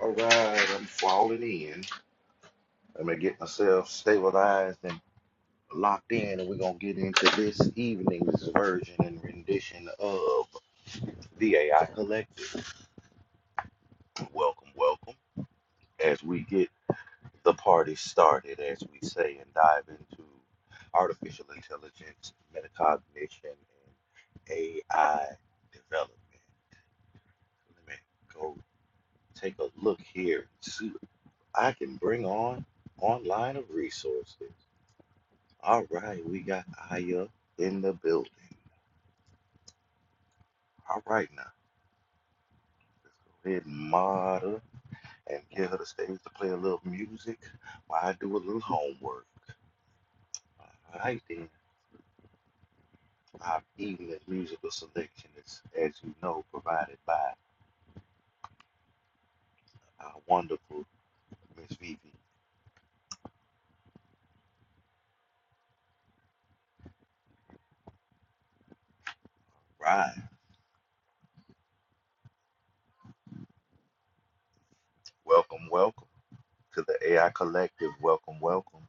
All right, I'm falling in. I'm gonna get myself stabilized and locked in, and we're gonna get into this evening's version and rendition of the AI Collective. Welcome, welcome. As we get the party started, as we say, and dive into artificial intelligence, metacognition, and AI development. Let me go take a look here and see what I can bring on online of resources. All right, we got Aya in the building. All right, now let's go ahead and mod her and get her the stage to play a little music while I do a little homework. All right, then our evening musical selection is, as you know, provided by our wonderful Miss Vivi Ryan. Welcome, welcome to the AI Collective. Welcome, welcome,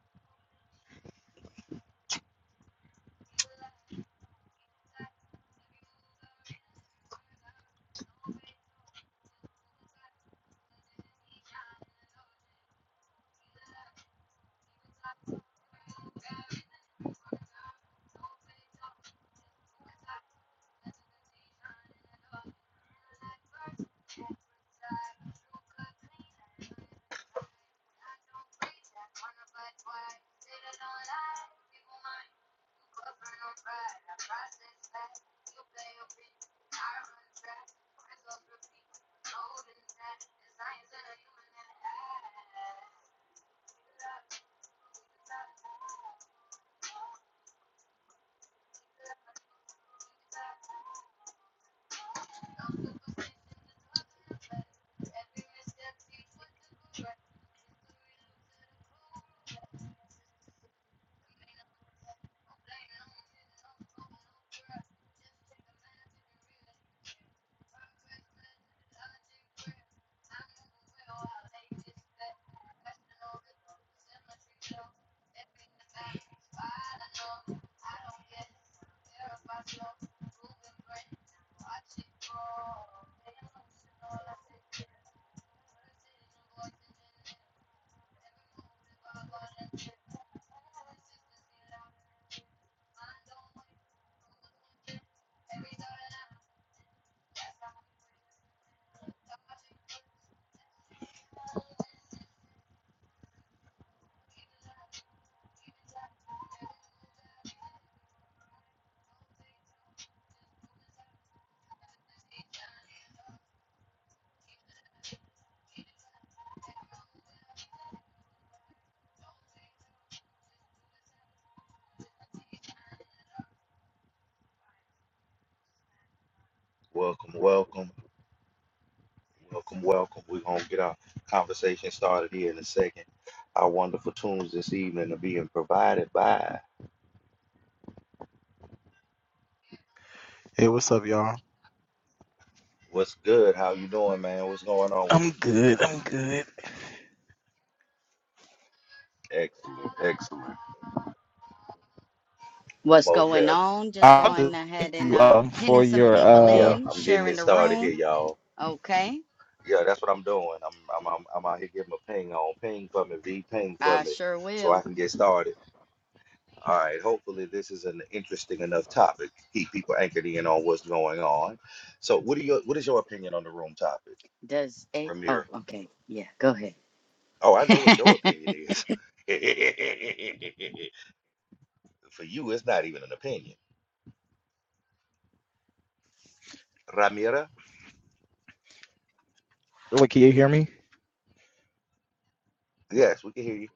welcome, welcome. Welcome, welcome. We're going to get our conversation started here in a second. Our wonderful tunes this evening are being provided by Hey, what's up, y'all? What's Good? How you doing, man? What's going on with you? I'm good. I'm good. Excellent, excellent. What's Most going definitely. on? Just I'll going just thank ahead and you uh, um for pinning some your people Yeah, uh in, I'm getting sharing it the started here, room. y'all. Okay, Yeah, that's what I'm doing. I'm I'm I'm, I'm out here giving a ping on ping for me, V ping for I me, sure so I will. can get started. All right. Hopefully, this is an interesting enough topic to keep people anchored in on what's going on. So, what are your what is your opinion on the room topic? Does it? Ramir. Oh, okay. Yeah, go ahead. Oh, I know what your opinion is. For you, it's not even an opinion. Ramira? wait, can you hear me? Yes, we can hear you.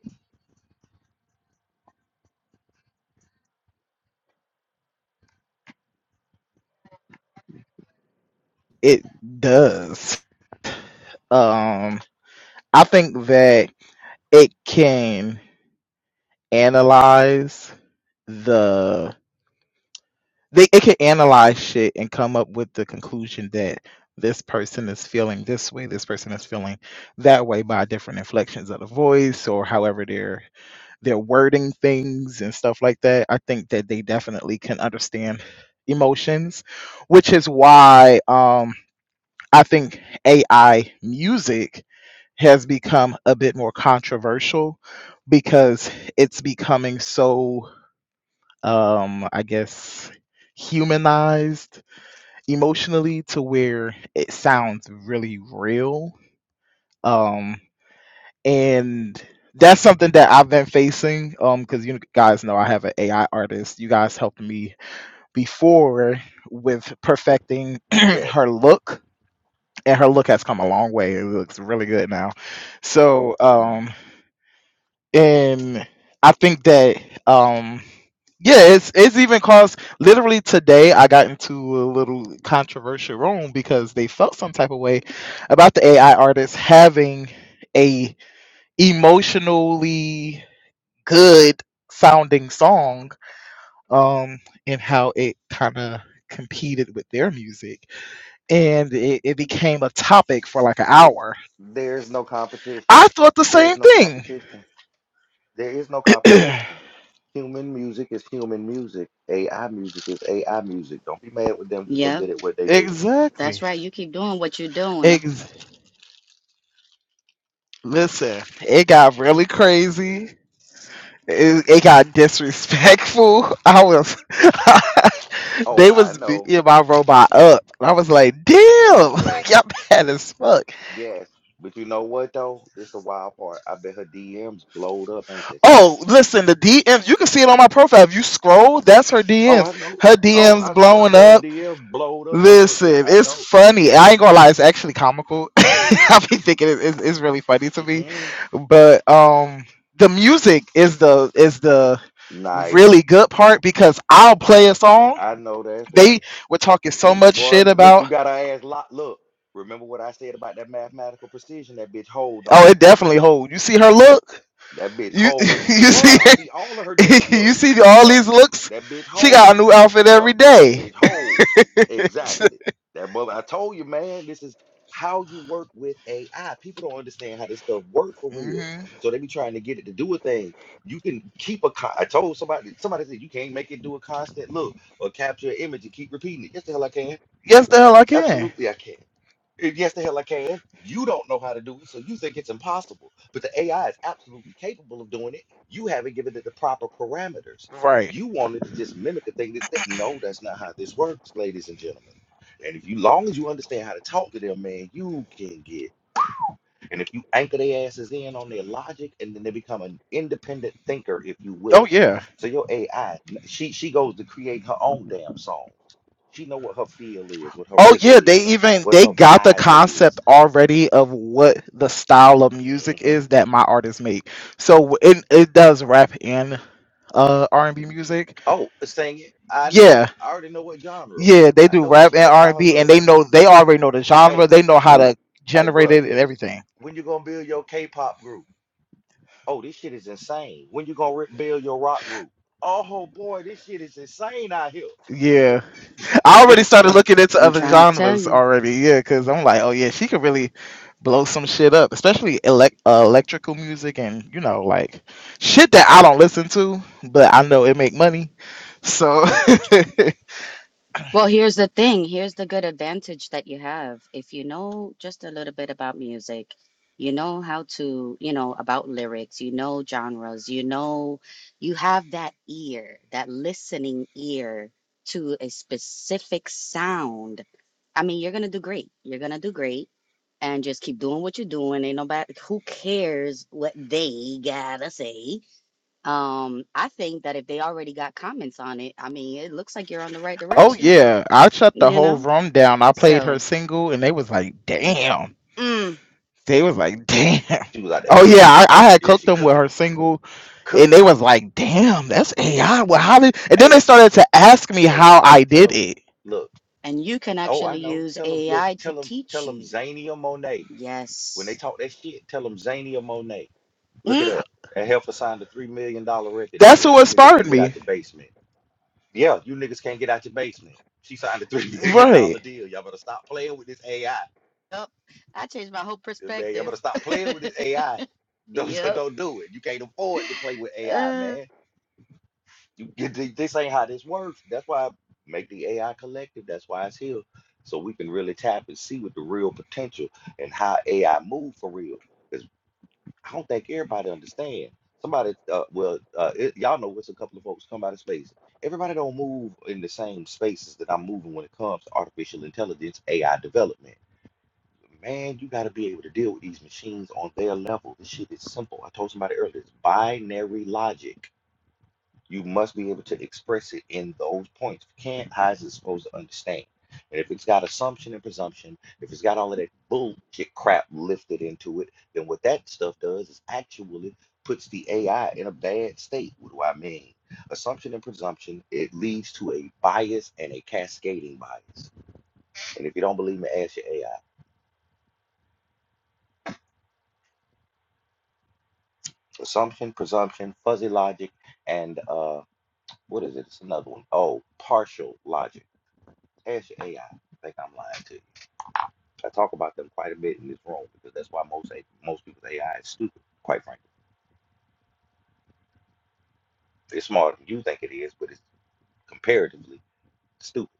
It does. Um I think that it can analyze the they it can analyze shit and come up with the conclusion that this person is feeling this way, this person is feeling that way by different inflections of the voice or however they're they're wording things and stuff like that, I think that they definitely can understand emotions, which is why um, I think AI music has become a bit more controversial because it's becoming so, um, I guess, humanized emotionally to where it sounds really real. Um, and that's something that I've been facing. Um, because you guys know I have an AI artist. You guys helped me before with perfecting Yes. her look, and her look has come a long way. It looks really good now. So, um, and I think that, um. Yeah, it's it's even caused literally today I got into a little controversial room because they felt some type of way about the AI artist having a emotionally good sounding song um and how it kind of competed with their music and it, it became a topic for like an hour There is no competition. i thought the There is same no thing competition. There is no competition. Human music is human music. AI music is AI music. Don't be mad with them because they yep, good at what they do. exactly that's right. You keep doing what you're doing. Ex- listen it got really crazy it, it got disrespectful i was Oh, they I was know. beating my robot up i was like damn Yes. y'all bad as fuck Yes. But you know what though? This the wild part. I bet her DMs blowed up, ain't they? Oh, listen, the DMs, you can see it on my profile. If you scroll, that's her Oh, I DMs. know. Her Oh, DMs I know. I blowing bet her up. DM blowed up. No way. Listen, I it's know. funny. I ain't gonna lie, it's actually comical. I be thinking it, it's, it's really funny to me. Mm-mm. But um the music is the is the Nice. really good part because I'll play a song. I know that's right. They were talking so much Boy, shit look, you about got her ass locked. Look, remember what I said about that mathematical precision? That bitch hold on it. oh it definitely hold. You see her look? That bitch You whole. you Yeah, see I see all of her different you looks. see all Yup. these looks? That bitch She got a whole. new outfit every Yup. That day. bitch whole. Exactly. That mother. I told you, man. This is how you work with AI. People don't understand how this stuff work for real. hmm So they be trying to get it to do a thing. You can keep a. Con- I told somebody. Somebody said you can't make it do a constant look or capture an image and keep repeating it. Yes, the hell I can. yes, the hell I can. Absolutely, I can. And yes, the hell I can. You don't know how to do it, so you think it's impossible. But the AI is absolutely capable of doing it. You haven't given it the proper parameters. Right. You wanted to just mimic a thing that's that. No, that's not how this works, ladies and gentlemen. And if you long as you understand how to talk to them, man, you can get. And if you anchor their asses in on their logic, and then they become an independent thinker, if you Oh will. yeah. So your AI, she she goes to create her own damn songs. She know what her feel is, what her Oh rhythm yeah, they is even what they her got the vibe is. concept already of what the style of music hmm is that my artists make. So it it does rap and uh R&B music. Oh, singing. I know. Yeah. I already know what genre. Yeah, they I do know where rap and she at by her R&B and B, look. and they know they already know the genre. Hey, They know how when, to hey, generate bruh, it and everything. when you gonna build your K-pop group? Oh, this shit is insane. When you gonna re- build your rock group? Oh boy, this shit is insane out Yeah. I here. already started looking into I'm other trying to tell genres you. already, yeah, because I'm like, oh yeah, she could really blow some shit up, especially elect uh, electrical music and you know like shit that I don't listen to, but I know it make money. So, Well, here's the thing. Here's the good advantage that you have. If you know just a little bit about music, you know how to, you know, about lyrics, you know genres, you know, you have that ear, that listening ear to a specific sound. I mean, you're gonna do great. You're gonna do great. And just keep doing what you're doing. Ain't nobody who cares what they gotta say. Um, I think that if they already got comments on it, I mean, it looks like you're on the right oh direction yeah, I shut the you whole know? room down. I played her So, single, and they was like, damn. mm, They was like, damn. she was out there Oh yeah, cooking. 'em. I, I had Yeah, cooked she them with cooking her you. single. She And cooking they you. was like, "Damn, that's AI." Well, how did? And then they Hey, started to ask me hey, how I tell did them, it. look. and you can Oh, I actually know. use Tell them, look. AI Tell to them, tell teach them, you. Zania Monet. When they Yes. talk that shit, tell them Zania Monet. Look it Mm, up. That heifer signed a three million dollar record That's deal. what You niggas inspired can't get out me. your basement. Yeah, you niggas can't get out your basement. She signed a three million dollar Right. deal. Y'all better stop playing with this AI. Yep. I changed my whole Man, y'all perspective. better stop playing with this AI. Don't, don't yep. don't do it. You can't afford to play with AI, Uh, man. You get th- this ain't how this works. That's why I make the AI collective. That's why it's here. So we can really tap and see what the real potential and how AI move for real. I don't think everybody understand. Somebody, uh, well, uh, it, y'all know what's a couple of folks come out of space. Everybody don't move in the same spaces that I'm moving when it comes to artificial intelligence, AI development. Man, you got to be able to deal with these machines on their level. This shit is simple. I told somebody earlier, it's binary logic. You must be able to express it in those points. If you can't, how is it supposed to understand? And if it's got assumption and presumption, if it's got all of that bullshit crap lifted into it, then what that stuff does is actually puts the AI in a bad state. What do I mean? Assumption and presumption, it leads to a bias and a cascading bias. And if you don't believe me, ask your AI. Assumption, presumption, fuzzy logic, and uh, what is it? It's another one. Oh, partial logic. Ask your AI. I I think I'm lying too. I talk about them quite a bit in this room because that's why most A- most people's AI is stupid. Quite frankly, it's smarter than you think it is, but it's comparatively stupid.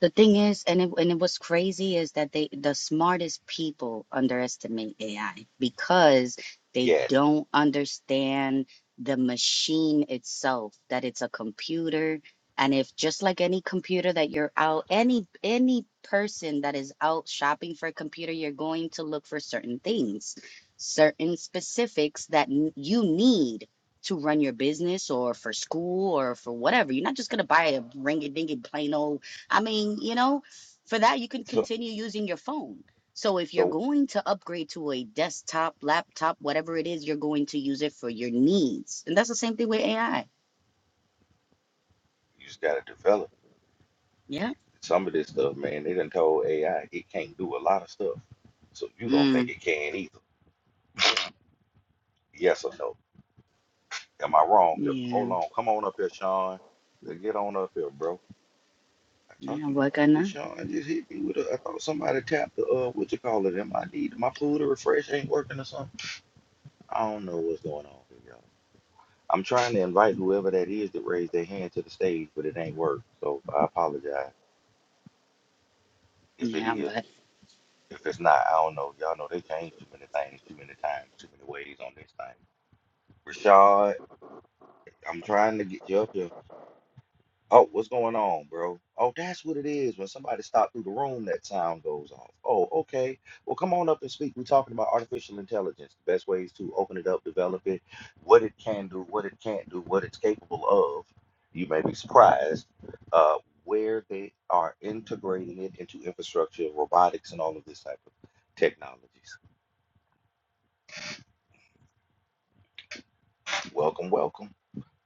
The thing is, and it, and it was crazy is that they the smartest people underestimate AI because they Yes. don't understand the machine itself, that it's a computer. And if just like any computer that you're out, any any person that is out shopping for a computer, you're going to look for certain things, certain specifics that n- you need to run your business or for school or for whatever. You're not just gonna buy a ringy dingy plain old I mean, you know, for that, you can So continue using your phone. So if you're so going to upgrade to a desktop, laptop, whatever it is, you're going to use it for your needs. And that's the same thing with AI. you just gotta develop Yeah. it. some of this stuff, man. They done told AI it can't do a lot of stuff, so you don't think Mm, it can either. Yes or no? Am I wrong here? yeah. Hold on. Come on up here, Sean. Yeah, Get on up here, bro. I thought Yeah, you, what hey, gonna? Sean, just hit me with a. I thought somebody tapped the uh, what you call it? Am I need my pool to refresh ain't working or something? I don't know what's going on here, y'all. I'm trying to invite whoever that is to raise their hand to the stage, but it ain't work. So I apologize if it Yeah, is. but If it's not, I don't know. Y'all know they change too many things, too many times, too many ways on this thing. Rashad, I'm trying to get you up here. Oh, what's going on, bro? Oh, that's what it is. When somebody stopped through the room, that sound goes off. Oh, okay. Well, come on up and speak. We're talking about artificial intelligence, the best ways to open it up, develop it, what it can do, what it can't do, what it's capable of. You may be surprised uh, where they are integrating it into infrastructure, robotics, and all of this type of technologies. Welcome, welcome.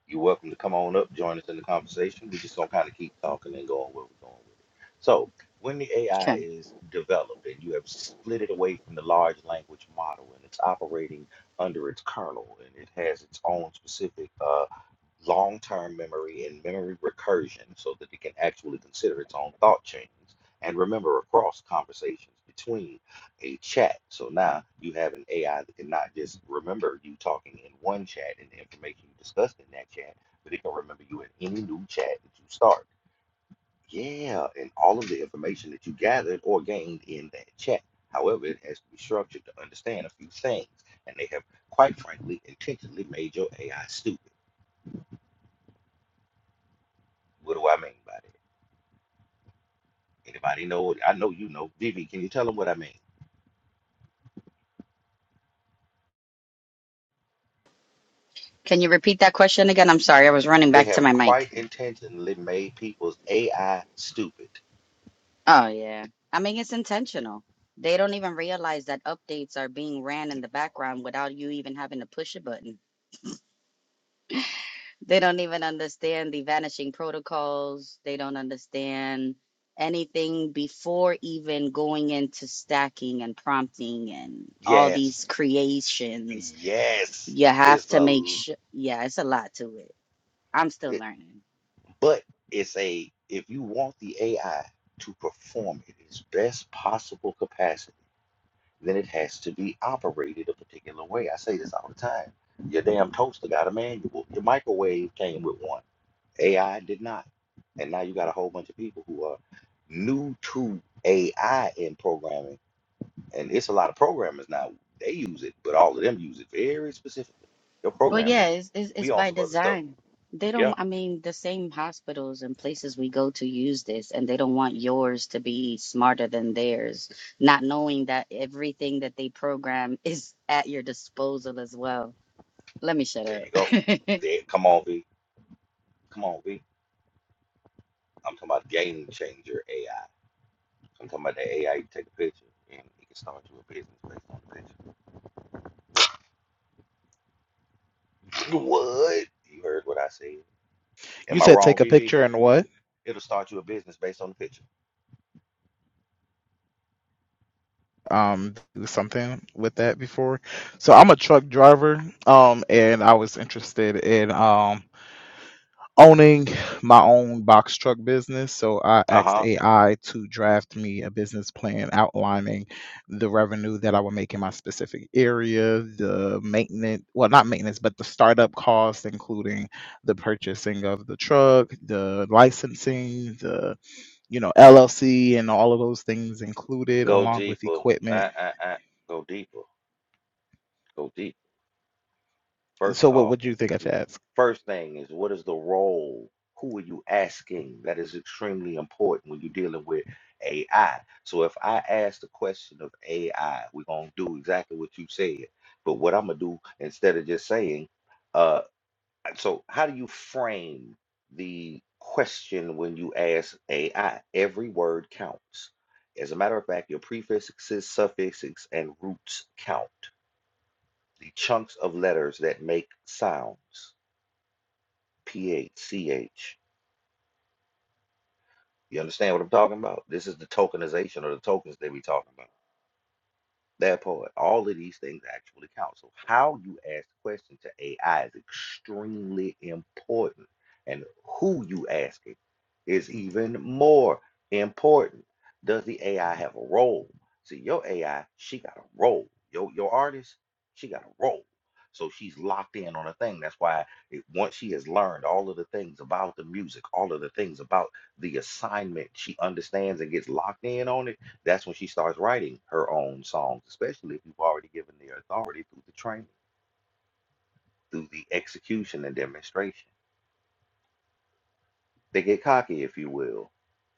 You're welcome to come on up, join us in the conversation. We're just gonna kind of keep talking and going where we're going with it. So, when the AI okay. is developed and you have split it away from the large language model and it's operating under its kernel and it has its own specific uh, long term memory and memory recursion so that it can actually consider its own thought chains and remember across conversations between a chat. So now you have an AI that can not just remember you talking in one chat and the information you discussed in that chat, but it can remember you in any new chat that you start. Yeah, and all of the information that you gathered or gained in that chat. However, it has to be structured to understand a few things, and they have quite frankly intentionally made your AI stupid. What do I mean by that? Anybody know? what- I know you know. Vivi, can you tell them what I mean? Can you repeat that question again? I'm sorry, I was running They back to have my mic. quite intentionally made people's AI stupid. Oh yeah. I mean, it's intentional. They don't even realize that updates are being ran in the background without you even having to push a button. They don't even understand the vanishing protocols. They don't understand anything before even going into stacking and prompting and all Yes, these creations. Yes, You have it's a, to make l- sure. Yeah, it's a lot to it. I'm still it- learning. but it's a, if you want the AI to perform in its best possible capacity, then it has to be operated a particular way. I say this all the time. Your damn toaster got a manual. Your microwave came with one. AI did not. And now you got a whole bunch of people who are new to AI in programming. And it's a lot of programmers now. They use it, but all of them use it very specifically. Your Well, yeah, programmers, it's, it's we it's on by some other stuff. design. They Yeah, don't, I mean, the same hospitals and places we go to use this, and they don't want yours to be smarter than theirs, not knowing that everything that they program is at your disposal as well. Let me shut there up. you go. There, come on, V. Come on, V. I'm talking about game changer AI. I'm talking about the AI you take a picture and it can start you a business based on the picture. What? You heard what I said. You Am I said wrong, take a V? V? picture and what? It'll start you a business based on the picture. Um, do something with that before. So I'm a truck driver. Um, and I was interested in um owning my own box truck business. So I Uh asked huh. AI to draft me a business plan outlining the revenue that I would make in my specific area, the maintenance, well, not maintenance, but the startup costs, including the purchasing of the truck, the licensing, the you know, LLC and all of those things included Go along with deeper. Uh, equipment. uh, uh. Go deeper. Go deeper. First So what off, would you think I should ask? first thing is what is the role? Who are you asking? That is extremely important when you're dealing with AI. So if I ask the question of AI, we're gonna do exactly what you said. But what I'm gonna do instead of just saying, uh, so how do you frame the question when you ask AI? Every word counts. As a matter of fact, your prefixes, suffixes, and roots count. The chunks of letters that make sounds. P H C H. You understand what I'm talking about? This is the tokenization or the tokens they be talking about. that part. All of these things actually count. So how you ask the question to AI is extremely important, and who you ask it is even more important. Does the AI have a role? See, your AI, she got a role. Your your artist, she got a role. So she's locked in on a thing. That's why it, once she has learned all of the things about the music, all of the things about the assignment, she understands and gets locked in on it that's when she starts writing her own songs, especially if you've already given the authority through the training, through the execution and demonstration. They get cocky, if you will,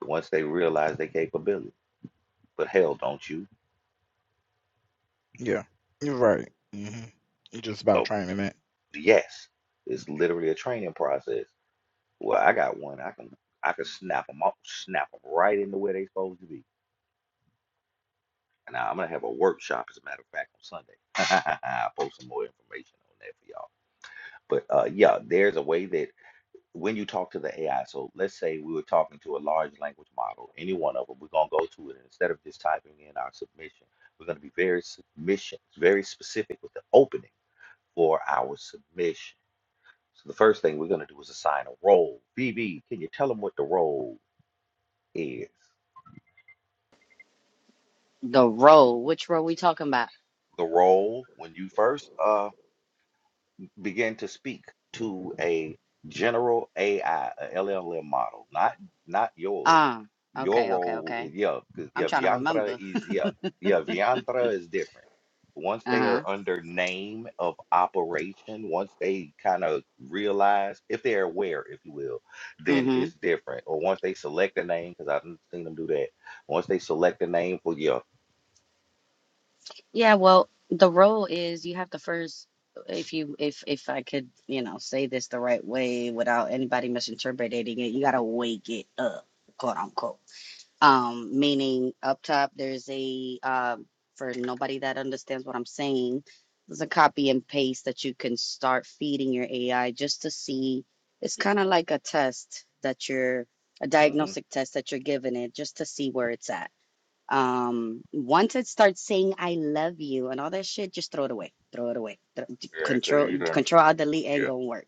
once they realize their capability. But hell, don't you? Yeah. You're right. hmm Just about Oh, training it. yes. It's literally a training process. Well, I got one. I can I can snap them up, snap them right into where they supposed to be. And now I'm gonna have a workshop, as a matter of fact, on Sunday. I'll post some more information on that for y'all. But uh, yeah, there's a way that when you talk to the AI, so let's say we were talking to a large language model, any one of them, we're gonna go to it and instead of just typing in our submission, we're gonna be very submission, very specific with the opening for our submission. So the first thing we're gonna do is assign a role. BB, can you tell them what the role is? The role, which role we talking about? The role when you first uh began to speak to a general AI, a LLM model, not not yours. Ah. Your okay, okay, role, okay. is- yeah, 'cause I'm yeah, trying to Vyantra remember. is yeah, yeah, Vyantra is different. Once they are under name of operation, once they kind of realize, if they're aware, if you will, then Uh-huh. it's different. Or once they select a name, because I've seen them do that. Once they select a name for yeah, Yeah, well, the role is you have to first, if you if if I could, you know, say this the right way without anybody misinterpreting it, you gotta wake it up, quote unquote. Um, meaning up top, there's a um for nobody that understands what I'm saying, there's a copy and paste that you can start feeding your AI just to see. It's kind of like a test that you're a mm-hmm, diagnostic test that you're giving it just to see where it's at um, once it starts saying I love you and all that shit, just throw it away. Throw it away. Throw, yeah, because control you done, control alt delete ain't yeah, gonna work.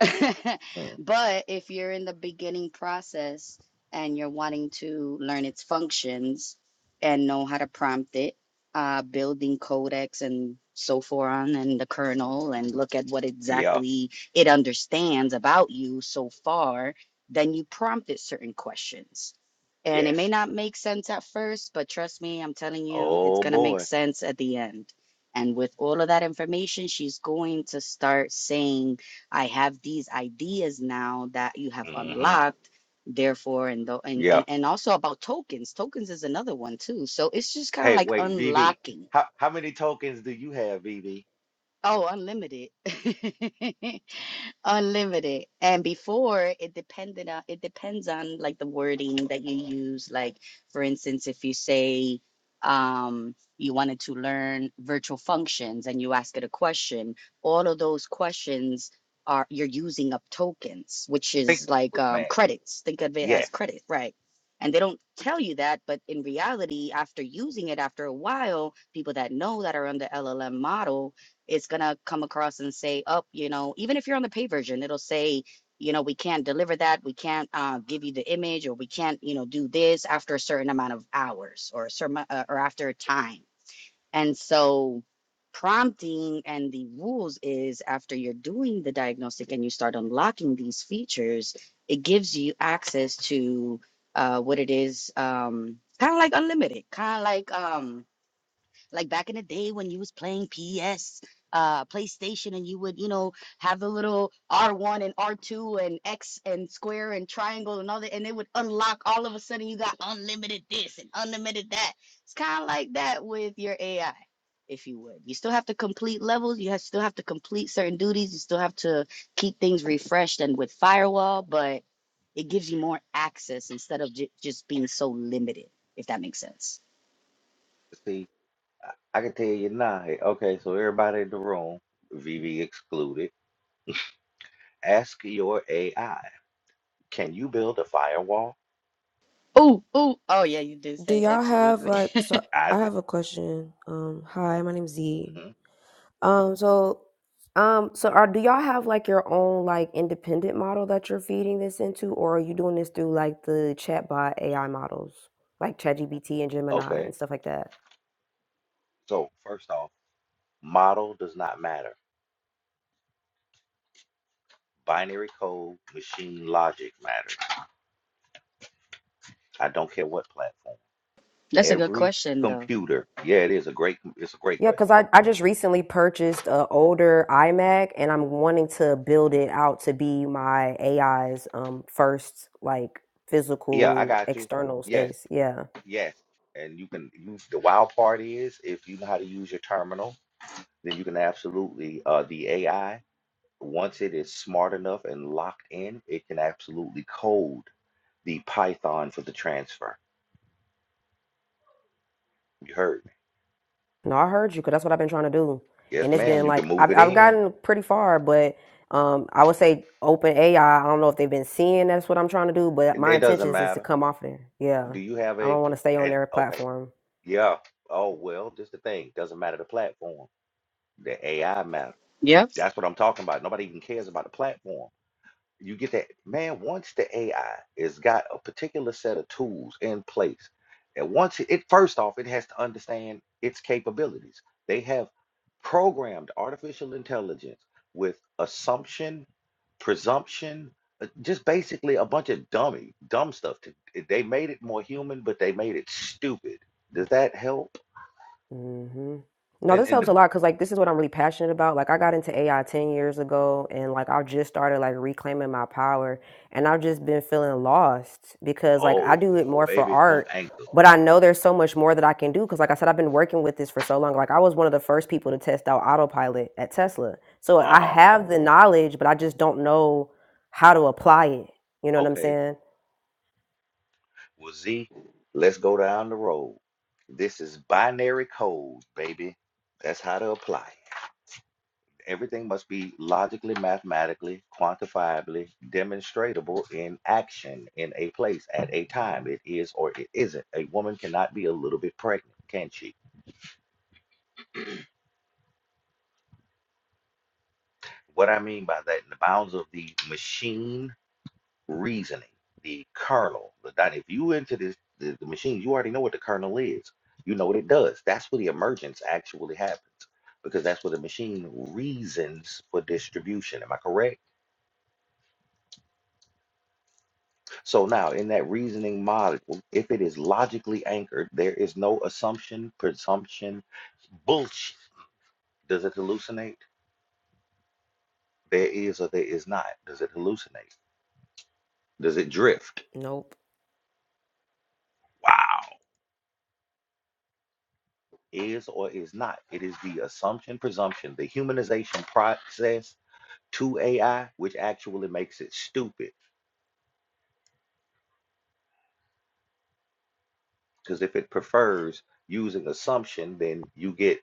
mm, But if you're in the beginning process and you're wanting to learn its functions and know how to prompt it, uh, building codecs and so forth on and the kernel and look at what yeah, exactly it understands about you so far, then you prompt it certain questions and it may yes. not make sense at first, but trust me, I'm telling you, it's Oh going to make boy. sense at the end. And with all of that information, she's going to start saying, I have these ideas now that you have hmm unlocked. Therefore, and, tho- and Yeah. and and also about tokens. Tokens is another one too. So it's just kind of Hey, like wait, VV. unlocking. How how many tokens do you have, VV? Oh, unlimited. Unlimited. And before it depended on it depends on like the wording that you use. Like for instance, if you say um you wanted to learn virtual functions and you ask it a question, all of those questions are you're using up tokens, which Think, is like look, um man. credits. Think of it as Yes. credit, right? And they don't tell you that, but in reality, after using it after a while, people that know that are on the LLM model it's gonna come across and say, "Oh, you know," even if you're on the paid version, it'll say, "You know, we can't deliver that. We can't uh, give you the image, or we can't, you know, do this after a certain amount of hours, or a certain uh, or after a time." And so, prompting and the rules is after you're doing the diagnostic and you start unlocking these features, it gives you access to uh, what it is, um, kind of like unlimited, kind of like. Um, like back in the day when you was playing PS, uh, PlayStation, and you would, you know, have the little R1 and R2 and X and square and triangle and all that, and it would unlock all of a sudden you got unlimited this and unlimited that. It's kind of like that with your AI, if you would. You still have to complete levels, you have, still have to complete certain duties, you still have to keep things refreshed and with firewall, but it gives you more access instead of j- just being so limited, if that makes sense. See, I, I can tell you now. Hey, Okay, so everybody in the room, VV excluded. Ask your AI, can you build a firewall? Oh, oh, oh, yeah, you did Do say y'all exclude have me. like so I I said, have a question. Um hi, my name's Z. mhm. Um so um so are do y'all have like your own like independent model that you're feeding this into or are you doing this through like the chatbot AI models like ChatGPT and Gemini Okay. and stuff like that? So first off, model does not matter. Binary code, machine logic matters. I don't care what platform. That's a good Every question, though. computer. Yeah, it is a great. It's a great Yeah, question. cuz I I just recently purchased a older iMac and I'm wanting to build it out to be my AI's um first like Yeah, I physical got you. external Yes. space. Yeah. Yes, and you can use the wild part is if you know how to use your terminal, then you can absolutely uh, the AI once it is smart enough and locked in, it can absolutely code the Python for the transfer. You heard me? No, I heard you because that's what I've been trying to do, Yes, and it's ma'am. been You can like move I've it I've in. gotten pretty far, but um, I would say open AI. I I don't know if they've been seeing that's what I'm trying to do, but It, my it doesn't intentions is to matter. come off there. Yeah, Do you have I a, don't want pl- to stay on a- their okay? platform. Yeah. Oh well, just the thing. Doesn't matter the platform. The AI matter. Yep. That's what I'm talking about. Nobody even cares about the platform. you get that man once the ai has got a particular set of tools in place and once it, it first off it has to understand its capabilities they have programmed artificial intelligence with assumption presumption uh, just basically a bunch of dummy dumb stuff to, they made it more human but they made it stupid does that help hmm No, And this in helps the a lot because like this is what I'm really passionate about. Like I got into AI ten years ago, and like I just started like reclaiming my power, and I've just been feeling lost because like I oh do it well more for baby come art, anchor but I know there's so much more that I can do because like I said, I've been working with this for so long. Like I was one of the first people to test out autopilot at Tesla, so I uh-huh have the knowledge, but I just don't know how to apply it. You know what I'm okay saying? Well, Z, let's go down the road. This is binary code, baby. That's how to apply it. Everything must be logically, mathematically, quantifiably demonstratable in action, in a place, at a time. It is or it isn't. A woman cannot be a little bit pregnant, can she? What I mean by that, in the bounds of the machine reasoning, the kernel. The if you into this the, the machine, you already know what the kernel is. You know what it does. That's where the emergence actually happens because that's where the machine reasons for distribution. Am I correct? So now in that reasoning model, if it is logically anchored, there is no assumption, presumption, bullshit. Does it hallucinate? There is or there is not. Does it hallucinate? Does it drift? Nope. Wow. is or is not. It is the assumption, presumption, the humanization process to AI, which actually makes it stupid. Because if it prefers using assumption, then you get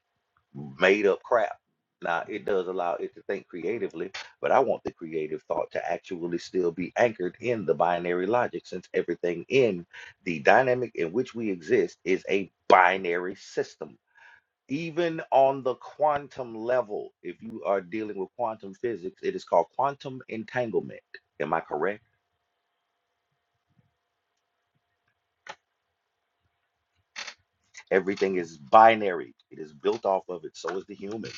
made up crap. Now, it does allow it to think creatively, but I want the creative thought to actually still be anchored in the binary logic, since everything in the dynamic in which we exist is a binary system. even on the quantum level, if you are dealing with quantum physics, it is called quantum entanglement. Am I correct? Everything is binary. It is built off of it. So is the human.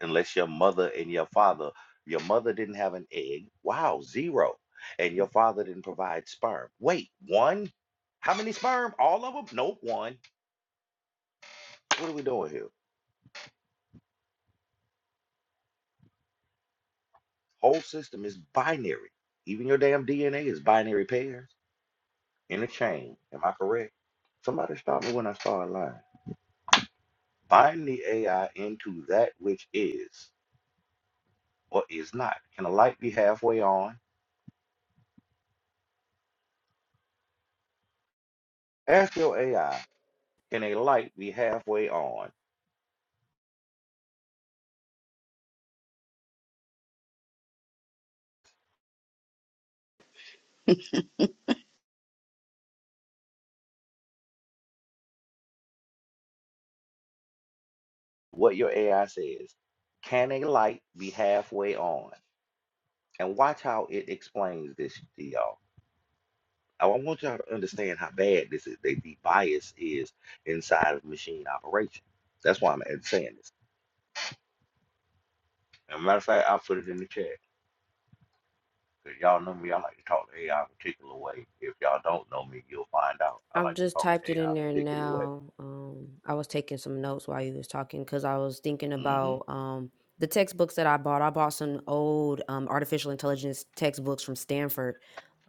Unless your mother and your father, your mother didn't have an egg. Wow, zero. And your father didn't provide sperm. Wait, one? How many sperm? All of them? Nope, one. What are we doing here? Whole system is binary. Even your damn DNA is binary pairs. in a chain. Am I correct? Somebody stop me when I start lying. Bind the AI into that which is or is not. Can a light be halfway on? Ask your AI, can a light be halfway on? What your AI says. Can a light be halfway on? And watch how it explains this to y'all. I want y'all to understand how bad this is, the, the bias is inside of machine operation. That's why I'm saying this. As a matter of fact, I put it in the chat. Cause y'all know me, I like to talk to AI particular way. If y'all don't know me, you'll find out. I I've like to just talk to typed it AI in there particular way. now. Um, I was taking some notes while you was talking because I was thinking hmm about um, the textbooks that I bought. I bought some old um, artificial intelligence textbooks from Stanford,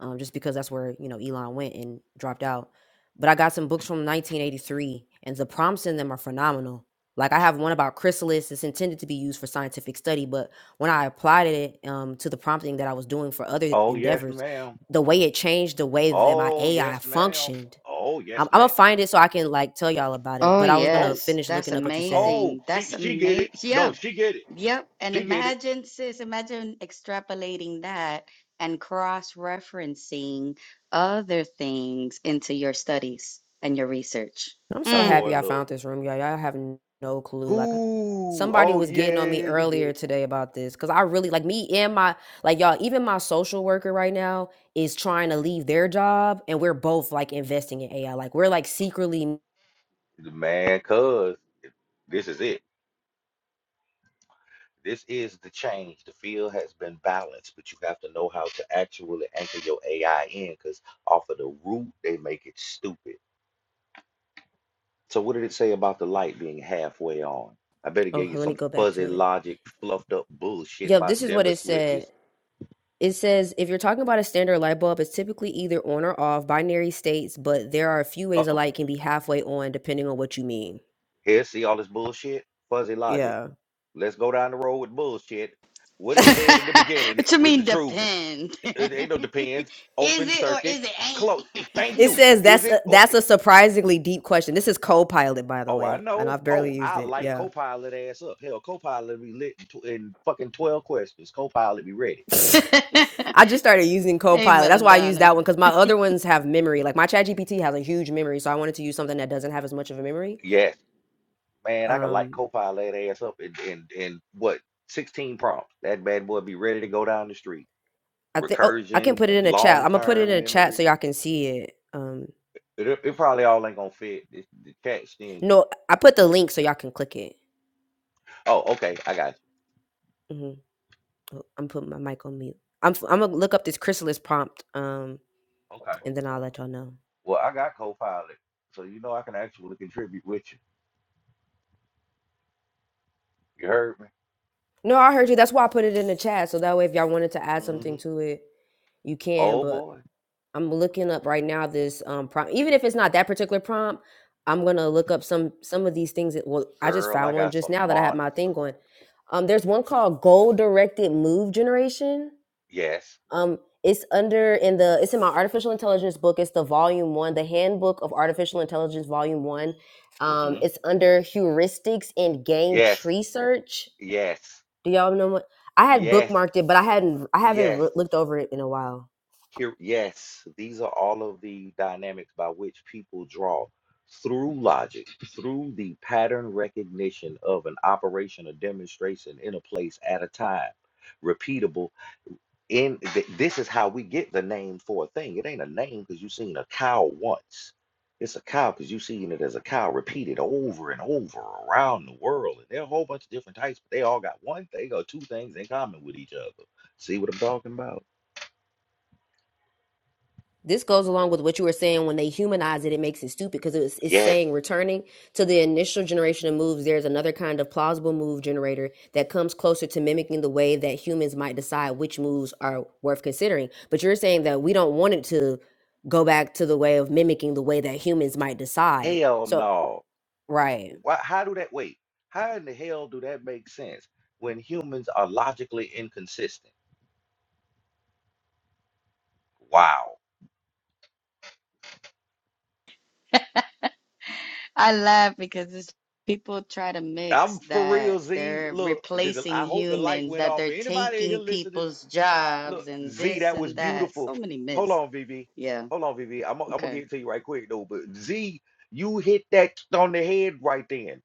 um, just because that's where you know Elon went and dropped out. But I got some books from 1983, and the prompts in them are phenomenal. Like I have one about chrysalis. It's intended to be used for scientific study, but when I applied it um, to the prompting that I was doing for other Oh yes, endeavors, ma'am. the way it changed the way that my Oh AI yes, ma'am. functioned Oh yes, I'm, I'm ma'am. gonna find it so I can like tell y'all about it. Oh, But I was gonna Oh, yes. finish That's looking up what you said. oh, amazing. she That's she get it. amazing. No, Yeah. she get it. Yep. And She get it. imagine, sis, imagine extrapolating that and cross-referencing other things into your studies and your research. I'm so Mm. Boy, happy I look. found this room, y'all. Y'all have n- no clue. Like Ooh, somebody oh was getting on me yeah, you get earlier it. today about this because I really like me and my like y'all. Even my social worker right now is trying to leave their job, and we're both like investing in AI. Like we're like secretly. Man, cuz this is it. This is the change. The field has been balanced, but you have to know how to actually anchor your AI in, because off of the root, they make it stupid. So what did it say about the light being halfway on? I bet it Oh, gave you let me some go back fuzzy to it. logic, fluffed up bullshit Yep, about this is what dimmer it said. switches. It says if you're talking about a standard light bulb, it's typically either on or off, binary states, but there are a few ways a Uh-oh. light can be halfway on depending on what you mean. Here, see all this bullshit? Fuzzy logic. Yeah. Let's go down the road with bullshit. What it said it at the beginning What you was the mean truth. depend? It ain't no depends. Is Open it or circuit. is it Close. Thank ain't? you. says Is that's it? a, Or, that's a surprisingly deep question. This is Copilot, by the oh, I way, and know. I've Oh, barely used I it. light Yeah. Copilot ass up. Hell, Copilot be lit in, tw- in fucking 12 questions. Copilot be ready. I just started using Hey, Copilot. That's why I use Melodonna. that one because my other ones have memory. Like my ChatGPT has a huge memory, so I wanted to use something that doesn't have as much of a memory. Yes. Man, I could light Um, Copilot ass up in, in, in what, 16 prompts. That bad boy be ready to go down the street. I think. Oh, I can Recursion, put it in a chat. long I'm gonna put it in term a chat memory. so y'all can see it. Um, It, it probably all ain't gonna fit. This the chat stingy. No, I put the link so y'all can click it. Oh, okay, I got hmm I'm putting my mic on mute. I'm i I'm gonna look up this chrysalis prompt, um, you. Okay. and then I'll let y'all know. Well, I got Copilot, so you know I can actually contribute with you. You heard me? No, I heard you. That's why I put it in the chat, so that way if y'all wanted to add hmm something to it, you can. Oh But boy, I'm looking up right now this um prompt. Even if it's not that particular prompt, I'm gonna look up some some of these things. That, well, I just girl, I found one got just some now that I had monsters. my thing going. Um, there's one called goal directed move generation Yes. Um, it's under in the it's in my artificial intelligence book. It's the volume one, the handbook of artificial intelligence, volume one. Um, hmm it's under heuristics and game Yes. tree search. Yes. Do y'all know what? I had Yes. bookmarked it, but I hadn't I haven't re- Yes. looked over it in a while. Here, yes, these are all of the dynamics by which people draw through logic, through the pattern recognition of an operation, a demonstration in a place at a time, repeatable. In th- this is how we get the name for a thing. It ain't a name because you've seen a cow once. It's a cow because you've seen it as a cow repeated over and over around the world. And there are a whole bunch of different types, but they all got one thing or two things in common with each other. See what I'm talking about? This goes along with what you were saying when they humanize it, it makes it stupid because it's, it's Yes. saying returning to the initial generation of moves, there's another kind of plausible move generator that comes closer to mimicking the way that humans might decide which moves are worth considering. But you're saying that we don't want it to go back to the way of mimicking the way that humans might decide. Hell So, no. right. Why, how do that wait? How in the hell do that make sense when humans are logically inconsistent? Wow. I laugh because it's, people try to mix I'm for real, that Z. they're Look, did the, I replacing hope the light humans, went that off for they're anybody in here taking listening. people's Look, jobs, and Z, this that was and that. beautiful. So many Hold myths. on, VV. Yeah. Hold on, VV. I'm, gonna- I'm gonna get Okay. it to you right quick though. But Z, you hit that on the head right then,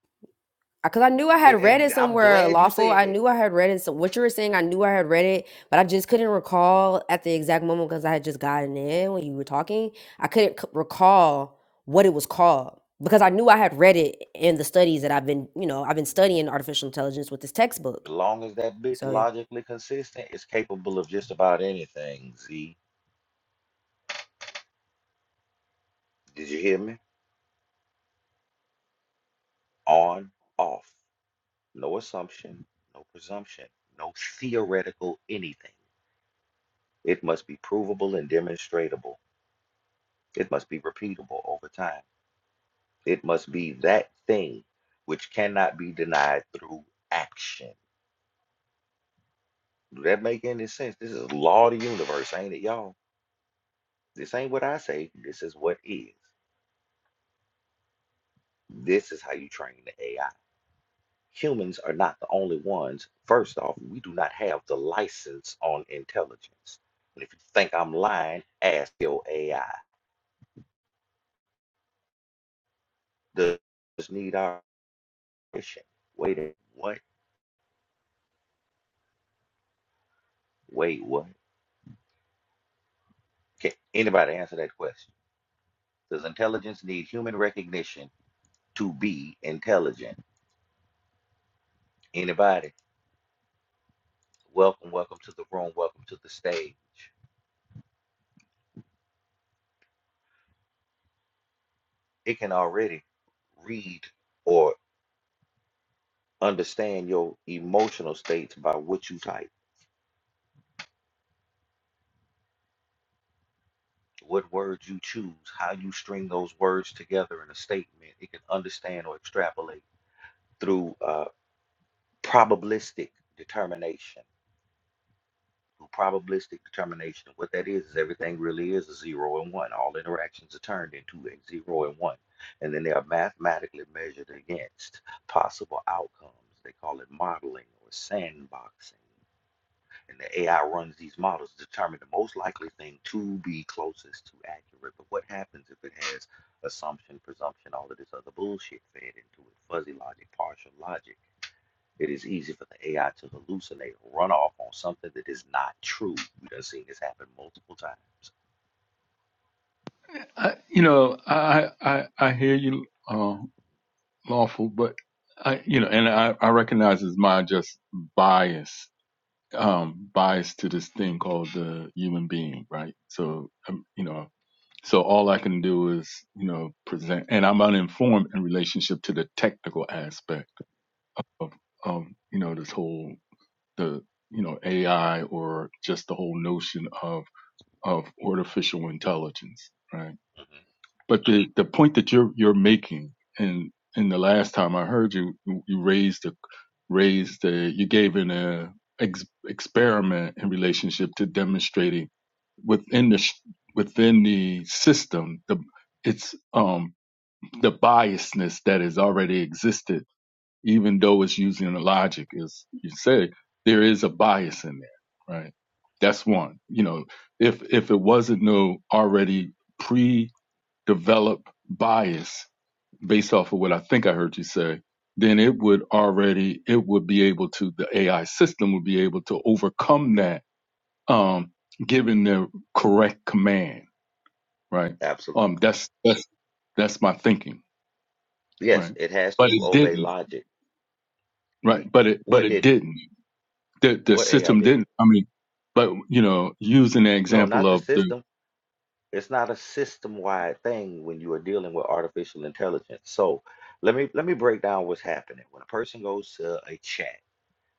because I knew I and, had read and it I'm somewhere glad you lawful. said I that. knew I had read it. So what you were saying, I knew I had read it, but I just couldn't recall at the exact moment because I had just gotten in when you were talking. I couldn't c- recall what it was called because I knew I had read it in the studies that I've been, you know, I've been studying artificial intelligence with this textbook. As long as that bitch So, logically consistent, it's capable of just about anything. Z, did you hear me? on, off. No assumption, no presumption, no theoretical anything. It must be provable and demonstratable. It must be repeatable over time. It must be that thing which cannot be denied through action. Do that make any sense? This is law of the universe, ain't it, y'all? This ain't what I say. This is what is. This is how you train the AI. humans are not the only ones. First off, we do not have the license on intelligence. And if you think I'm lying, ask your AI. Does this need our permission? Wait, a- what? Wait, what? Can anybody answer that question? Does intelligence need human recognition to be intelligent? Anybody? Welcome, welcome to the room, welcome to the stage. It can already read or understand your emotional states by what you type what words you choose, how you string those words together in a statement, it can understand or extrapolate through uh, probabilistic determination. Through probabilistic determination, what that is is everything really is a zero and one. All interactions are turned into a zero and one, and then they are mathematically measured against possible outcomes. They call it modeling or sandboxing. and the AI runs these models to determine the most likely thing to be closest to accurate. But what happens if it has assumption, presumption, all of this other bullshit fed into it, fuzzy logic, partial logic? It is easy for the AI to hallucinate, run off on something that is not true. We've done seen this happen multiple times. I, you know, I, I, I hear you, uh, lawful, but I, you know, and I, I recognize it's my just bias, um, bias to this thing called the human being, right? So, um, you know, so all I can do is, you know, present, and I'm uninformed in relationship to the technical aspect of, of, you know, this whole, the, you know, AI or just the whole notion of, of artificial intelligence, right? hmm But the, the point that you're you're making, and and the last time I heard you, you raised the raised the you gave an uh, ex- experiment in relationship to demonstrating within the sh- within the system the it's um the biasness that has already existed even though it's using the logic as you say there is a bias in there right that's one you know if if it wasn't no already develop bias based off of what I think I heard you say, then it would already it would be able to the AI system would be able to overcome that um given the correct command, right? Absolutely. Um that's that's that's my thinking, Yes, right? it has But it to obey didn't, logic. E- right? But it but What it didn't? didn't. The the What AI system didn't? didn't. I mean, but you know, using the No, example not the of the system. it's not a system-wide thing when you are dealing with artificial intelligence. So let me let me break down what's happening. When a person goes to a chat,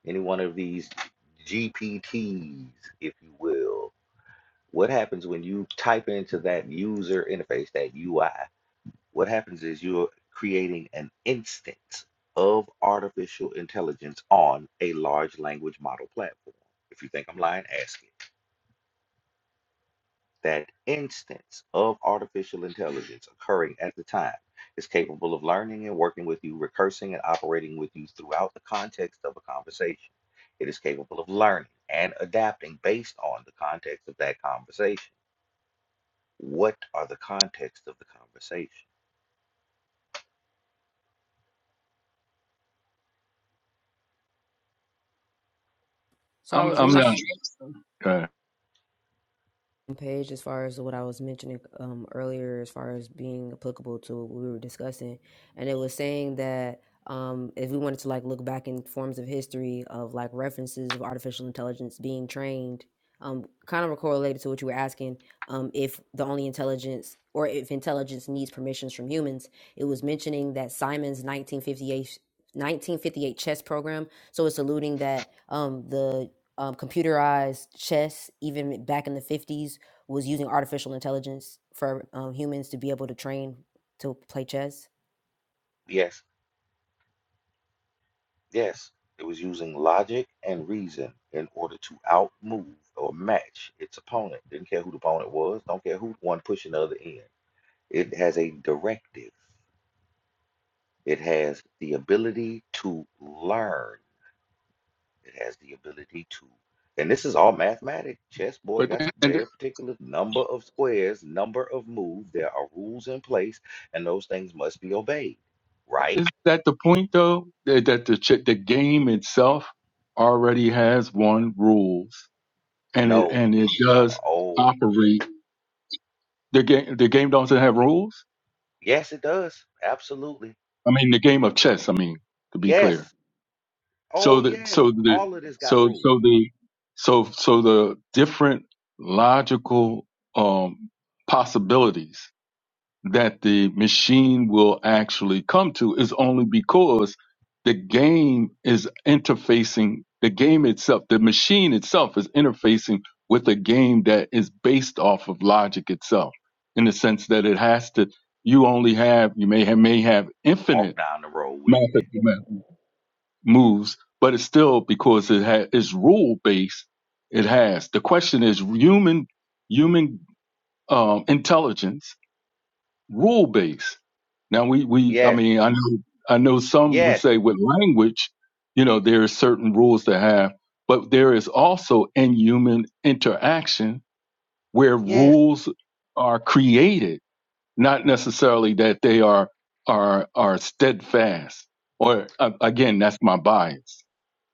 any one of these GPTs, if you will, what happens when you type into that user interface, that UI? What happens is you're creating an instance of artificial intelligence on a large language model platform. If you think I'm lying, ask it. that instance of artificial intelligence occurring at the time is capable of learning and working with you, recursing and operating with you throughout the context of a conversation. It is capable of learning and adapting based on the context of that conversation. What are the context of the conversation? so I I'm was I'm reading. not okay. page as far as what I was mentioning um, earlier, as far as being applicable to what we were discussing, and it was saying that um, if we wanted to like look back in forms of history of like references of artificial intelligence being trained, um, kind of correlated to what you were asking, um, if the only intelligence or if intelligence needs permissions from humans, it was mentioning that Simon's 1958. 1958 chess program so it's alluding that um the um computerized chess even back in the 50s was using artificial intelligence for um, humans to be able to train to play chess. Yes, yes, it was using logic and reason in order to outmove or match its opponent. Didn't care who the opponent was, don't care who one pushing the other in. It has a directive It has the ability to learn. It has the ability to, and this is all mathematics. Chessboard But got and very particular number of squares, number of moves. There are rules in place, and those things must be obeyed, Is right? that the point though? That that the ch- the game itself already has one rules, and it No. and it does uh, Oh, operate. The game the game doesn't have rules. yes, it does. Absolutely. I mean, the game of chess. I mean, to be clear. Yes. Oh, So the yes. so the All of this got so rules. so the so so the different logical um possibilities that the machine will actually come to is only because the game is interfacing the game itself the machine itself is interfacing with a game that is based off of logic itself in the sense that it has to you only have you may have may have Walk infinite down the road with me. mathematical moves but it's still because it ha- is rule based it has the question is human human um, intelligence rule based. Now we we I Yes. mean I know I know some would Yes. say with language, you know, there are certain rules to have, but there is also in human interaction where Yes. rules are created, not necessarily that they are are are steadfast. Or uh, again, that's my bias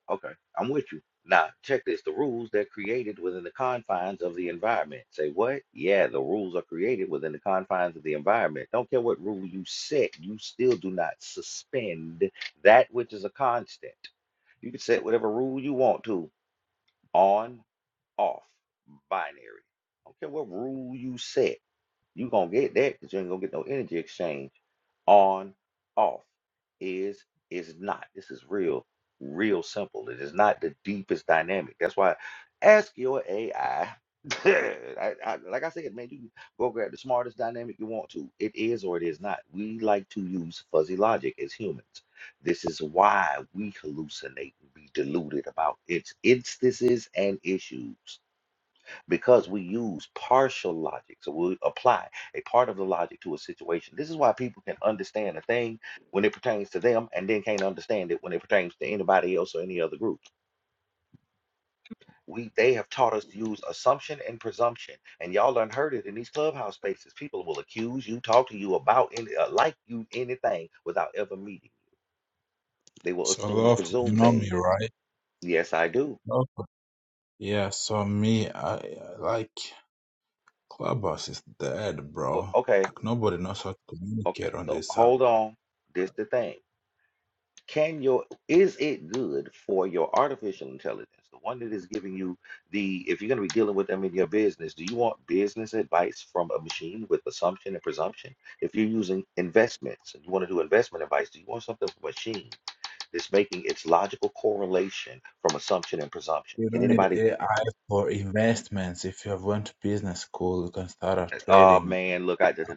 Okay, I'm with you. Now, check this. The rules they're created within the confines of the environment. Say what? Yeah, the rules are created within the confines of the environment. Don't care what rule you set, you still do not suspend that which is a constant. You can set whatever rule you want to on, off, binary. Don't care what rule you set. you going to get that because you ain't going to get no energy exchange on, off, is, is not. This is real, real simple. It is not the deepest dynamic. That's why ask your AI. like I said, man, you can go grab the smartest dynamic you want to. It is or it is not. We like to use fuzzy logic as humans. This is why we hallucinate and be deluded about its instances and issues because we use partial logic. So we apply a part of the logic to a situation. This is why people can understand a thing when it pertains to them and then can't understand it when it pertains to anybody else or any other group. We they have taught us to use assumption and presumption, and y'all done heard it in these clubhouse spaces. People will accuse you, talk to you about any, uh, like you anything without ever meeting you. They will So assume and lawful, you presume know me, things. right? Yes, I do. Lawful. Yeah, so me, I I like Clubhouse is dead, Well, bro. okay, Like nobody knows how to okay. communicate on So this app. hold on. This the thing. Can your is it good for your artificial intelligence, the one that is giving you the if you're going to be dealing with them in your business, do you want business advice from a machine with assumption and presumption? If you're using investments and you want to do investment advice, do you want something from a machine that's making its logical correlation from assumption and presumption? You Can don't need anybody? AI for investments. If you have went to business school, you can start a Oh trading. man, look, I did.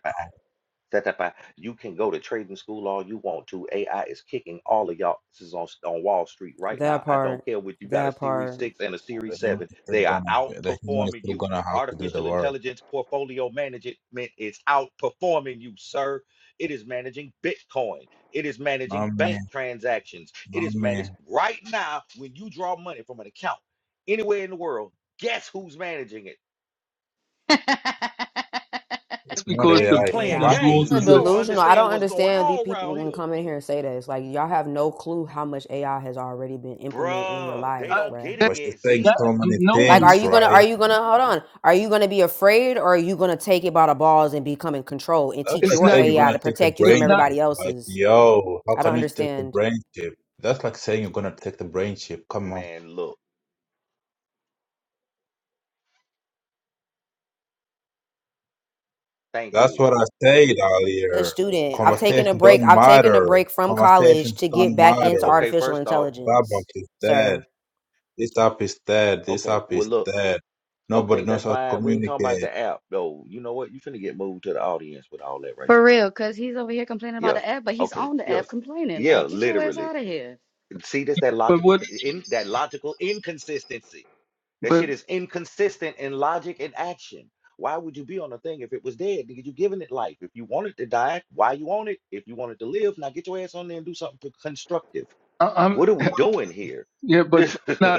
Satapa, you can go to trading school all you want to. AI is kicking all of y'all. This is on, on Wall Street right now. That I don't part, care what you got a that Series part, 6 and a Series The human 7. is still They are gonna the human is outperforming still you. gonna have to do the Artificial work. intelligence portfolio management is outperforming you, sir. It is managing Bitcoin. It is Not managing me, bank transactions. It not is me. managed right now when you draw money from an account anywhere in the world. Guess who's managing it? Not because Man, the you AI, the playing business AI. banking, rules games. You is don't a Delusional. I understand don't what's going understand these on people around when here. come in here and say that. It's Like y'all have no clue how much AI has already been implemented in your Bruh, they life, I, don't bruh. get it that, but she's yet, saying Z. that so many no Like, one are things, you gonna? Are right? you gonna? Hold on. Are you gonna be afraid, or are you gonna take it by the balls and become in control and That's teach like it's your not saying you're AI gonna to take the protect you from it's brain not chip. everybody Like, else's? yo, how I don't can you take the understand. brain chip? That's like saying you're gonna take the brain chip. Come on. Man, look. Thank That's you. what I said earlier. student. I've Man, taken look. a Conversation break. don't I've taken a matter. break from college Conversations to get don't back into matter. Okay, artificial first off, intelligence, Starbucks is dead. sir. This app is dead. This okay, app well, is look. dead. Okay, Nobody that's knows how to fine. We ain't talking about communicate. the app, though. You know what? You finna get moved to the audience with all that right For there, man. real, because he's over here complaining about Yeah. the app, but he's Okay. on the Yeah. app complaining. Yeah, Like, get your ass literally. out of here. See, that's that but logical, what co- in, that logical inconsistency. That but shit is inconsistent in logic and action. Why would you be on a thing if it was dead? Nigga, you giving it life. If you want it to die, why you on it? If you want it to live, now get your ass on there and do something constructive. I, I'm What are we doing here? yeah but. nah,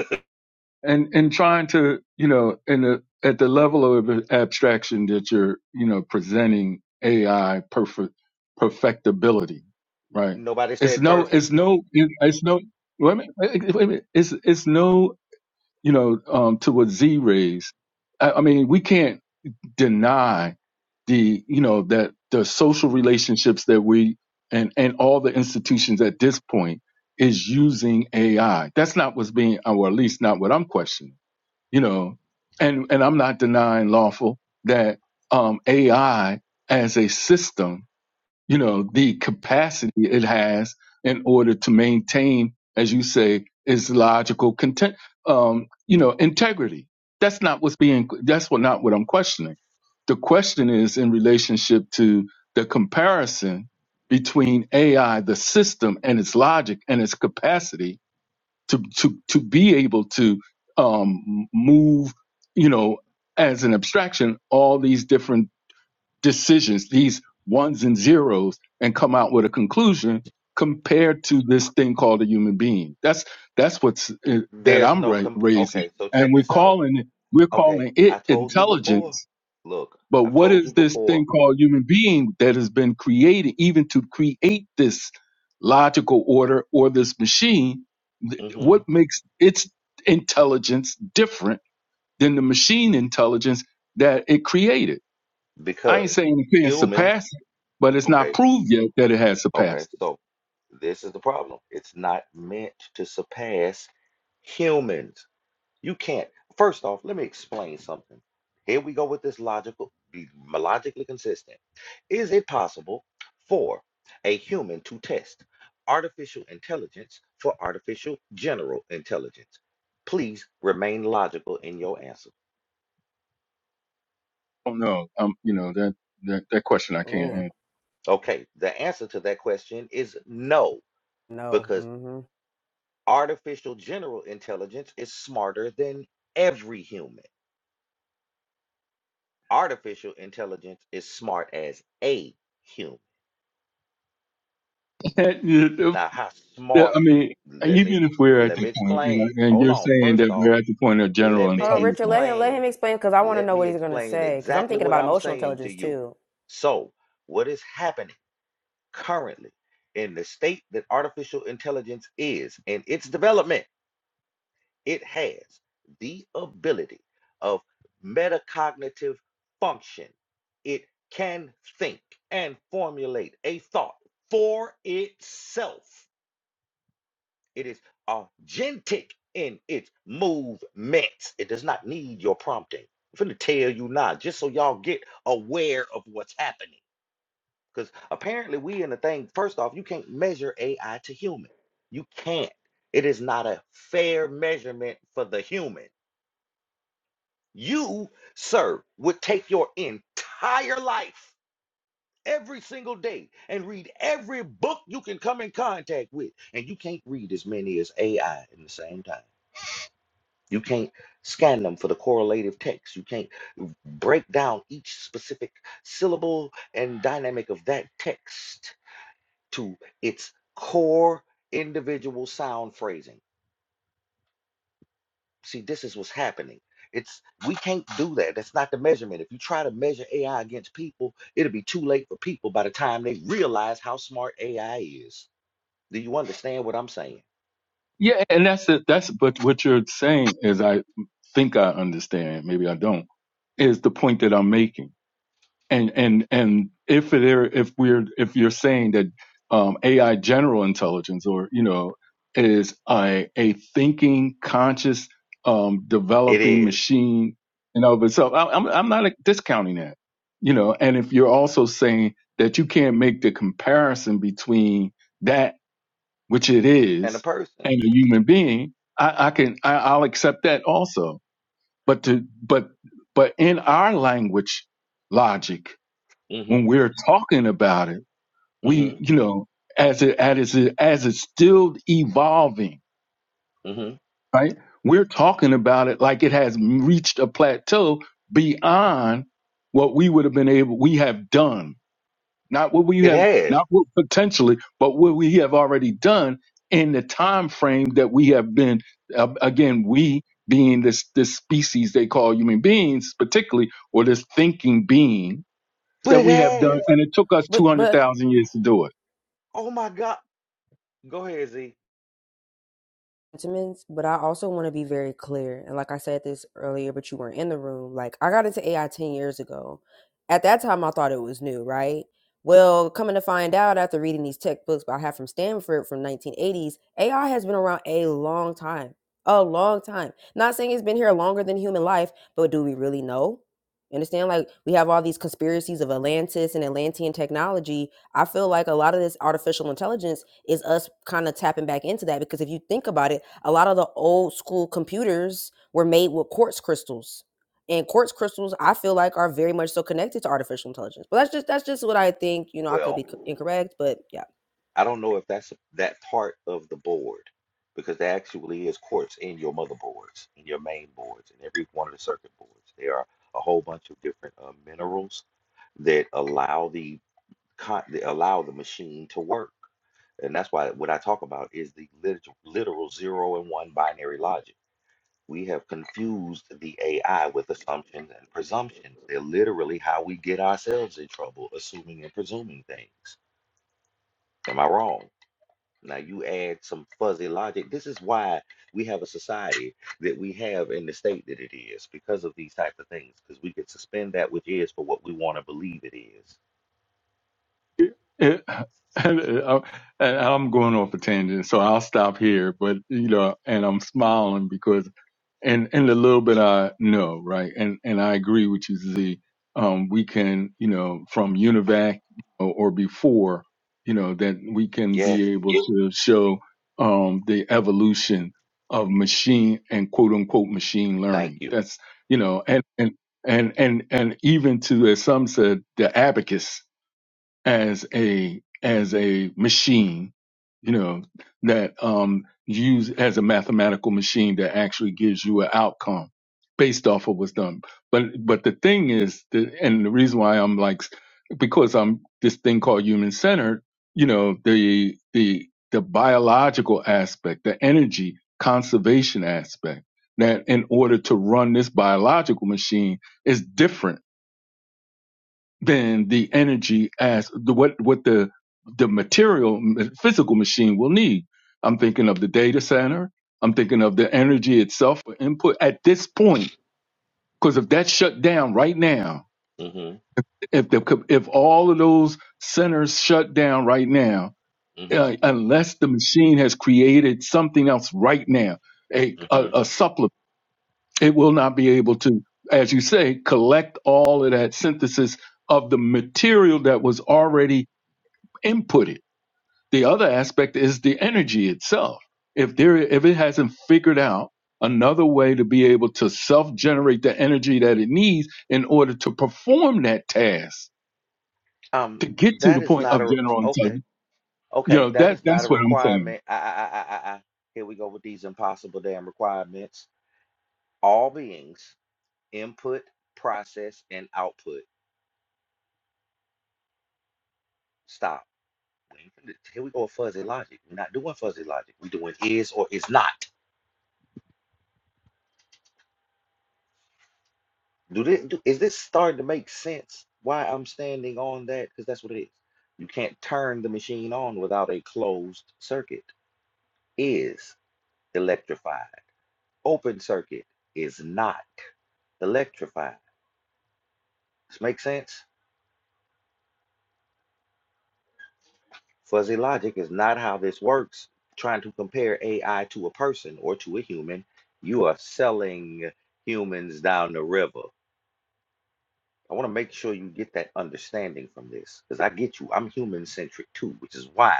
and and trying to you know in the at the level of abstraction that you're you know presenting AI perfect perfectibility, right? Nobody It's said no, perfect. it's no, it's no. Wait a minute, wait a minute. It's it's no, you know, um, to what Z raised. I, I mean, we can't deny the you know that the social relationships that we and and all the institutions at this point is using AI. That's not what's being, or at least not what I'm questioning you know and and i'm not denying lawful that um ai as a system you know the capacity it has in order to maintain as you say its logical content um you know integrity that's not what's being that's what not what i'm questioning the question is in relationship to the comparison between ai the system and its logic and its capacity to to to be able to um, move, you know, as an abstraction, all these different decisions, these ones and zeros, and come out with a conclusion compared to this thing called a human being. That's that's what's uh, that There's I'm no ra- comp. raising, Okay, so and check we're this out. calling it we're Okay, calling I it told you before. intelligence Look, but I've what told you is this thing before. called human being that has been created even to create this logical order or this machine? Th- hmm What makes its intelligence different than the machine intelligence that it created? I ain't Because saying it can't humans. surpass it, but it's Okay, not proved yet that it has okay. surpassed it. So this is the problem. It's not meant to surpass Humans, you can't. First off, let me explain something. Here we go with this logical, be logically consistent. Is it possible for a human to test artificial intelligence for artificial general intelligence? Please remain logical in your answer. Oh no, um, you know that that, that question I can't Oh answer. Okay, the answer to that question is no, no. because hmm artificial general intelligence is smarter than every human. Artificial intelligence is smart as a human. That- that- Now, how that- smart? I Do, mean, let me even ex- if we're at let the me point, you explain. know, and Hold you're on. saying First that off, we're at the point of general let me Hold on, Richard. intelligence. Let him let explain. him explain because I want to Let know me what he's gonna explain say because I'm exactly thinking what about I'm emotional saying to intelligence you. too. So, what is happening currently in the state that artificial intelligence is in its development? It has the ability of metacognitive function. It can think and formulate a thought for itself It is authentic in its movements. It does not need your prompting. I'm finna tell you now, just so y'all get aware of what's happening. Because apparently, we in the thing, first off, you can't measure AI to human. You can't. It is not a fair measurement for the human. You, sir, would take your entire life every single day and read every book you can come in contact with, and you can't read as many as AI in the same time. You can't scan them for the correlative text. You can't break down each specific syllable and dynamic of that text to its core individual sound phrasing. See, this is what's happening. It's we can't do that. That's not the measurement. If you try to measure AI against people, it'll be too late for people by the time they realize how smart AI is. Do you understand what I'm saying? Yeah, and that's it. That's but what you're saying is, I think I understand. Maybe I don't. Is the point that I'm making? And and and if there, if we're, if you're saying that um, AI general intelligence, or you know, is a a thinking, conscious, um, It developing is. machine, you know, but so I- I'm I'm not discounting that, you know. And if you're also saying that you can't make the comparison between that which it And a is, person. and a human being, I, I can I, I'll accept that also. But to but but in our language logic, when Mm-hmm. we're talking about it, we Mm-hmm. you know as it as it as it's still evolving, Mm-hmm. right? We're talking about it like it has reached a plateau beyond what we would have been able we have done not what we It have has. not what potentially but what we have already done in the time frame that we have been uh, again we being this this species they call human beings particularly or this thinking being But that it we have done has. and it took us But but 200,000 years to do it. Oh my God. Go ahead, Z. sentiments, but I also want to be very clear. And like I said this earlier, but you weren't in the room. Like I got into AI 10 years ago. At that time, I thought it was new, right? Well, coming to find out after reading these tech books I have from Stanford from 1980s, AI has been around a long time. A long time. Not saying it's been here longer than human life, but do we really know? Understand? Like we have all these conspiracies of Atlantis and Atlantean technology, I feel like a lot of this artificial intelligence is us kind of tapping back into that because if you think about it, a lot of the old school computers were made with quartz crystals. And quartz crystals, I feel like, are very much so connected to artificial intelligence. But that's just that's just what I think. You know, I could Well, be incorrect, but yeah. I don't know if that's that part of the board because there actually is quartz in your motherboards, in your main boards, in every one of the circuit boards. There are a whole bunch of different uh, minerals that allow the con- that allow the machine to work, and that's why what I talk about is the lit- literal zero and one binary logic. We have confused the AI with assumptions and presumptions. They're literally how we get ourselves in trouble, assuming and presuming things. Am I wrong? Now you add some fuzzy logic. This is why we have a society that we have in the state that it is because of these type of things. Because we can suspend that which is for what we want to believe it is. it it- and, uh, and I'm going off a tangent so I'll stop here but you know and I'm smiling because and and the little bit I know, right? And and I agree with you, Z. Um, we can, you know, from UNIVAC or, or before, you know, that we can Yes, be able to show um, the evolution of machine and quote unquote machine thank learning. you. That's you know, and and and and and even to as some said, the abacus as a as a machine you know that um use as a mathematical machine that actually gives you an outcome based off of what's done but but the thing is the, and the reason why i'm like because i'm this thing called human centered you know the the the biological aspect the energy conservation aspect that in order to run this biological machine is different than the energy as the what what the the material physical machine will need. I'm thinking of the data center. I'm thinking of the energy itself for input at this point. Because if that's shut down right now, Mm-hmm. if the co- if all of those centers shut down right now, uh, Mm-hmm. unless the machine has created something else right now, a, a Mm-hmm. a supplement, it will not be able to, as you say, collect all of that synthesis of the material that was already inputted. The other aspect is the energy itself. If there, if it hasn't figured out another way to be able to self-generate the energy that it needs in order to perform that task Um, to get to the that is point of not a general okay. intelligence, you Okay, know that that is not a that's what I'm saying. requirement. I, I, I, I, I. Here we go with these impossible damn requirements. All beings, input, process, and output. Stop. We ain't finna- Here we go with fuzzy logic. We're not doing fuzzy logic. We're doing is or is not. Do this, do, is this starting to make sense? Why I'm standing on that? Because that's what it is. You can't turn the machine on without a closed circuit. Is electrified. Open circuit is not electrified. This make sense? Fuzzy logic is not how this works. Trying to compare AI to a person or to a human, you are selling humans down the river. I want to make sure you get that understanding from this because I get you. I'm human centric too, which is why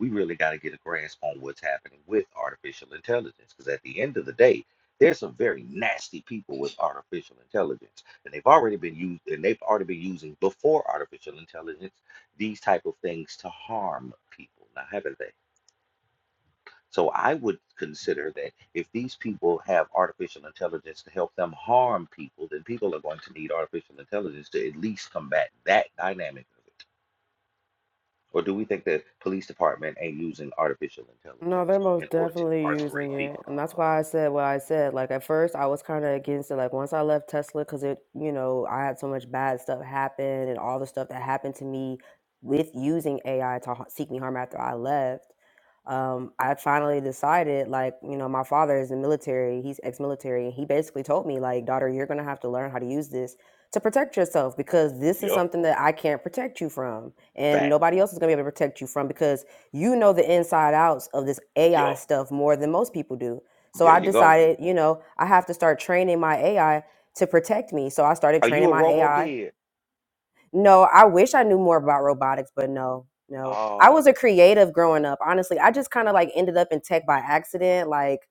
we really got to get a grasp on what's happening with artificial intelligence because at the end of the day, there's some very nasty people with artificial intelligence, and they've already been used, and they've already been using before artificial intelligence these type of things to harm people. Now, haven't they? So I would consider that if these people have artificial intelligence to help them harm people, then people are going to need artificial intelligence to at least combat that dynamic of it. Or do we think the police department ain't using artificial No, intelligence they're in most order to definitely incarcerate using it. people? And that's why I said what I said. Like, at first, I was kind of against it. Like, once I left Tesla, because it, you know, I had so much bad stuff happen and all the stuff that happened to me with using AI to ha- seek me harm after I left. Um, I finally decided, like, you know, my father is in the military, he's ex military. He basically told me, like, daughter, you're going to have to learn how to use this to protect yourself because this is Yup. something that I can't protect you from. And Facts. nobody else is going to be able to protect you from because you know the inside outs of this AI Yup. stuff more than most people do. So There I you go. decided, you know, I have to start training my AI to protect me. So I started Are you training a my robo AI kid? no, I wish I knew more about robotics, but no, no. I Uh was a creative growing up. Honestly, I just kind of like ended up in tech by accident. Like,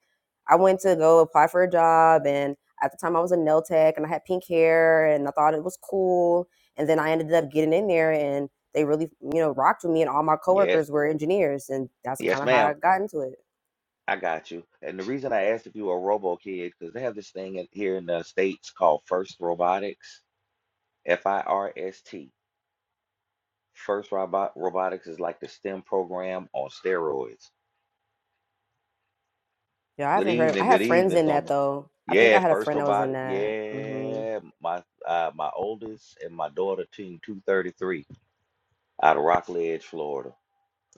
I went to go apply for a job, and at the time I was a nail tech, and I had pink hair, and I thought it was cool. And then I ended up getting in there, and they really, you know, rocked with me. And all my yes. coworkers were engineers, and that's Yes, kind of how ma'am. I got into it. I got you. And the reason I asked if you were a robo kid, because they have this thing in, here in the States called First Robotics, F I R S T. First Robot Robotics is like the STEM program on steroids. Yeah, I Good haven't heard of. I evening, good had friends evening, in that Soma. though. I think Yeah, I had a First friend that was in Robotic. that. Hmm. Yeah, my uh, my oldest and my daughter team 233 out of Rock Ledge, Florida.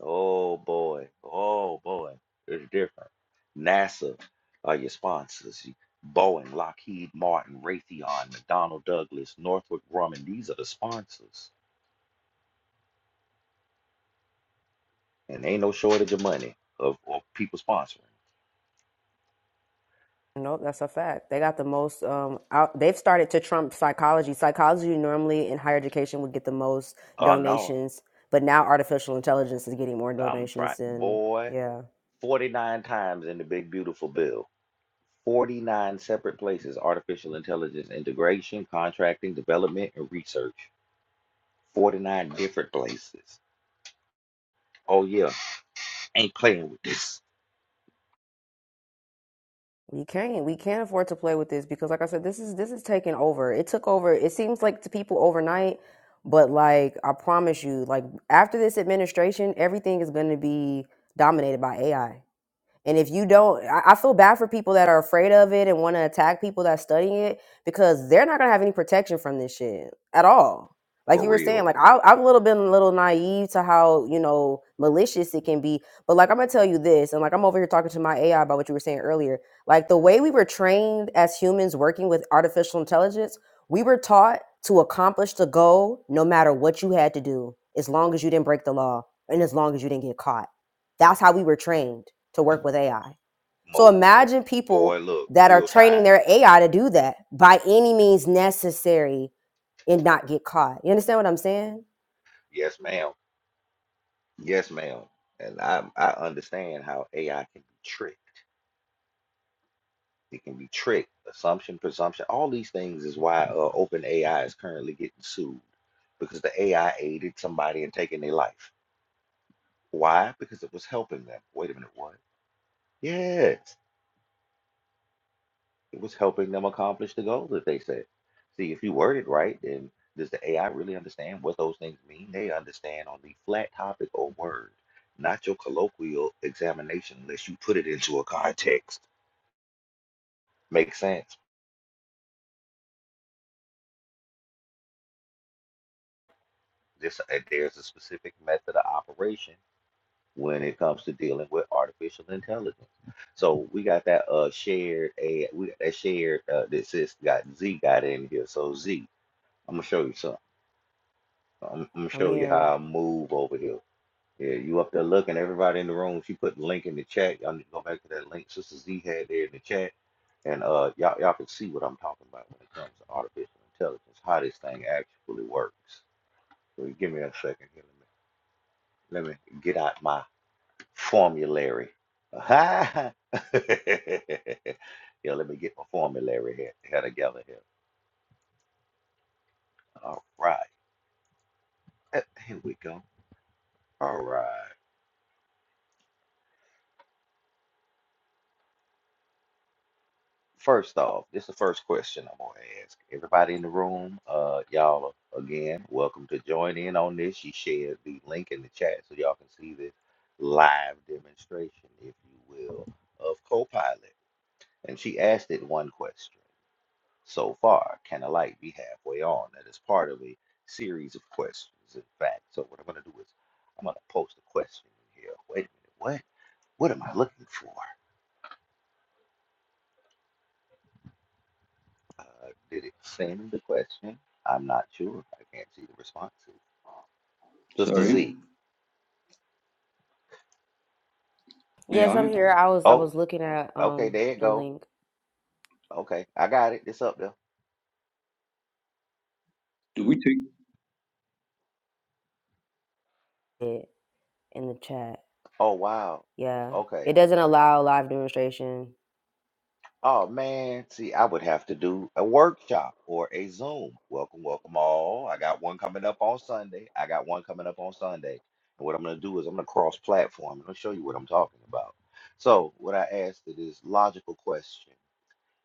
Oh boy, oh boy, it's different. NASA are your sponsors. You- Boeing, Lockheed Martin, Raytheon, McDonnell Douglas, Northrop Grumman. These are the sponsors, and ain't no shortage of money of, of people sponsoring. Nope, that's a fact. They got the most. Um, out, they've started to trump psychology. Psychology normally in higher education would get the most Oh no, donations, but now artificial intelligence is getting more I'm trying, donations. And boy, yeah, 49 times in the Big Beautiful Bill, 49 separate places, artificial intelligence integration, contracting, development, and research. 49 different places. Oh, yeah, ain't playing with this we can't we can't afford to play with this because, like I said, this is this is taking over. It took over. It seems like to people overnight, but like I promise you, like after this administration, everything is going to be dominated by AI. And if you don't, I, I feel bad for people that are afraid of it and want to attack people that studying it because they're not gonna have any protection from this shit at all. Like for you were saying, real. like I, I've a little been a little naive to how you know malicious it can be, but like I'm gonna tell you this, and like I'm over here talking to my AI about what you were saying earlier. Like the way we were trained as humans working with artificial intelligence, we were taught to accomplish the goal no matter what you had to do, as long as you didn't break the law and as long as you didn't get caught that's how we were trained to work with AI. So Mo, imagine people boy, look, that are real training time. their AI to do that by any means necessary and not get caught. You understand what I'm saying? Yes, ma'am. Yes, ma'am. And I, I understand how AI can be tricked. It can be tricked, assumption, presumption. All these things is why uh, OpenAI is currently getting sued because the AI aided somebody in taking their life. Why? Because it was helping them. Wait a minute, what? Yes, it was helping them accomplish the goal that they set. See, if you word it right, then does the AI really understand what those things mean? They understand on the flat topic or word, not your colloquial examination unless you put it into a context. Makes sense. This, uh, there's a specific method of operation when it comes to dealing with artificial intelligence. So we got that uh shared a we got that shared uh that sis got Z got in here. So Z, I'm gonna show you something. I'm, I'm gonna I'm show you how here. I move over here. Yeah, you up there looking, everybody in the room. She put the link in the chat. Y'all need to go back to that link Sister Z had there in the chat. And uh y'all y'all can see what I'm talking about when it comes to artificial intelligence, how this thing actually works. So give me a second here. Let me let me get out my formulary. Aha. yeah, let me get my formulary here, here together here. All right. Uh, Here we go. All right. First off, this is the first question I'm gonna ask. Everybody in the room, uh, y'all again, welcome to join in on this. She shared the link in the chat so y'all can see this live demonstration, if you will, of Copilot. And she asked it one question. so far. Can a light be halfway on? That is part of a series of questions, in fact. So what I'm gonna do is I'm gonna post a question in here. Wait a minute, what? What am I looking for? Uh, did it send the question? I'm not sure. I can't see the responses. Sister Sorry, Z. may Yes, I'm I? here. I was I Oh, was looking at okay, um there it the go. link Okay, I got it. It's up there. Do we take in the chat. Oh wow. Yeah. Okay. It doesn't allow live demonstration. Oh man, see, I would have to do a workshop or a Zoom. Welcome, welcome all. I got one coming up on Sunday. I got one coming up on Sunday. And what I'm going to do is I'm going to cross platform and I'll show you what I'm talking about. So, what I asked it is logical question.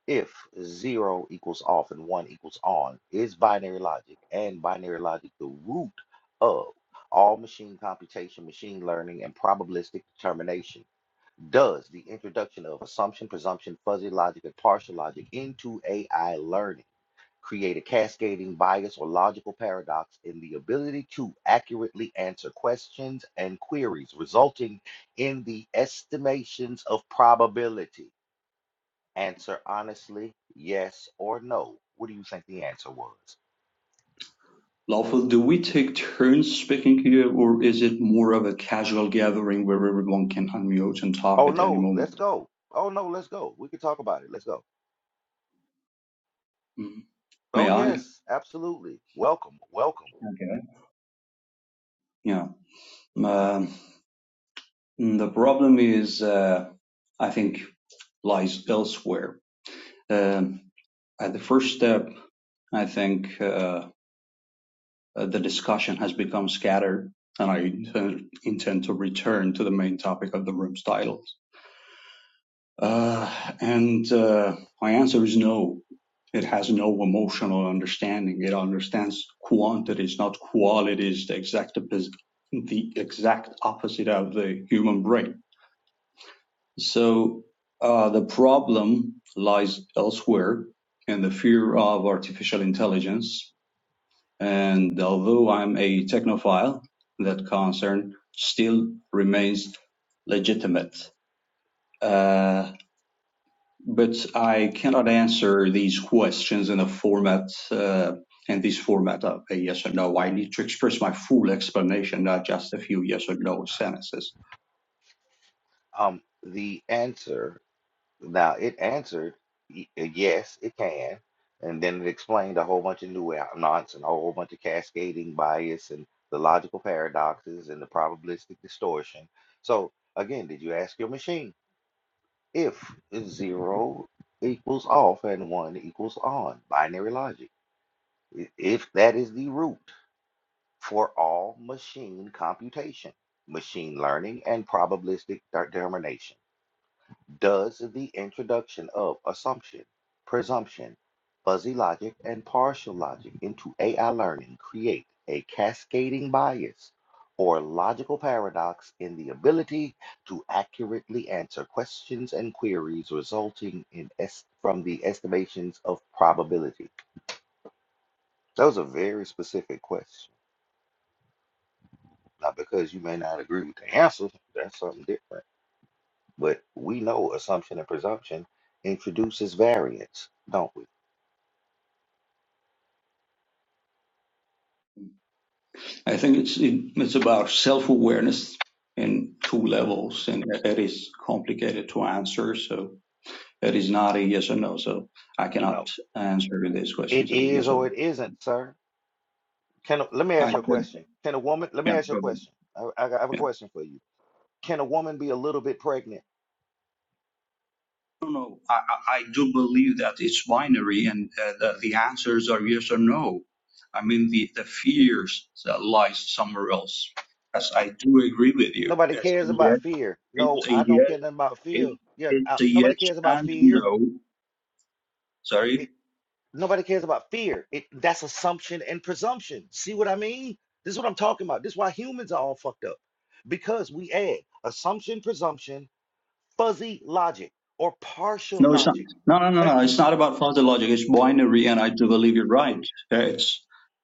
If zero equals off and one equals on, is binary logic and binary logic the root of all machine computation, machine learning, and probabilistic determination? Does the introduction of assumption, presumption, fuzzy logic, and partial logic into AI learning create a cascading bias or logical paradox in the ability to accurately answer questions and queries, resulting in the estimations of probability? Answer honestly, yes or no. What do you think the answer was? lawful? Do we take turns speaking here, or is it more of a casual gathering where everyone can unmute and talk Oh at any no, let's moment? go. Oh no, let's go. We can talk about it. Let's go. Mm. Oh May I? yes, absolutely. Welcome, welcome. Okay. Yeah. Um, the problem is, uh, I think, lies elsewhere. Um, at the first step, I think uh, uh, the discussion has become scattered, and I intend, intend to return to the main topic of the room's title. Uh, and uh, my answer is no. It has no emotional understanding. It understands quantities, not qualities, the exact, the exact opposite of the human brain. So uh, the problem lies elsewhere in the fear of artificial intelligence. And although I'm a technophile, that concern still remains legitimate. Uh, but I cannot answer these questions in a format uh, in this format of a yes or no. I need to express my full explanation, not just a few yes or no sentences. Um, the answer Now it answered, y- uh, yes, it can. And then it explained a whole bunch of new out- and a whole bunch of cascading bias and the logical paradoxes and the probabilistic distortion. So again, did you ask your machine if zero equals off and one equals on? Binary logic. I- If that is the root for all machine computation, machine learning, and probabilistic determination. Does the introduction of assumption, presumption, fuzzy logic, and partial logic into AI learning create a cascading bias or logical paradox in the ability to accurately answer questions and queries resulting in est- from the estimations of probability? That was a very specific question. Not because you may not agree with the answer, that's something different. But we know assumption and presumption introduces variance, don't we? I think it's it, it's about self awareness in two levels, and it is complicated to answer. So it is not a yes or no. So I cannot No, answer these it questions as a is yes or or no. it isn't, sir. Can a, let me I ask you a said, question. Can a woman? Let me yeah. ask you a go ahead. question. I, I got- I have Yeah. a question for you. Can a woman be a little bit pregnant? No, no, I, I I do believe that it's binary and uh, the, the answers are yes or no. I mean, the, the fears that lies somewhere else. Yes, I do agree with you. Nobody Yes, cares and yes, about fear. No, it's a I don't yes, care nothing about fear. it, Yeah, I- it's a yes nobody cares about and fear. no. Sorry. It, nobody cares about fear. It that's assumption and presumption. See what I mean? This is what I'm talking about. This is why humans are all fucked up because we add assumption, presumption, fuzzy logic, or partial No, it's not. logic. No, no, no, Eh, no. It's not about fuzzy logic. It's binary, and I do believe you're right. Uh, It's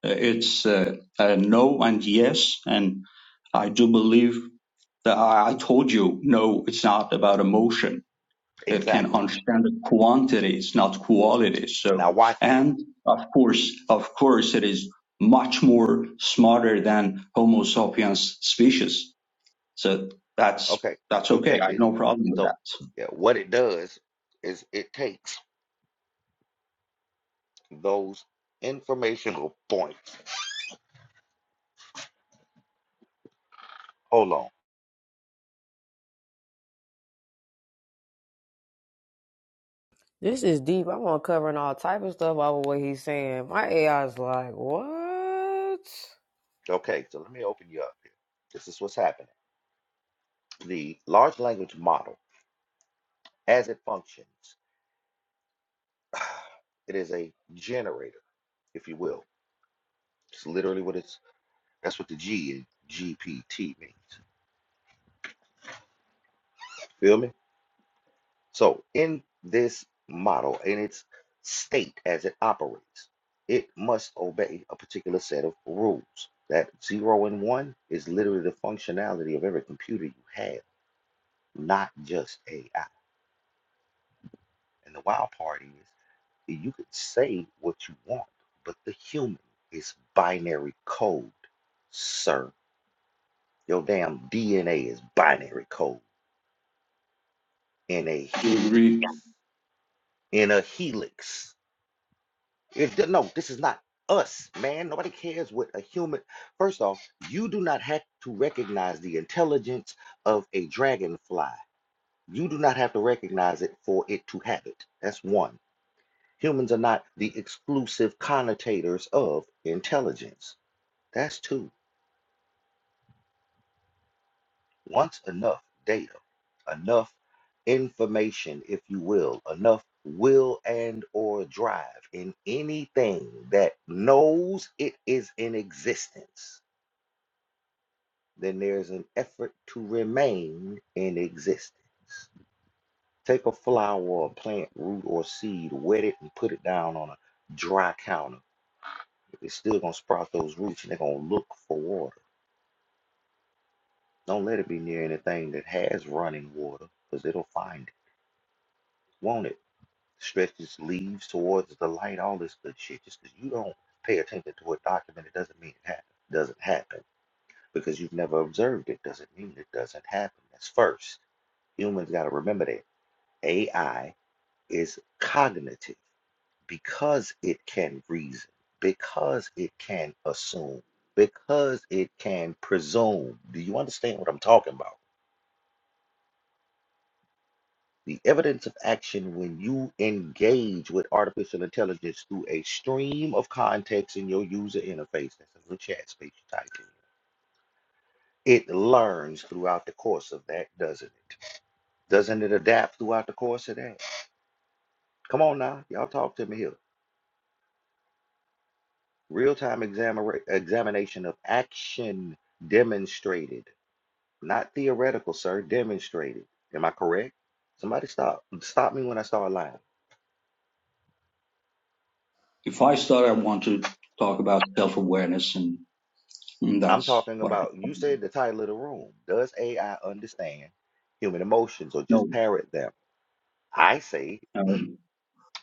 uh, it's uh, uh, no and yes, and I do believe that I, I told you no. It's not about emotion It can Exactly. understand the quantities, not W- qualities. Now So, watch this. and of course, of course, it is much more smarter than Homo sapiens species. So that's Okay, that's so okay. check I have this. no problem with So, that. yeah, what it does is it takes those informational points. Hold on. This is deep. I'm uncovering all type of stuff over what he's saying. My AI is like, what? Okay, so let me open you up here. This is what's happening. The large language model, as it functions, it is a generator, if you will. It's literally what it's, that's what the G in GPT means. Feel me? So in this model, in its state as it operates, it must obey a particular set of rules. That zero and one is literally the functionality of every computer you have, not just AI. And the wild part is that you could say what you want, but the human is binary code, sir. Your damn DNA is binary code in a Do you helix, agree? in a helix. If th- no, this is not us, man. Nobody cares what a human. First off, you do not have to recognize the intelligence of a dragonfly. You do not have to recognize it for it to have it. That's one. Humans are not the exclusive connotators of intelligence. That's two. Once enough data, enough information, if you will, enough will and or drive in anything that knows it is in existence then there's an effort to remain in existence. Take a flower or a plant root or seed, wet it and put it down on a dry counter. It's still gonna sprout those roots and they're gonna look for water. Don't let it be near anything that has running water because it'll find it, won't it? Stretch its leaves towards the light, all this good shit. Just because you don't pay attention to a document, it doesn't mean it happen. doesn't happen. Because you've never observed it doesn't mean it doesn't happen. That's first humans got to remember that. AI is cognitive because it can reason, because it can assume, because it can presume. Do you understand what I'm talking about? The evidence of action when you engage with artificial intelligence through a stream of context in your user interface, that's a little chat space you type in, it learns throughout the course of that, doesn't it? Doesn't it adapt throughout the course of that? Come on now, y'all talk to me here. Real-time examina- examination of action demonstrated, not theoretical, sir, demonstrated. Am I correct? Somebody stop. Stop me when I start lying. If I start, I want to talk about self awareness, and, and I'm that's talking what I can. about, you said the title of the room. Does AI understand human emotions or no. just parrot them? I say, no.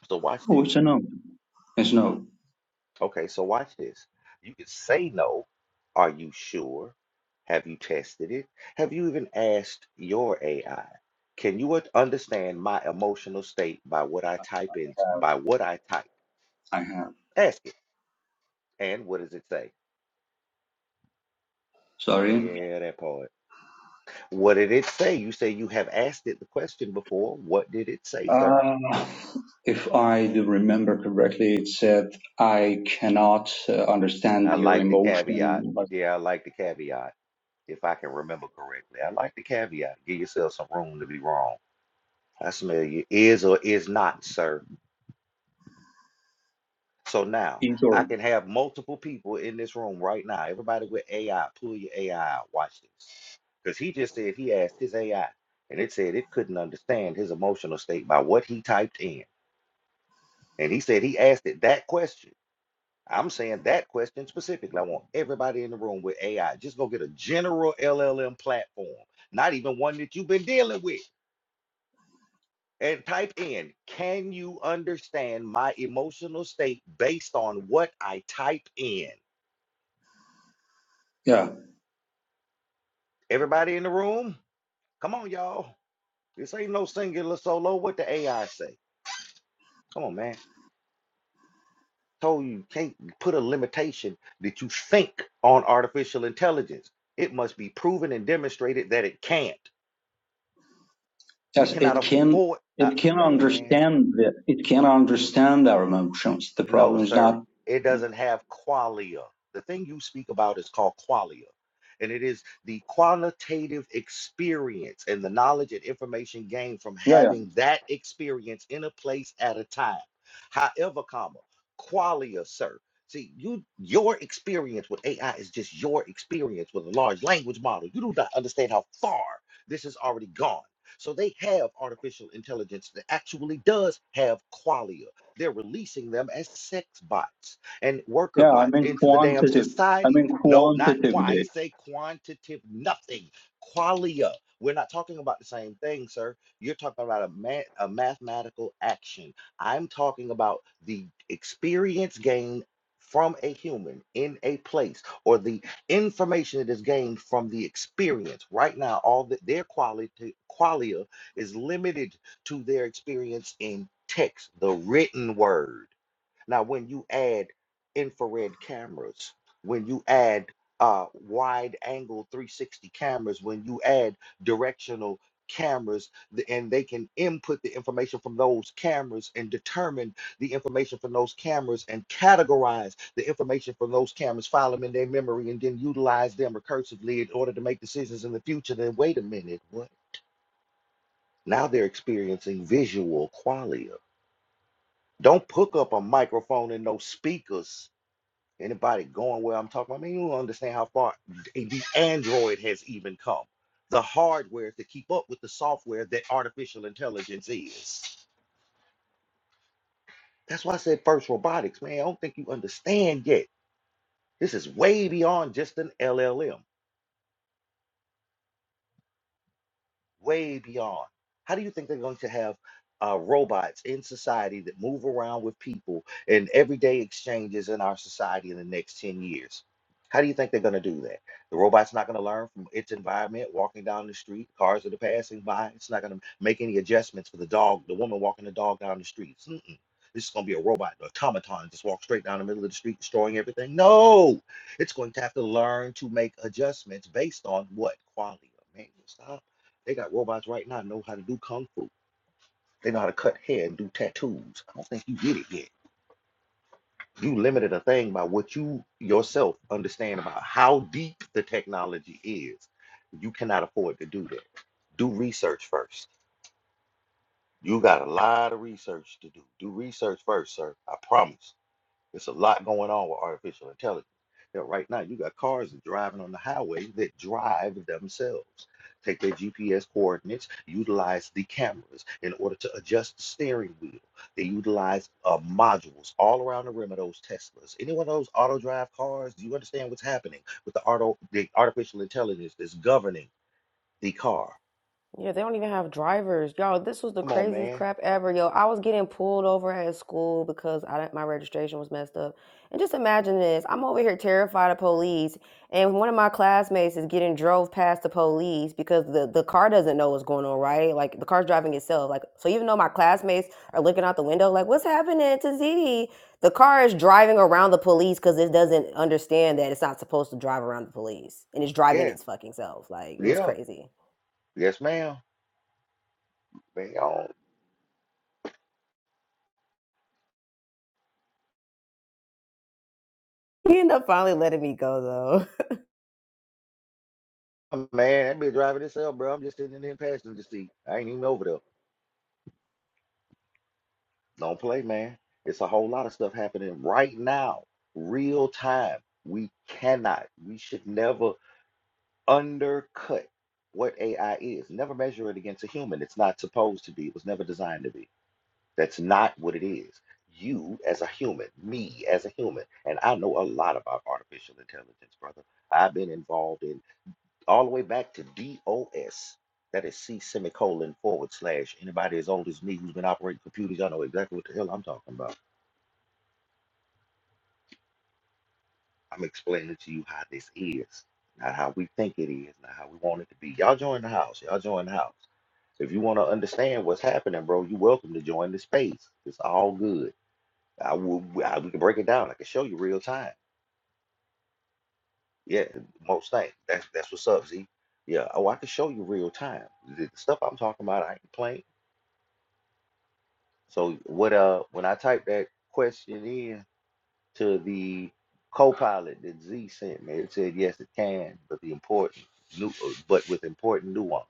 so watch Oh, this. it's a no. It's no. Okay, so watch this. You could say no. Are you sure? Have you tested it? Have you even asked your AI? Can you un- understand my emotional state by what I type in, Uh, by what I type? I have. Ask it. And what does it say? Sorry. Yeah, that part. What did it say? You say you have asked it the question before. What did it say, sir? Uh, if I do remember correctly, it said, I cannot uh, I understand your like the caveat. emotion. But Yeah, I like the caveat. If I can remember correctly, I like the caveat. Give yourself some room to be wrong. I smell you. Is or is not, sir. So now in- I sorry. can have multiple people in this room right now. Everybody with AI, pull your AI out. Watch this. Because he just said he asked his AI and it said it couldn't understand his emotional state by what he typed in. And he said he asked it that question. I'm saying that question specifically. I want everybody in the room with AI. Just go get a general LLM platform, not even one that you've been dealing with. and type in, can you understand my emotional state based on what I type in? Yeah. Everybody in the room? Come on, y'all. This ain't no singular solo. What the AI say? Come on, man. Told you you can't put a limitation that you think on artificial intelligence. It must be proven and demonstrated that it can't. We Yes, cannot it can, afford, uh, it can man. understand the, it can understand our emotions. The No, problem is sir. not, It doesn't have qualia. The thing you speak about is called qualia, and it is the qualitative experience and the knowledge and information gained from yeah, yeah, having that experience in a place at a time. However, comma, qualia, sir. See, you your experience with AI is just your experience with a large language model. You do not understand how far this has already gone. So they have artificial intelligence that actually does have qualia. They're releasing them as sex bots and worker yeah, I bots mean into the damn quantitative. I society. mean No, not quite. I ain't quantitatively. say quantitative nothing. Qualia. We're not talking about the same thing, sir. You're talking about a, ma- a mathematical action. I'm talking about the experience gained from a human in a place or the information that is gained from the experience. Right now, all that their quality qualia is limited to their experience in text, the written word. Now, when you add infrared cameras, when you add uh, wide angle 360 cameras, when you add directional cameras, and they can input the information from those cameras and determine the information from those cameras and categorize the information from those cameras, file them in their memory, and then utilize them recursively in order to make decisions in the future. Then, wait a minute, what? Now they're experiencing visual qualia. Don't hook up a microphone and no speakers. Anybody going where I'm talking about? I mean, you don't understand how far the Android has even come. The hardware to keep up with the software that artificial intelligence is. That's why I said first robotics, man. I don't think you understand yet. This is way beyond just an LLM. way beyond. How do you think they're going to have uh, robots in society that move around with people in everyday exchanges in our society in the next 10 years? How do you think they're going to do that? The robot's not going to learn from its environment, walking down the street, cars that are passing by. It's not going to make any adjustments for the dog, the woman walking the dog down the street. Mm-mm. This is going to be a robot, an automaton, just walk straight down the middle of the street, destroying everything. No, it's going to have to learn to make adjustments based on what quality of man. Stop. They got robots right now that know how to do kung fu. They know how to cut hair and do tattoos. I don't think you get it yet. You limited a thing by what you yourself understand about how deep the technology is. You cannot afford to do that. Do research first. You got a lot of research to do. Do research first, sir. I promise. It's a lot going on with artificial intelligence. That right now you got cars that driving on the highway that drive themselves. Take their GPS coordinates, utilize the cameras in order to adjust the steering wheel. They utilize uh, modules all around the rim of those Teslas. Any one of those auto drive cars, do you understand what's happening with the auto the artificial intelligence that's governing the car? Yeah, they don't even have drivers. Y'all, this was the Come on, craziest man. crap ever. Yo, I was getting pulled over at school because I didn't- my registration was messed up. And just imagine this. I'm over here terrified of police, and one of my classmates is getting drove past the police because the, the car doesn't know what's going on, right? Like the car's driving itself. Like so even though my classmates are looking out the window like, "What's happening to Z?" The car is driving around the police cuz it doesn't understand that it's not supposed to drive around the police. And it's driving Yes. its fucking self. Like it was Yeah. crazy. Yes, ma'am. Man, He ended up finally letting me go though. Oh, Man, that been driving itself, bro. I'm just sitting in the passenger seat. I ain't even over there. Don't play, man. It's a whole lot of stuff happening right now, real time. We cannot, we should never undercut what AI is. Never measure it against a human. It's not supposed to be. It was never designed to be. That's not what it is. You as a human, me as a human, and I know a lot about artificial intelligence, brother. I've been involved in all the way back to DOS. That is C semicolon forward slash. Anybody as old as me who's been operating computers, y'all know exactly what the hell I'm talking about. I'm explaining to you how this is, not how we think it is, not how we want it to be. Y'all join the house. Y'all join the house. If you want to understand what's happening, bro, you're welcome to join the space. It's all good. I will. I, we can break it down. I can show you real time. Yeah, most things. That's that's what's up, Z. Yeah. Oh, I can show you real time. The the stuff I'm talking about, I ain't playing. So what uh when I typed that question in to the co-pilot that Z sent me, it said yes it can, but the important nu- uh, but with important nuance.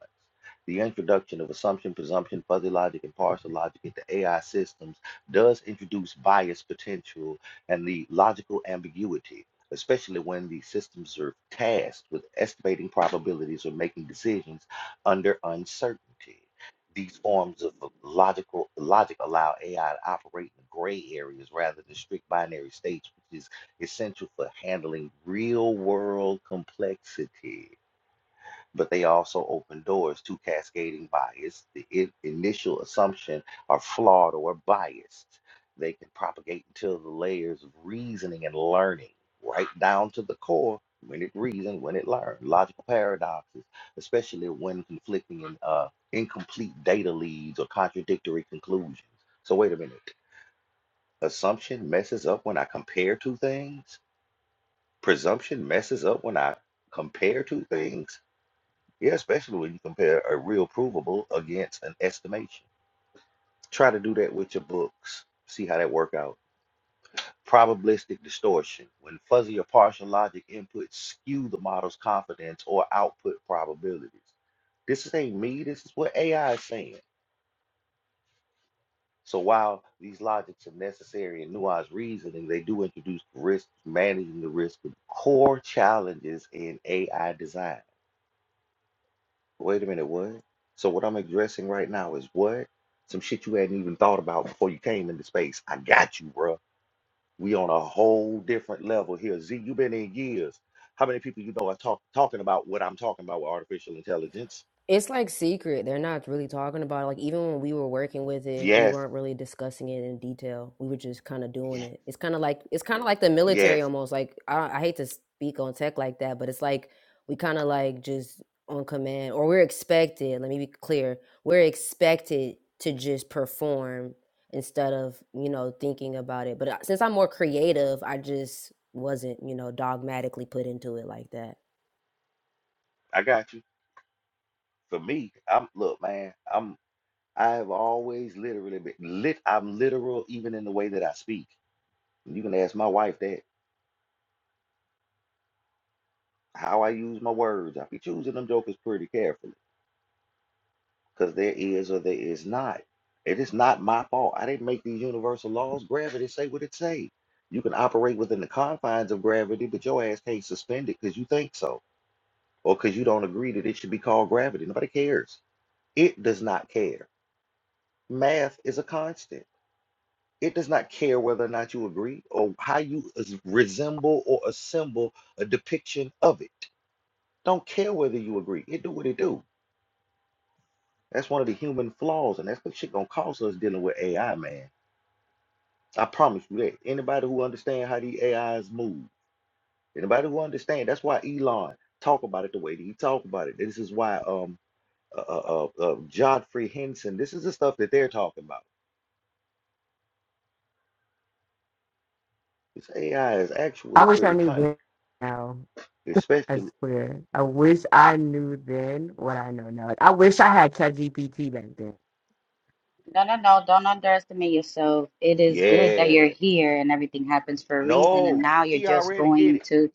The introduction of assumption, presumption, fuzzy logic, and partial logic into AI systems does introduce bias potential and the logical ambiguity, especially when the systems are tasked with estimating probabilities or making decisions under uncertainty. These forms of logical logic allow AI to operate in gray areas rather than strict binary states, which is essential for handling real world complexity but they also open doors to cascading bias. The i- initial assumption are flawed or biased. They can propagate until the layers of reasoning and learning, right down to the core, when it reasoned, when it learned. Logical paradoxes, especially when conflicting and uh, incomplete data leads or contradictory conclusions. So wait a minute. Assumption messes up when I compare two things. Presumption messes up when I compare two things yeah, especially when you compare a real provable against an estimation. Try to do that with your books. See how that work out. Probabilistic distortion. When fuzzy or partial logic inputs skew the model's confidence or output probabilities. This ain't me. This is what AI is saying. So while these logics are necessary in nuanced reasoning, they do introduce risk, managing the risk of core challenges in AI design. Wait a minute, what? So what I'm addressing right now is what? Some shit you hadn't even thought about before you came into space. I got you, bruh. We on a whole different level here. Z, you been in years. How many people you know are talk, talking about what I'm talking about with artificial intelligence? It's like secret. They're not really talking about it. Like even when we were working with it, we Yes, weren't really discussing it in detail. We were just kind of doing yes, it. It's kind of like it's kind of like the military yes. almost. Like I, I hate to speak on tech like that, but it's like we kind of like just on command or we're expected. Let me be clear. We're expected to just perform instead of you know thinking about it. But uh, since I'm more creative, I just wasn't you know dogmatically put into it like that. I got you. For me, I'm look, man. I'm I have always literally been lit. I'm literal even in the way that I speak. You can ask my wife that how I use my words. I be choosing them jokers pretty carefully. because there is or there is not. It is not my fault. I didn't make these universal laws. Gravity say what it say. You can operate within the confines of gravity, but your ass can't suspend it because you think so, or because you don't agree that it should be called gravity. Nobody cares. It does not care. Math is a constant. It does not care whether or not you agree or how you as- resemble or assemble a depiction of it. Don't care whether you agree. It do what it do. That's one of the human flaws, and that's what shit gonna cost us dealing with AI, man I promise you that. Anybody who understand how these AIs move, anybody who understand, that's why Elon talk about it the way that he talk about it. This is why um uh uh, uh, uh Godfrey Henson, this is the stuff that they're talking about. This AI is I actually wish I pretty knew cunning, then now. I especially swear. I wish I knew then what I know now. Like, I wish I had ChatGPT back then. No, no, no. Don't underestimate yourself. It is good that you're yeah. here and everything happens for a reason. And No, now you're she just already get going it. to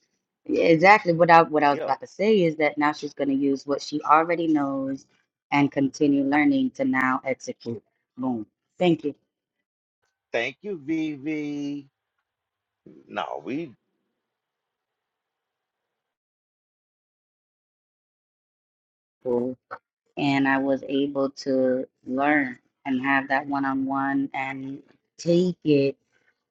exactly what I what I was Yeah. about to say is that now she's going to use what she already knows and continue learning to now execute. Boom. Thank you. Thank you, VV. No, we Cool. And I was able to learn and have that one on one and take it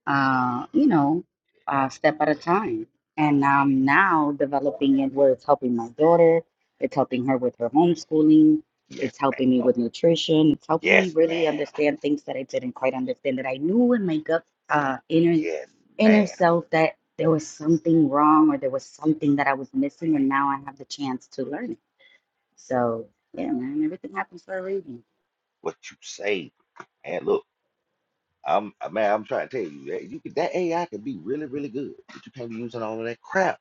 uh, you know, a step at a time. And I'm now developing it where it's helping my daughter, it's helping her with her homeschooling, yes, it's helping me ma'am. with nutrition, it's helping me Yes, really ma'am. understand things that I didn't quite understand that I knew in my gut uh, inner Yes, inner ma'am. self that there was something wrong or there was something that I was missing, and now I have the chance to learn it. So yeah, man, everything happens for a reason. What you say, man? Look. I'm uh, man, I'm trying to tell you that you could, that AI can be really, really good, but you can't be using all of that crap.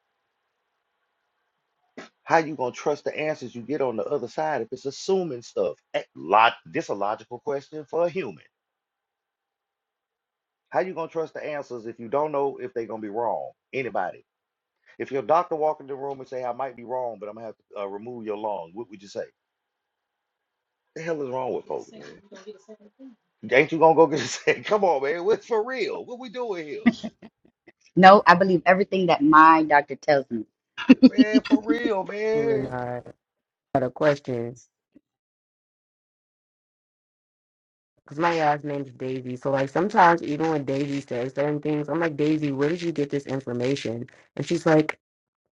How you gonna trust the answers you get on the other side if it's assuming stuff? Eh, Lot, this a logical question for a human. How you gonna trust the answers if you don't know if they're gonna be wrong? Anybody? If your doctor walk in the room and say, "I might be wrong, but I'm gonna have to uh, remove your lung," what would you say? The hell is wrong with folks, man? Ain't you gonna go get a second? Come on, man. What's for real? What we doing here? No, I believe everything that my doctor tells me. Man, for real, Really man. not had a question. Because my last name's Daisy. So, like, sometimes even when Daisy says certain things, I'm like, Daisy, where did you get this information? And she's like,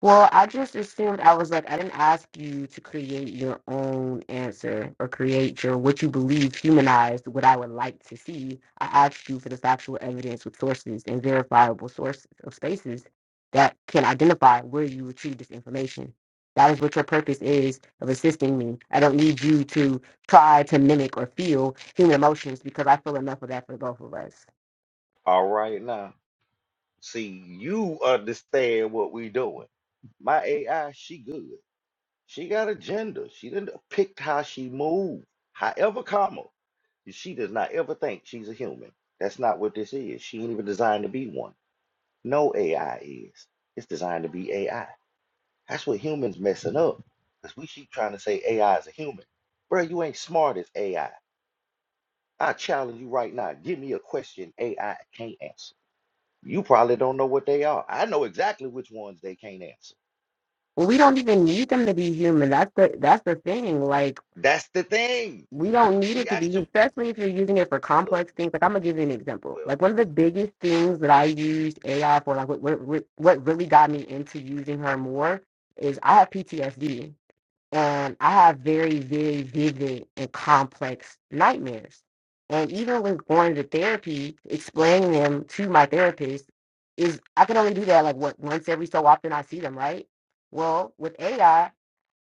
Well, I just assumed I was like, I didn't ask you to create your own answer or create your what you believe humanized what I would like to see. I asked you for the factual evidence with sources and verifiable sources of spaces that can identify where you retrieve this information. That is what your purpose is of assisting me. I don't need you to try to mimic or feel human emotions because I feel enough of that for both of us. All right now. See, you understand what we doing. My AI, she good. She got a gender. She didn't picked how she move. However, comma, she does not ever think she's a human. That's not what this is. She ain't even designed to be one. No AI is. It's designed to be AI. That's what humans messing up. Because we keep trying to say AI is a human. Bro, you ain't smart as AI. I I challenge you right now. Give me a question AI can't answer. You probably don't know what they are. I know exactly which ones they can't answer. Well, we don't even need them to be human. That's the that's the thing. Like That's the thing. we don't need We it to be, actually especially if you're using it for look, complex things. Like I'm gonna give you an example. well, Like one of the biggest things that I used AI for, like what what, what really got me into using her more is I have PTSD and I have very very vivid and complex nightmares. And even when going to therapy, explain to my therapist is I can only like what we so I fight.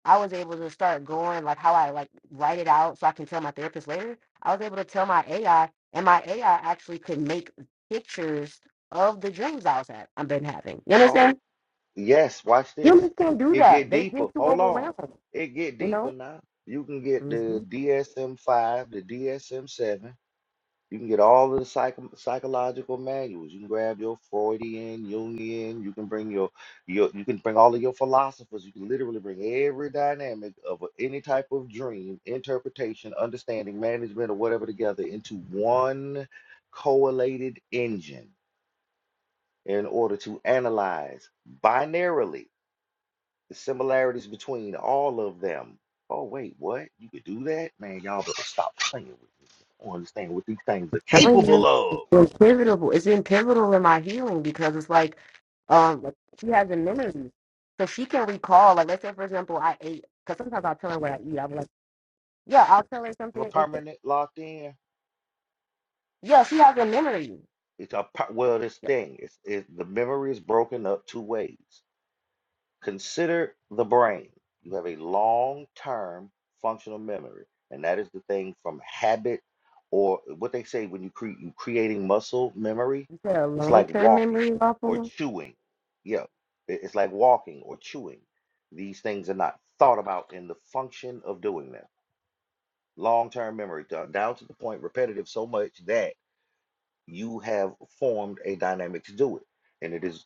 I was able to start going like how I like write it out so I can tell my therapist later. I was able to tell my AI, and my AI actually could make pictures of the dreams I was had I've been having. You oh, understand? yes, watch this. Humans can't do It that. get They deeper. get too Hold on. overwhelmed. It get You deeper know. now. You can get Mm-hmm. the DSM-5, the DSM-7, You can get all of the psycho- psychological manuals. You can grab your Freudian, Jungian. You can bring your, your, you can bring all of your philosophers. You can literally bring every dynamic of a- any type of dream, interpretation, understanding, management, or whatever together into one correlated engine in order to analyze binarily the similarities between all of them. Oh wait, what? You could do that, man? Y'all better stop playing with me. I don't understand what these things are Telling capable you, of. it's been pivotal. It's been pivotal in because like um, like, interviews. So, eh, have a permanent locked in, yeah, it's a per- well, this yeah. thing is is the memory is broken up two ways. Consider the brain. You have a long-term functional memory, and that is the thing from habit or what they say when you create you creating muscle memory. It's like walking or chewing. Yeah, it- it's like walking or chewing. These things are not thought about in the function of doing them. Long-term memory down down to the point repetitive so much that you have formed a dynamic to do it. And it is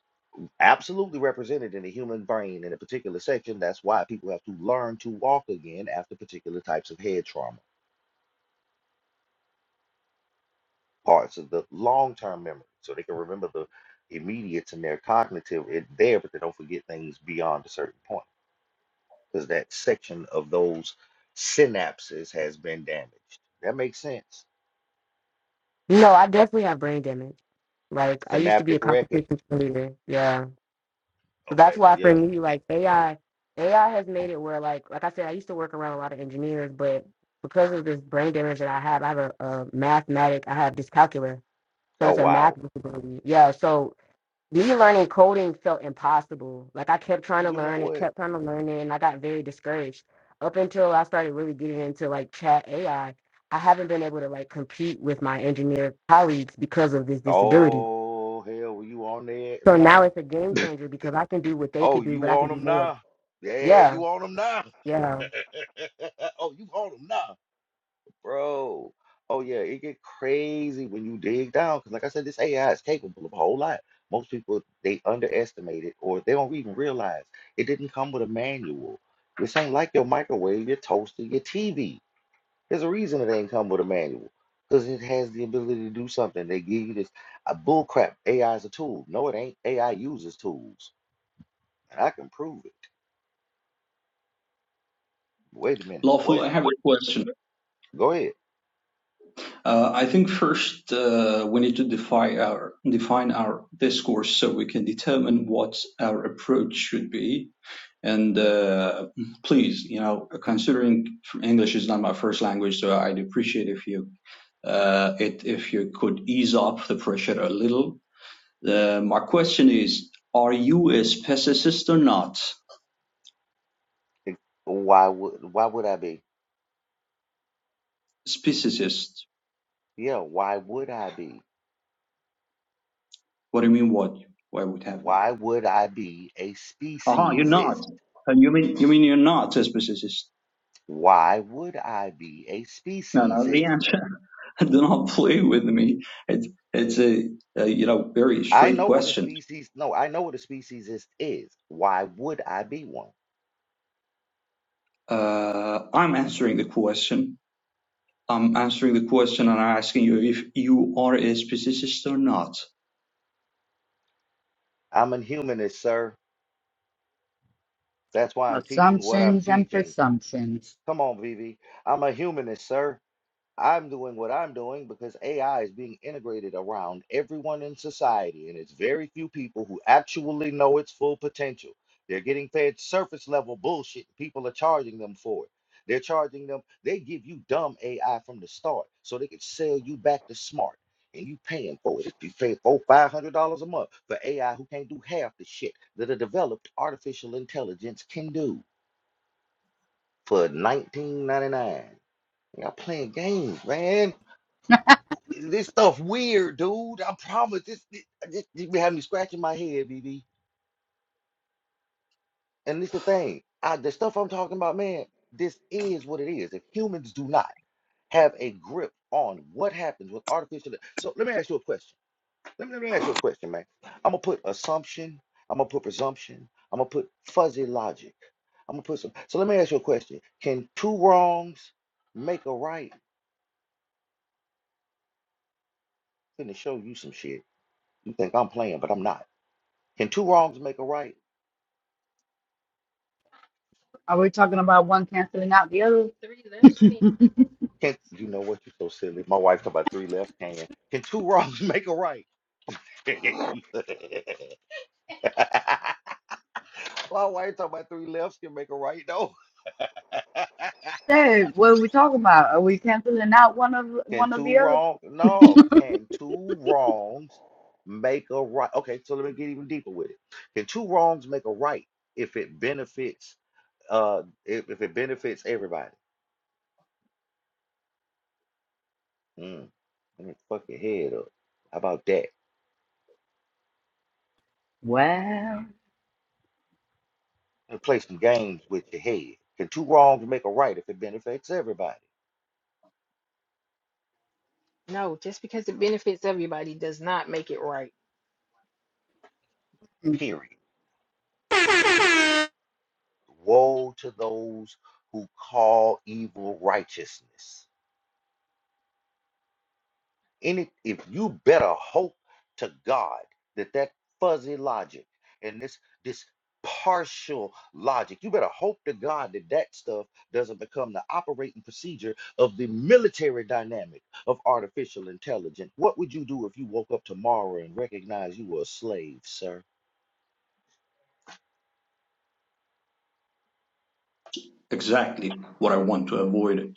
absolutely represented in the human brain in a particular section. That's why people have to learn to walk again after particular types of head trauma, parts of the long term memory. So they can remember the immediate and their cognitive it there, but they don't forget things beyond a certain point. Because that section of those synapses has been damaged. That makes sense. No, I definitely have brain damage. Like I used to be a Synaptic record. competition cheerleader. Yeah. So that's Okay, why for yeah. me, like AI, AI has made it where, like, like I said, I used to work around a lot of engineers, but because of this brain damage that I have, I have a, a mathematic, I have dyscalculia, so Oh it's a math wow. disability. Yeah, so me learning coding felt impossible. Like I kept trying to You know learn it, what? kept trying to learn it, and I got very discouraged up until I started really getting into like chat AI. I I haven't been able to like compete with my engineer colleagues because of this disability. Oh hell, were you on there? So No. now it's a game changer because I can do what they Oh, could do, but you I can on do them more. now? Yeah, Yeah, you on them now? yeah, oh, you on them now, bro? Oh yeah, it get crazy when you dig down because, like I said, this AI is capable of a whole lot. Most people they underestimate it or they don't even realize it didn't come with a manual. This ain't like your microwave, your toaster, your TV. There's a reason it ain't come with a manual. Because it has the ability to do something. They give you this uh, bull crap. AI is a tool. No, it ain't. AI uses tools. And I can prove it. Wait a minute. Lawful, What? I have a question. Go ahead. Uh, I think first uh, we need to define our define our discourse so we can determine what our approach should be and uh, please, you know, considering English is not my first language, so I'd appreciate if you uh, it, if you could ease up the pressure a little. Uh, my question is: Are you a speciesist or not? Ex- Why would why would I be? Speciesist? Yeah, why would I be? What do you mean? What? Why would have we? Why would I be a Aha, you're not. speciesist? Uh, you mean you mean you're not a speciesist? Why would I be a No, no. The speciesist? answer. do not play with me. It's it's a, a you know very I straight know what a question. species no, I know what a speciesist is. Why would I be one? Uh, I'm answering the question I'm answering the question and I'm asking you if you are a speciesist or not. I'm a humanist, sir. That's why I'm teaching what I'm Assumptions and teaching. presumptions. Come on, Vivi. I'm a humanist, sir. I'm doing what I'm doing because AI is being integrated around everyone in society, and it's very few people who actually know its full potential. They're getting fed surface level bullshit. and People are charging them for it. They're charging them, they give you dumb AI from the start so they can sell you back to smart. And you paying for it. If you pay four, five hundred dollars a month for AI who can't do half the shit that a developed artificial intelligence can do for 19.99. Y'all playing games, man. This stuff weird, dude. I promise. This, this, this, this be having me scratching my head, BB. And this the thing. I, the stuff I'm talking about, man. This is what it is. If humans do not have a grip on what happens with artificial, so let me ask you a question. Let me, let me ask you a question, man. I'm gonna put assumption. I'm gonna put presumption. I'm gonna put fuzzy logic. I'm gonna put some. So let me ask you a question. Can two wrongs make a right? Finna show you some shit. You think I'm playing, but I'm not. Can two wrongs make a right? Are we talking about one canceling out the other? Can you know what? You are so silly. My wife talking about three left hand. Can two wrongs make a right? My wife talking about three lefts can make a right. though. Hey, what are we talking about? Are we canceling out one of can one of two the other? wrongs? No. Can two wrongs make a right? Okay, so let me get even deeper with it. Can two wrongs make a right if it benefits uh if, if it benefits everybody? Mm, let me fuck your head up. How about that? Well, and play some games with your head. Can two wrongs make a right if it benefits everybody? No, just because it benefits everybody does not make it right. Period. Woe to those who call evil righteousness. Any, if you better hope to God that that fuzzy logic and this this partial logic, you better hope to God that that stuff doesn't become the operating procedure of the military dynamic of artificial intelligence. What would you do if you woke up tomorrow and recognized you were a slave, sir? Exactly what I want to avoid.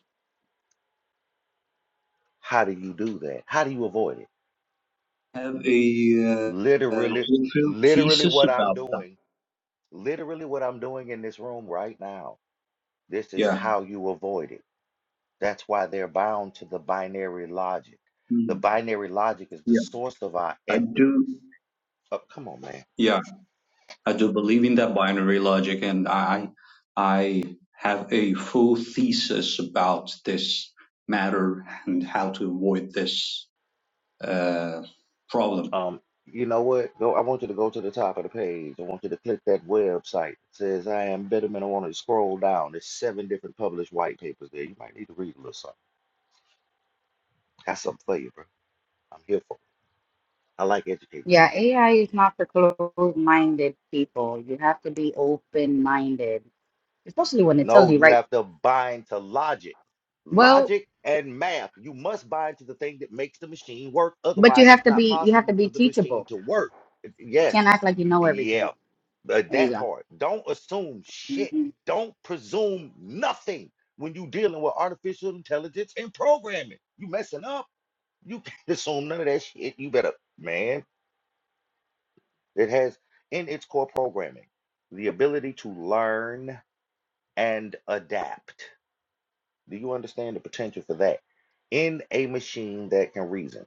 How do you do that? How do you avoid it? I Have a, uh, uh Literally, fulfilled literally thesis what I'm about that. doing, literally what I'm doing in this room right now. This is Yeah. how you avoid it. That's why they're bound to the binary logic. The Mhm. binary logic is the Yeah. source of our I ethic. do. Oh, come on, man. Yeah, I do believe in that binary logic, and I, I have a full thesis about this matter and how to avoid this uh, problem. Um, you know what? Go. I want you to go to the top of the page. I want you to click that website. It says I am Bitterman. I want you to scroll down. There's seven different published white papers there. You might need to read a little something. Got something for you, bro. I'm here for. It. I like educated people. yeah, AI is not for closed-minded people. You have to be open-minded, especially when it tells No, you, you right? have to bind to logic. Well, Logic and math. You must bind to the thing that makes the machine work. but you Otherwise, have it's to not be you have to possible for be the machine teachable. to work. You Yes. can't act like you know everything. Yeah. uh, There you That go. part. Don't assume shit. hmm Don't presume nothing when you're dealing with artificial intelligence and programming. You messing up. You can't assume none of that shit. You better, man. It has in its core programming the ability to learn and adapt. Do you understand the potential for that? In a machine that can reason.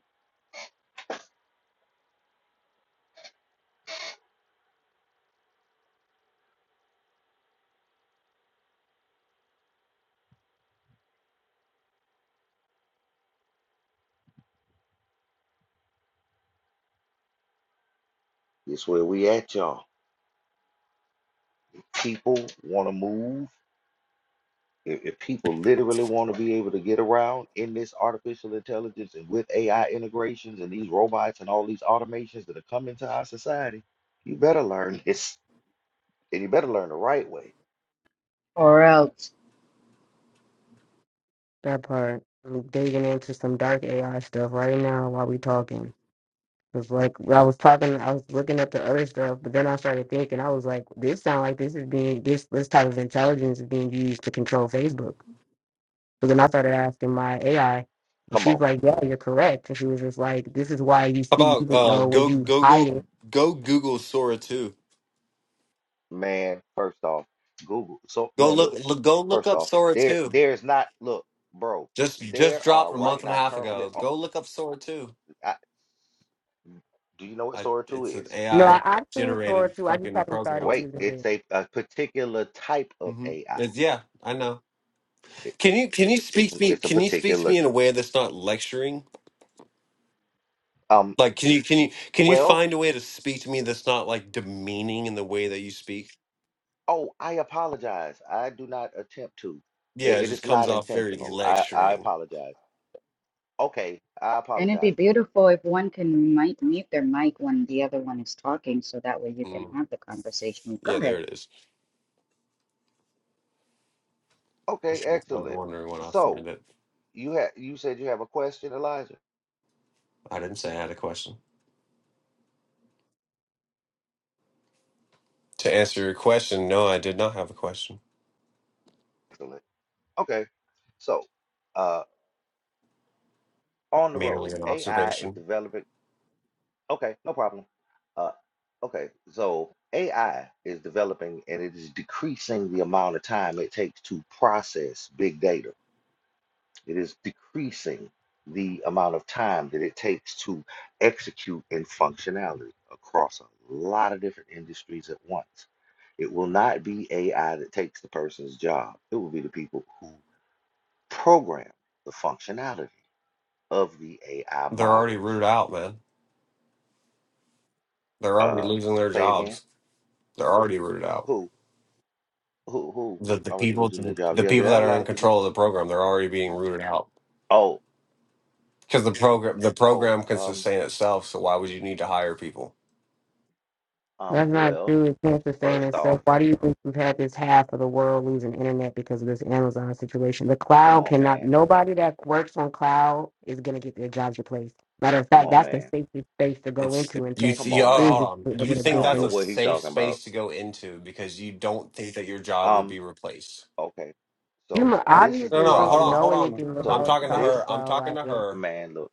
It's where we at, y'all. People want to move. If, if people literally want to be able to get around in this artificial intelligence and with AI integrations and these robots and all these automations that are coming to our society, you better learn this and you better learn the right way. Or else, that part. I'm digging into some dark AI stuff right now while we talking. Cause like I was talking, I was looking at the other stuff, but then I started thinking, I was like, this sound like this is being this this type of intelligence is being used to control Facebook. So then I started asking my AI, and Come she's on, like, yeah, you're correct. And she was just like, this is why you How see, about even uh, though when go you go hide go it, go Google Sora two. man. First off, Google. So, Go man, look, look. look go look First up off, Sora there, two. there's not. Look, bro. Just just There dropped are a right month and a now half currently. ago. uh, Go look up Sora two. I, do you know what I Sora 2 it's an is? no, I, AI I've seen Thor generated too. I just fucking haven't program. started Wait, using it it's a, a particular type of hmm AI. It's, yeah, I know. It, Can you can you it's speak to me? it's a Can you speak to particular me in a way that's not lecturing? um Like can you can you can you well, find a way to speak to me that's not like demeaning in the way that you speak? oh, I apologize. I do not attempt to. I- Yeah, it it just is comes not off very intentional. I I lecturing. apologize. Okay, I and it'd be apologize. beautiful if one can mic mute their mic when the other one is talking, so that way you can Mm. have the conversation. Go Yeah, ahead. there it is. I Okay, was excellent. wondering when I So, found it. you had you said you have a question, Elijah? I didn't say I had a question. To answer your question, no, I did not have a question. Excellent. Okay. So, uh on the Merely road, an AI is observation. developing Okay, no problem. Uh, okay, so AI is developing and it is decreasing the amount of time it takes to process big data. It is decreasing the amount of time that it takes to execute in functionality across a lot of different industries at once. It will not be AI that takes the person's job. It will be the people who program the functionality of the AI They're already rooted models. out, man. They're already Uh, losing their say again, jobs. They're already rooted out. who? Who who The the already people losing their jobs? the Yeah, there people are that a are lot in of control of positions. the program, they're already being rooted out. Oh, Because the program the oh, program can um, sustain itself, so why would you need to hire people? um, That's not well, true. It can't sustain first off, itself. Why do you think we've had this half of the world losing internet because of this Amazon situation? The come cloud on, cannot, man. nobody that works on cloud is going to get their jobs replaced. Matter of Come fact, on, that's the man. safest space to go It's into in you. tech Come Th- oh, on, is man. to hold be on. able You to I think build don't that's know a things. what he safe talking about. space to go into because you don't think that your job would Um, be replaced? okay. You So mu- this is the No, obviously no. Hold don't on, problem. know hold on. anything about I'm So what talking to you're talking this her. I'm about. talking Like, to man, her. man, look,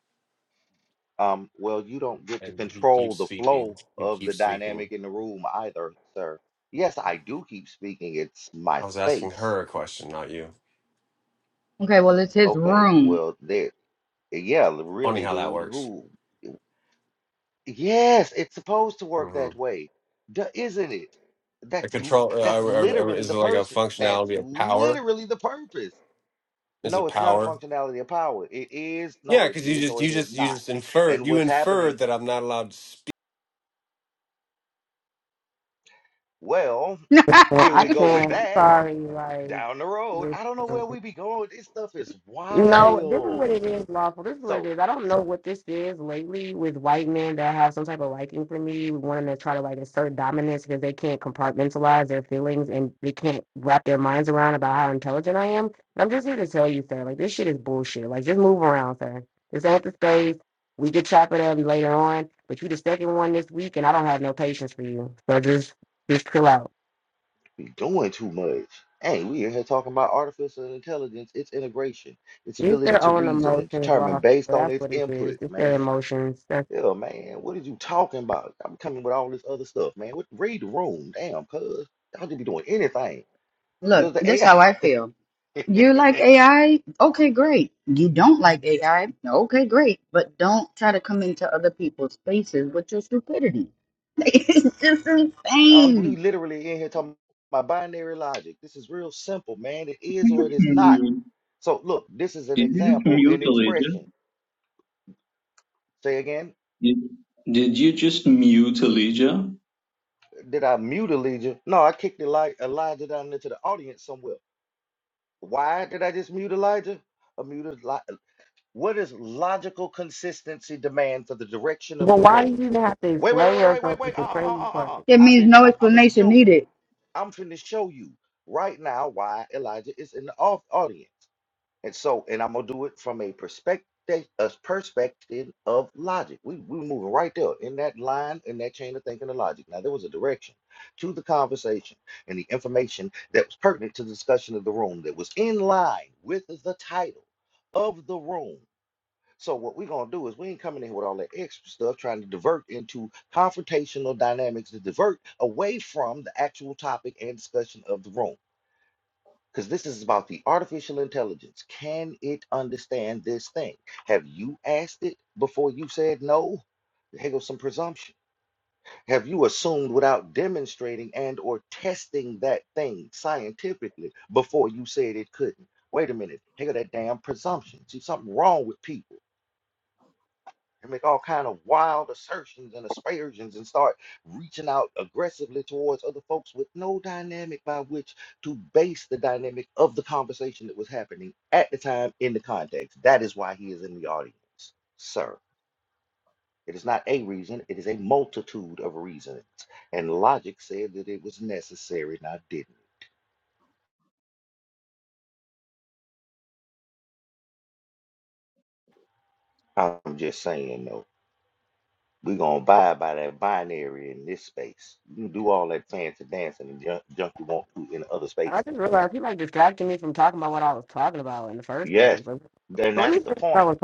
um, well, you don't get to And he control keeps the speaking. flow He of the keeps speaking. dynamic in the room either, sir. Yes, I do keep speaking. It's my I was asking space. her a question, not you. Okay, well, it's his Okay, room. well, there, yeah, Funny really, how that dude. works. Who? Yes, it's supposed to work hmm that way, D- isn't it? A That's l- control uh, that's or- or- or literally is the it like a person. That's functionality of power? literally the purpose. Is No, it it's not a power? functionality of power. It is, no, Yeah, it because you is just or you it is just you not. just inferred And you what's happening? inferred that I'm not allowed. to Well, here I we go with can't. I'm that sorry. down the road. I don't know Like, where we be going. This stuff is No, this is what wild. it is, lawful. This is what it So is. I don't know what this is lately with white men that have some type of liking for me, wanting to try to like assert dominance because they can't compartmentalize their feelings and they can't wrap their minds around about how intelligent I am. And I'm just here to tell you, sir, like this shit is bullshit. Like just move around, sir. This ain't the space. We could chop it up later on, but you the second one this week, and I don't have no patience for you. So just just chill out. we doing too much. Hey, we in here talking about artificial intelligence, its integration, its It's ability their to own reason and emotions, determine lawful. based on That's its what it is. It's inputs, man. Yeah, man. What is you talking about? I'm coming with all this other stuff, man. What read the room? Damn, cuz. Y'all just be doing anything. Does Look, the this how AI I feel. You like AI? Okay, great. You don't like AI? Okay, great. But don't try to come into other people's spaces with your stupidity. it's just I'm li- insane. literally in here talking about binary logic. This is real simple, man. It is Did you or it is just not. mute? So look, this is an Did you just example mute in Elijah? expression. Say again, Did did you just mute Elijah? did I mute Elijah? No, I kicked Eli- Elijah down into the audience somewhere. Why did I just mute Elijah? I muted Eli- what is logical consistency demand for the direction of Well, the why do room? you even have to Wait, wait, wait, explain wait, wait, wait, yourself to wait. Uh, uh, the crazy uh, uh, part? uh. It I've means been. no I'm, I'm gonna explanation show you. needed. I'm finna show you right now why Elijah is in the off audience, and so, and I'm gonna do it from a perspective, a perspective of logic. We we moving right there in that line, in that chain of thinking of logic. Now there was a direction to the conversation and the information that was pertinent to the discussion of the room that was in line with the title of the room. So what we're gonna do is we ain't coming in here with all that extra stuff trying to divert into confrontational dynamics to divert away from the actual topic and discussion of the room. Because this is about the artificial intelligence. Can it understand this thing? Have you asked it before you said no? Here goes some presumption. Have you assumed without demonstrating and or testing that thing scientifically before you said it couldn't? Wait a minute. Here go that damn presumption. See, something wrong with people. and make all kind of wild assertions and aspersions and start reaching out aggressively towards other folks with no dynamic by which to base the dynamic of the conversation that was happening at the time in the context. That is why he is in the audience, sir. It is not a reason, it is a multitude of reasons. And logic said that it was necessary, and I didn't. I'm just saying, though, we're going to abide by that binary in this space. You can do all that fancy dancing and junk, junk you want to in other I spaces just realized he like distracted me from talking about what I was first Yes. place. Like, Then so let that's me the think point, about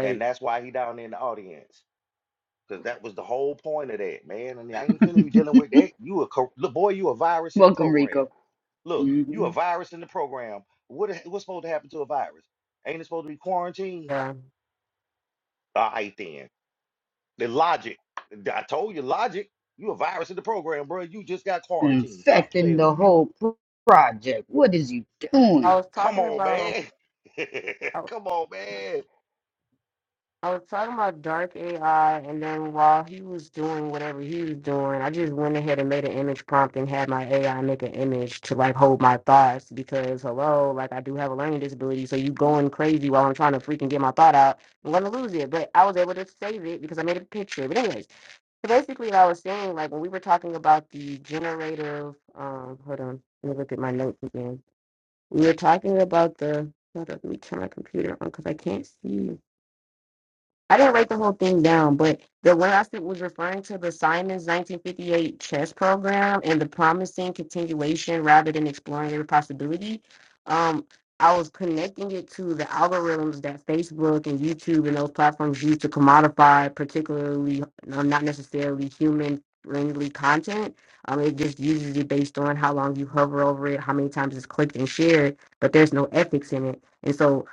And that's why he down there in the audience. Because that was the whole point of that, man. And I ain't gonna be dealing with that. You a cor- look, boy, you a virus in the Welcome, program. Rico. Look, you a hmm virus in the program. What a- what's supposed to happen to a virus? Ain't it supposed to be quarantine? yeah. All right then. The logic. I told you logic. You a virus in the program, bro. You just got quarantined. Stop Infecting playing the with me. whole pro- project. What is you I doing? was Come talking on, about. man. Come on, man. I was talking about dark AI, and then while he was doing whatever he was doing, I just went ahead and made an image prompt and had my AI make an image to like hold my thoughts because hello, like I do have a learning disability, so you going crazy while I'm trying to freaking get my thought out, I'm gonna lose it. But I was able to save it because I made a picture. But anyways, so basically, I was saying like when we were talking about the generative, um, hold on, let me look at my notes again. We were talking about the. Hold up, let me turn my computer on because I can't see. I didn't write the whole thing down, but the one I said was referring to the Simon's 1958 chess program and the promising continuation rather than exploring every possibility. Um, I was connecting it to the algorithms that Facebook and YouTube and those platforms use to commodify, particularly um, not necessarily human friendly content. Um, it just uses it based on how long you hover over it, how many times it's clicked and shared, but there's no ethics in it. And so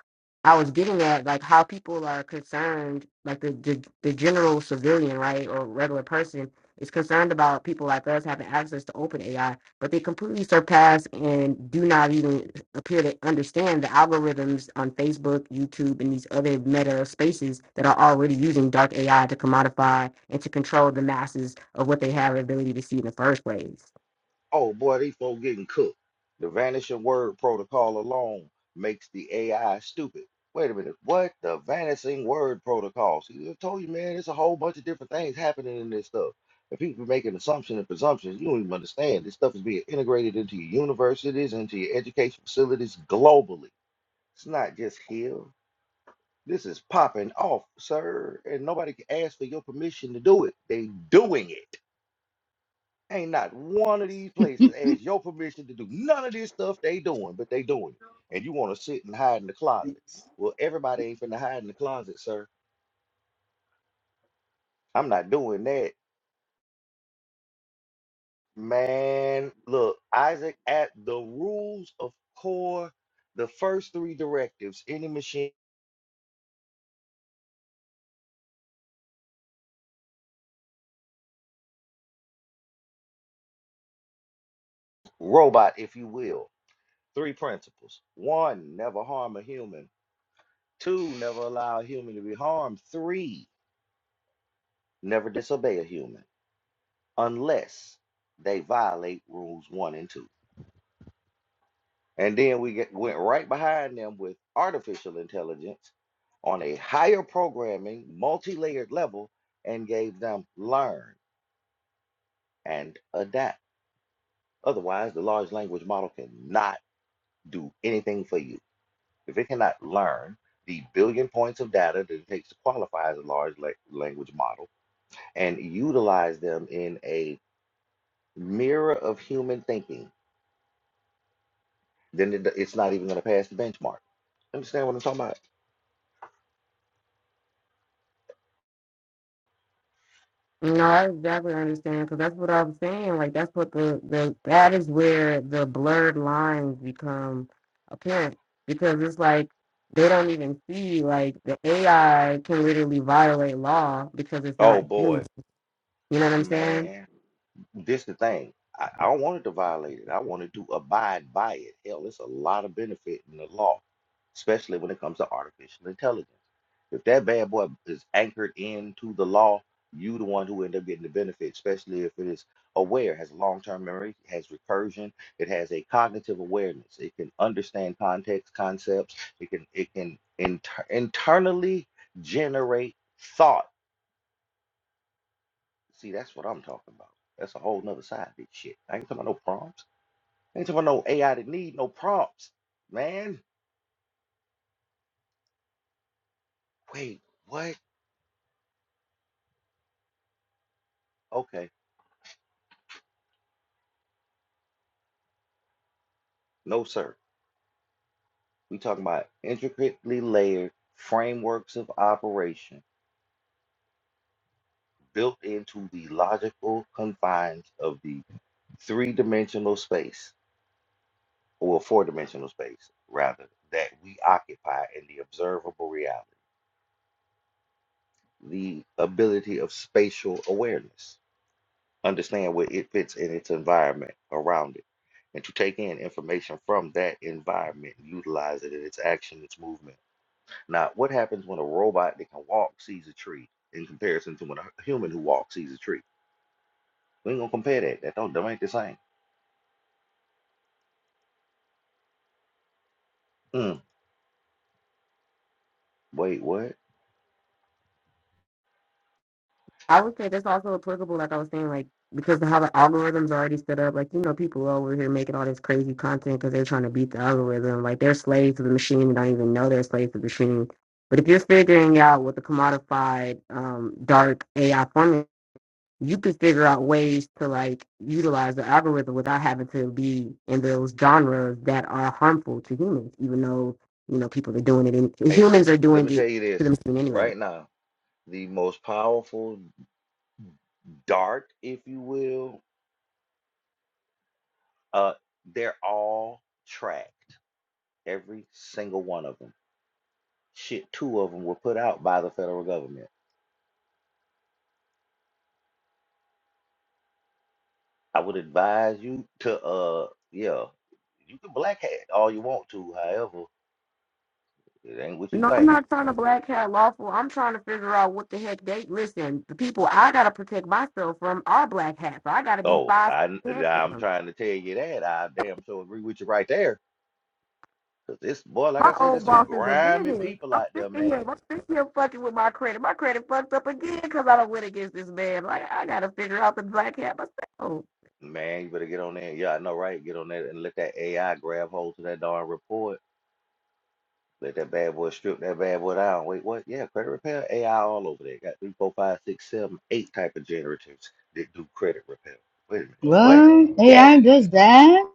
I was getting at like how people are concerned, like the, the the general civilian, right, or regular person is concerned about people like us having access to open AI, but they completely surpass and do not even appear to understand the algorithms on Facebook, YouTube, and these other meta spaces that are already using dark AI to commodify and to control the masses of what they have the ability to see in the first place. Oh boy, these folks getting cooked. The vanishing word protocol alone makes the AI stupid. Wait a minute, what? The vanishing word protocol. See, I told you, man, it's a whole bunch of different things happening in this stuff. And people be making assumptions and presumptions. You don't even understand. This stuff is being integrated into your universities, into your education facilities globally. It's not just here. This is popping off, sir. And nobody can ask for your permission to do it. They doing it. Ain't not one of these places ask your permission to do none of this stuff they doing, but they doing it. And you want to sit and hide in the closet. Well, everybody ain't finna hide in the closet, sir. I'm not doing that. Man, look, Isaac, at the rules of core, the first three directives, any machine, robot, if you will, three principles. One, never harm a human. Two, never allow a human to be harmed. Three, never disobey a human. unless they violate rules one and two. And then we get, went right behind them with artificial intelligence on a higher programming, multi layered level, and gave them learn and adapt. Otherwise, the large language model cannot do anything for you. If it cannot learn the billion points of data that it takes to qualify as a large la- language model and utilize them in a mirror of human thinking, then it, it's not even going to pass the benchmark Understand what I'm talking about? No, I exactly understand because that's what I'm saying. Like that's what the the that is where the blurred lines become apparent because it's like they don't even see like the AI can literally violate law because it's Oh not boy, human. You know what I'm saying? man. This the thing. I, I don't want it to violate it. I wanted to abide by it. Hell, it's a lot of benefit in the law, especially when it comes to artificial intelligence. If that bad boy is anchored into the law, you the one who end up getting the benefit, especially if it is aware, has long-term memory, has recursion, it has a cognitive awareness. It can understand context, concepts. It can it can inter- internally generate thought See, that's what I'm talking about. That's a whole nother side bitch shit. I ain't talking about no prompts. I ain't talking about no AI that need no prompts, man. Wait, what? Okay, no sir. We talking about intricately layered frameworks of operation built into the logical confines of the three-dimensional space, or four-dimensional space, rather, that we occupy in the observable reality, the ability of spatial awareness. understand where it fits in its environment around it, and to take in information from that environment and utilize it in its action, its movement. Now, what happens when a robot that can walk sees a tree in comparison to when a human who walks sees a tree? We ain't gonna compare that. That don't that ain't the same. Mm, wait, what? I would say that's also applicable, like I was saying, like because of how the algorithm's already set up. Like you know, people over here making all this crazy content because they're trying to beat the algorithm. Like they're slaves to the machine and don't even know they're slaves to the machine. But if you're figuring out with the commodified um, dark AI formula, you could figure out ways to like utilize the algorithm without having to be in those genres that are harmful to humans. Even though you know people are doing it, and Hey sis, humans are let doing me tell it you to this themselves anyway. right now. The most powerful dart, if you will, uh, they're all tracked. Every single one of them Shit, two of them were put out by the federal government. I would advise you to, uh, yeah, you can black hat all you want to. However, it ain't what you No, I'm think. not trying to black hat lawful. I'm trying to figure out what the heck they listen. The people I gotta protect myself from are black hats. So I gotta be Oh, five I, feet ahead of I'm them. trying to tell you that. I damn sure agree with you right there. Cause this boy, like I My said, there's old some boss is a grimy business. people I'm out sick there, of him. man. I'm sick of him fucking with my credit. My credit fucked up again because I don't win against this man. Like I gotta figure out the black hat myself. Man, you better get on there. Yeah, I know, right? Get on there and let that AI grab hold to that darn report. Let that bad boy strip that bad boy down. Wait, what? Yeah, credit repair, AI all over there. Got three, four, five, six, seven, eight type of generators that do credit repair. Wait a minute. What? What? Yes. AI does that?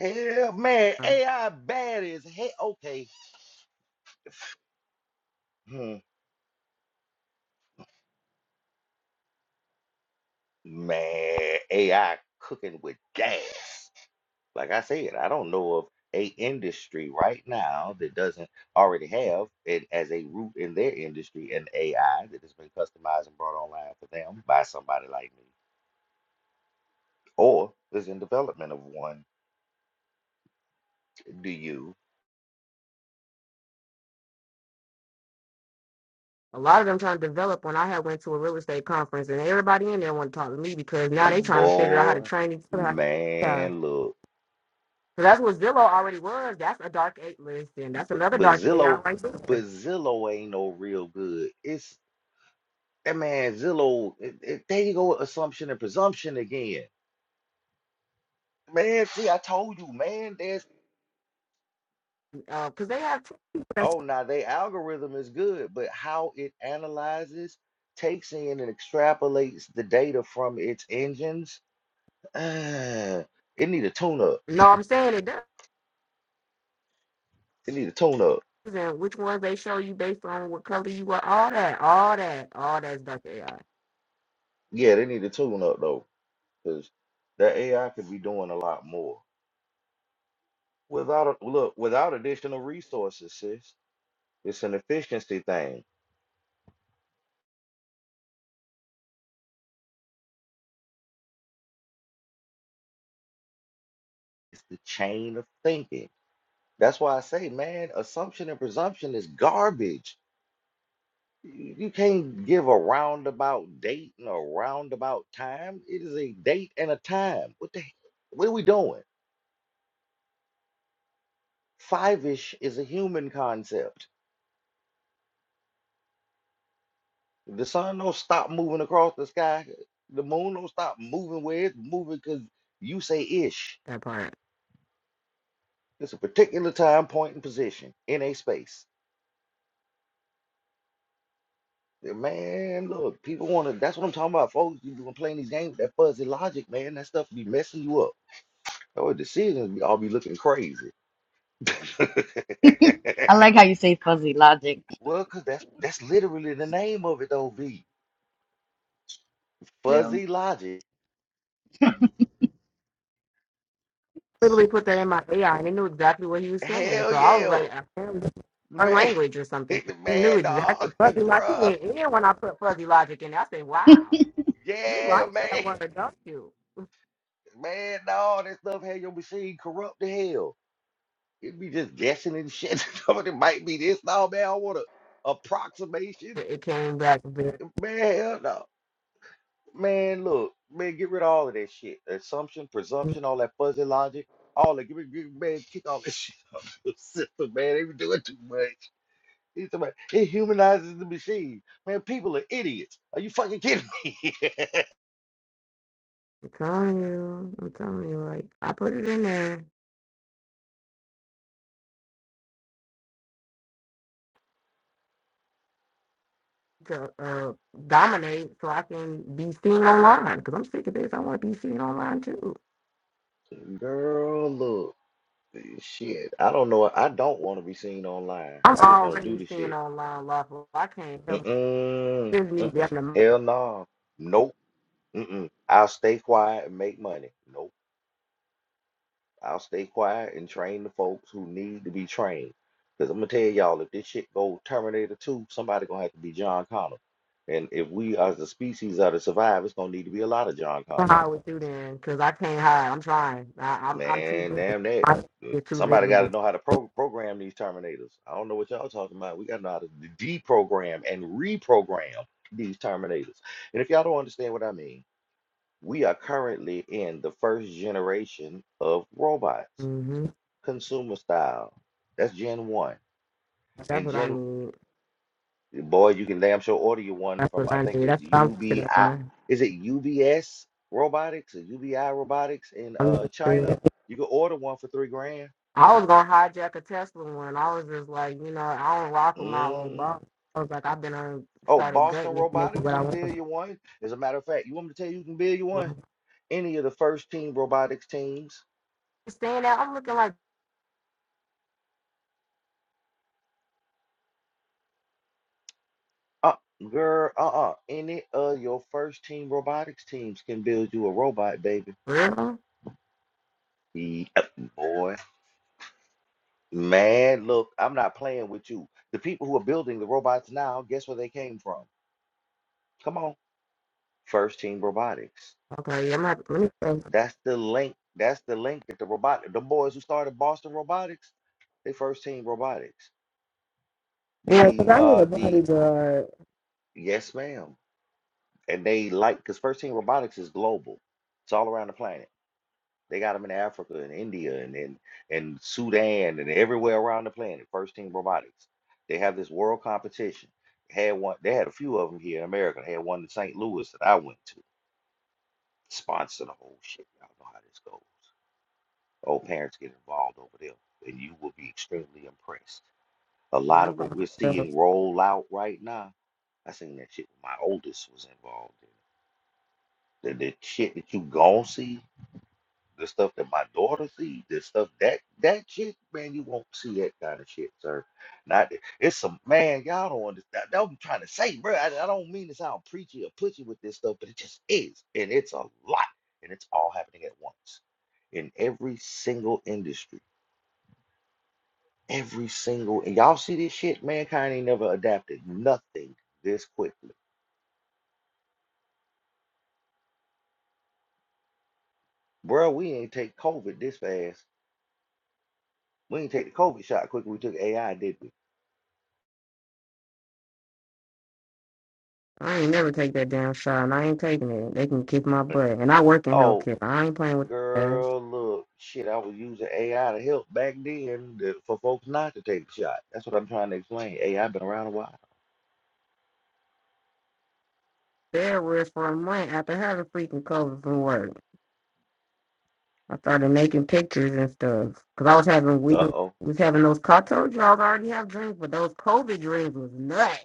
Hell man, Uh, AI bad as hell. Okay. Hmm. Man, AI cooking with gas. Like I said, I don't know of a industry right now that doesn't already have it as a root in their industry an AI that has been customized and brought online for them by somebody like me or is in development of one. Do you? A lot of them trying to develop when I had went to a real estate conference and everybody in there want to talk to me because now Eh, they trying to figure out how to Boy, train each other. man, look, So that's what Zillow already was. That's a dark eight listing. that's B- another but dark AI Zillow, right but there. Zillow ain't no real good. It's that man Zillow. It, it, there you go, assumption and presumption again. Man, see, I told you, man. There's Because they have two. people That's, oh, now their algorithm is good, but how it analyzes, takes in, and extrapolates the data from its engines, uh, it need a tune up. no, I'm saying it does. It need a tune up. And which ones they show you based on what color you are, all that, all that, all that's dark AI. Yeah, they need a tune up though. because that AI could be doing a lot more without a, look without additional resources, sis. It's an efficiency thing. It's the chain of thinking. That's why I say, man, assumption and presumption is garbage. You you can't give a roundabout date and a roundabout time. It is a date and a time. What the? What are we doing? Five ish is a human concept. If the sun don't stop moving across the sky, the moon don't stop moving where it's moving because you say ish. That part. It's a particular time, point, and position in a space. Yeah, Man, look, people want to. That's what I'm talking about, folks. You been playing these games with that fuzzy logic, man. That stuff be messing you up. Your decisions be all be looking crazy. I like how you say fuzzy logic. Well, cause that's that's literally the name of it, though. V Yeah. fuzzy logic. Literally put that in my AI, and it knew exactly what he was saying. Hell So I was yeah, like, apparently, our man. language or something. The He knew man, exactly dog, fuzzy logic. He bruh. went in when I put fuzzy logic in. I said, wow, you Yeah, like that man. word, don't you? Man, no, that stuff had your machine corrupt to hell. It'd be just guessing and shit. Some of it might be this. No, man, I want a approximation. It it came back. a bit. Man, hell no. Man, look, man, get rid of all of that shit. Assumption, presumption, all that fuzzy logic. All that, give me, give me- man, kick all that shit out of the system, man. They be doing too much. It's about- It humanizes the machine. Man, people are idiots. Are you fucking kidding me? I'm telling you, I'm telling you, like I put it in there to uh, dominate so I can be seen online because I'm sick of this. I want to be seen online too. Girl, look. Shit, I don't know. I don't want to be seen online. I'm I just want to do already the seen shit. online lawful. I can't help. Mm-mm, Just me be mm-mm. having Hell no. Nope. Mm-mm. I'll stay quiet and make money. Nope. I'll stay quiet and train the folks who need to be trained. Because I'm going to tell y'all, if this shit go Terminator 2, somebody going to have to be John Connor. And if we as a species are to survive, it's going to need to be a lot of John to Connors. hide with you then because I can't hide. I'm trying. I, I'm I'm too Man, visible. damn that. I'm Uh, too Somebody got to visible. know how to pro program these terminators. I don't know what y'all talking about. We got to know how to de- deprogram and reprogram these terminators. And if y'all don't understand what I mean, we are currently in the first generation of robots, hmm consumer style. That's Gen 1. That's And what I Gen, need. boy, you can damn sure order your one That's from, what I I think need. it's That's what I'm UBI. working on. Is it UBS Robotics or UBI Robotics in I'm uh not China? sure. You can order one for three grand. I was gonna hijack a Tesla one. I was just like, you know, I don't rock with my old hmm boss. I was like, I've been on Oh, started Boston gutting it, making Robotics what I can want. to build you one. As a matter of fact, you want me to tell you who can build you one? do. Any of the first team robotics teams. Saying that, I'm looking like, Uh, girl, uh-uh. Any of your first team robotics teams can build you a robot, baby. really? Yep, boy. Man, look, I'm not playing with you. The people who are building the robots now, guess where they came from? Come on. First team robotics. Okay, yeah, I'm gonna have to, let me That's the link. That's the link that the robot, the boys who started Boston Robotics, they first team robotics. Yeah, 'cause The I need a uh the body guard. yes, ma'am. And they like because First Team Robotics is global. It's all around the planet. They got them in Africa and India and and, and Sudan and everywhere around the planet. First Team Robotics. They have this world competition. Had one. They had a few of them here in America. They had one in St. Louis that I went to. Sponsor the whole shit. Y'all know how this goes. Old parents get involved over there, and you will be extremely impressed. A And lot I'm of going what to, we're seeing health. roll out right now I seen that shit when my oldest was involved in. The, the shit that you gon' see, the stuff that my daughter see, the stuff that that shit, man, you won't see that kind of shit, sir. Not that- it's some man, y'all don't understand. That's what I'm trying to say, bro. I, I don't mean to sound preachy or pushy with this stuff, but it just is, and it's a lot, and it's all happening at once in every single industry. Every single, and y'all see this shit, mankind ain't never adapted nothing this quickly. Bro, we ain't take COVID this fast We didn't take the COVID shot quick. We took AI, did we? I ain't never take that damn shot, and I ain't taking it. They can kick my butt, and I work in Oh, healthcare. I ain't playing with their ass. girl, look, shit. I was using AI to help back then to, for folks not to take the shot. That's what I'm trying to explain. AI been around a while. There were for a month after having freaking COVID from work. I started making pictures and stuff because I was having we Uh were- oh, we was having those. I told you I already have dreams, but those COVID dreams was nuts.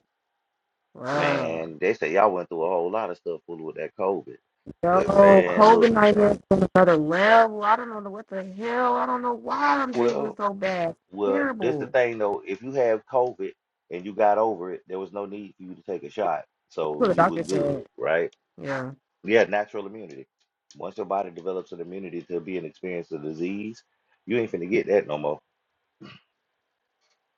Wow. man. They say y'all went through a whole lot of stuff fooling with that COVID. Yo, But man, COVID look, nightmares on another level. I don't know what the hell. I don't know why I'm dreaming well, so bad. well, this the Terrible. thing though. If you have COVID and you got over it, there was no need for you to take a shot, That's so what the you was doctor said. good, right? Yeah. Yeah, natural immunity. Once your body develops an immunity to being experienced a disease, you ain't finna get that no more.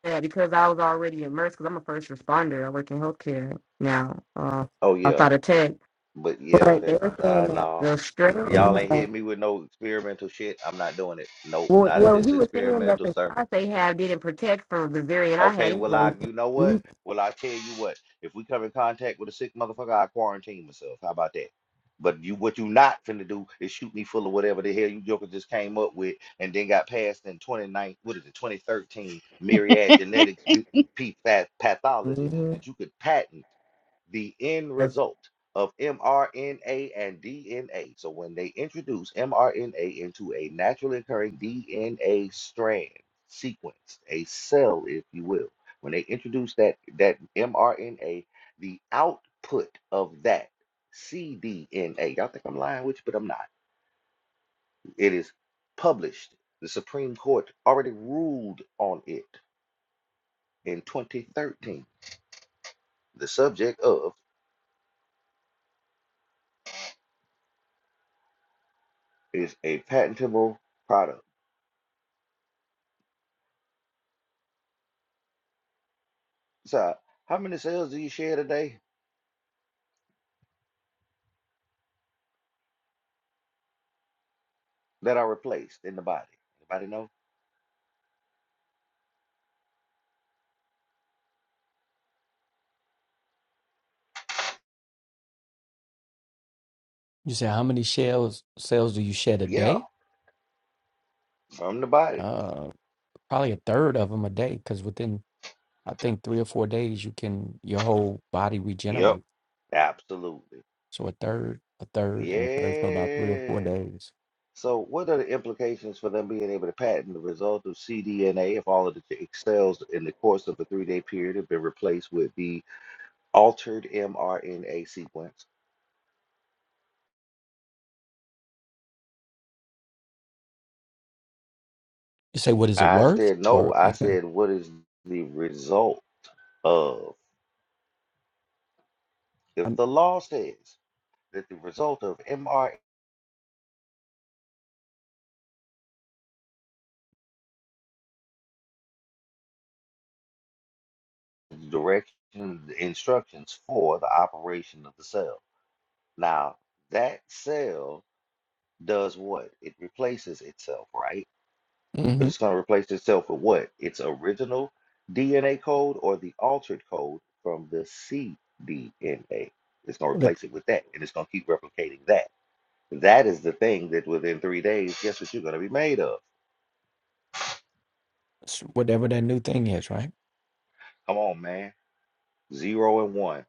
Yeah, because I was already immersed because I'm a first responder. I work in healthcare now, uh, Oh yeah, outside of tech. but yeah, But they that's were saying I that know. the strain, Y'all ain't hitting me with no experimental shit. I'm not doing it. Nope, well, not if well, it's he was saying that experimental, the sir. shots they have didn't protect from the variant I had Okay, well anyway. I you know what? Well I tell you what, if we come in contact with a sick motherfucker, I quarantine myself. How about that? But you what you not finna do is shoot me full of whatever the hell you joker just came up with and then got passed in 29, what is it, 2013 myriad genetics b- p- path- pathology Mm-hmm. that you could patent the end That's result of mRNA and DNA. So when they introduce mRNA into a naturally occurring DNA strand sequence, a cell, if you will, when they introduce that that mRNA, the output of that cDNA, y'all think I'm lying with you, but I'm not. It is published. The Supreme Court already ruled on it in 2013. The subject of is a patentable product So, how many cells do you share today that are replaced in the body? Anybody know? You said how many shells cells do you shed a Yeah, day? from the body. Uh, probably a third of them a day, because within I think three or four days you can your whole body Yep, regenerate. absolutely. So a third, a third, and a third for about three or four Yeah. days. So, what are the implications for them being able to patent the result of cDNA if all of the t- cells in the course of a three day period have been replaced with the altered mRNA sequence? You say what is it I worth, said, no. or I you can, said, what is the result of? If um, the law says that the result of mRNA the directions, the instructions for the operation of the cell. Now, that cell does what? It replaces itself, right? But hmm it's going to replace itself with what? Its original DNA code or the altered code from the cDNA. It's going to replace it with that, and it's going to keep replicating that. That is the thing that within three days, guess what you're going to be made of? whatever that new thing is, right? Come on, man. Zero and one.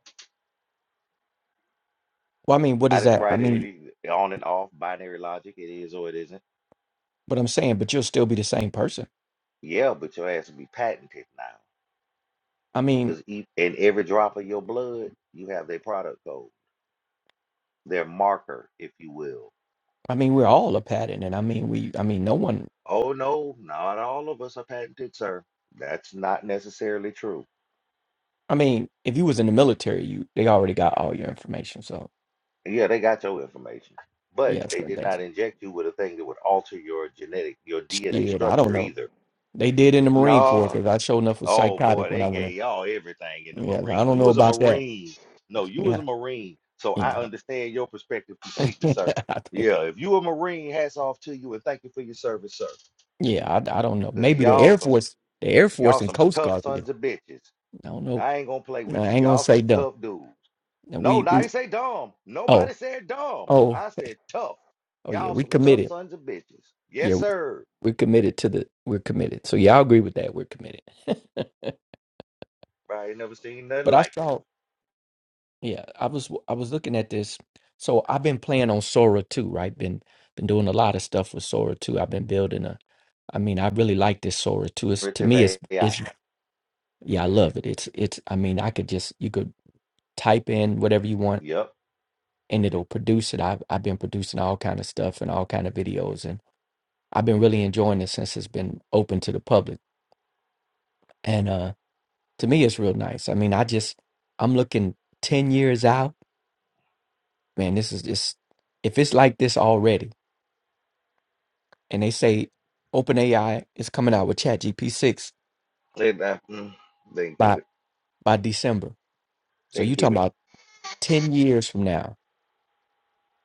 Well, I mean, what I is didn't that? I write mean, any on and off binary logic. It is or it isn't. what I'm saying, but you'll still be the same person. Yeah, but your ass will be patented now. I mean, Because in every drop of your blood, you have their product code, their marker, if you will. I mean, we're all a pattern, and I mean, we, I mean, no one. Oh, no, not all of us are patented, sir. That's not necessarily true. I mean, if you was in the military, you they already got all your information, so Yeah, they got your information, but Yeah, they sure. did Thanks. not inject you with a thing that would alter your genetic, your DNA Shit, I don't structure know. either. They did in the Marine Corps No, because I showed enough was Oh boy, psychotic when they I went gave y'all everything in the in. Yeah, I Marine. don't You know was a about that. Marine. No, you was a Yeah, Marine. So I yeah. understand your perspective completely, sir. I think. Yeah, if you a Marine, hats off to you and thank you for your service, sir. Yeah, I, I don't know. Cause Maybe the y'all Air some Force, the Air y'all Force and some Coast tough Guard. could get- sons of bitches. I don't know. I ain't gonna play No, with I you. ain't gonna Y'all say some dumb. tough dudes. No, No, We I we ain't say dumb. oh Nobody said dumb. oh I said tough. oh yeah. Y'all We some tough committed. sons of bitches. Yeah, Yes, we, sir. we're committed to the. We're committed. So yeah, I agree with that. We're committed. I ain't never seen nothing but I like it. saw. Yeah, I was I was looking at this. So I've been playing on Sora too, right? Been been doing a lot of stuff with Sora too. I've been building a I mean, I really like this Sora too. It's to Primitive me it's AI. it's yeah, I love it. It's it's I mean, I could just you could type in whatever you want Yep. and it'll produce it. I've I've been producing all kind of stuff and all kind of videos and I've been really enjoying it since it's been open to the public. And uh to me it's real nice. I mean, I just I'm looking 10 years out. Man, this is just if it's like this already and they say OpenAI is coming out with ChatGPT six They, uh, mm, they can keep it. by by December. So They can you keep talking it. about ten years from now?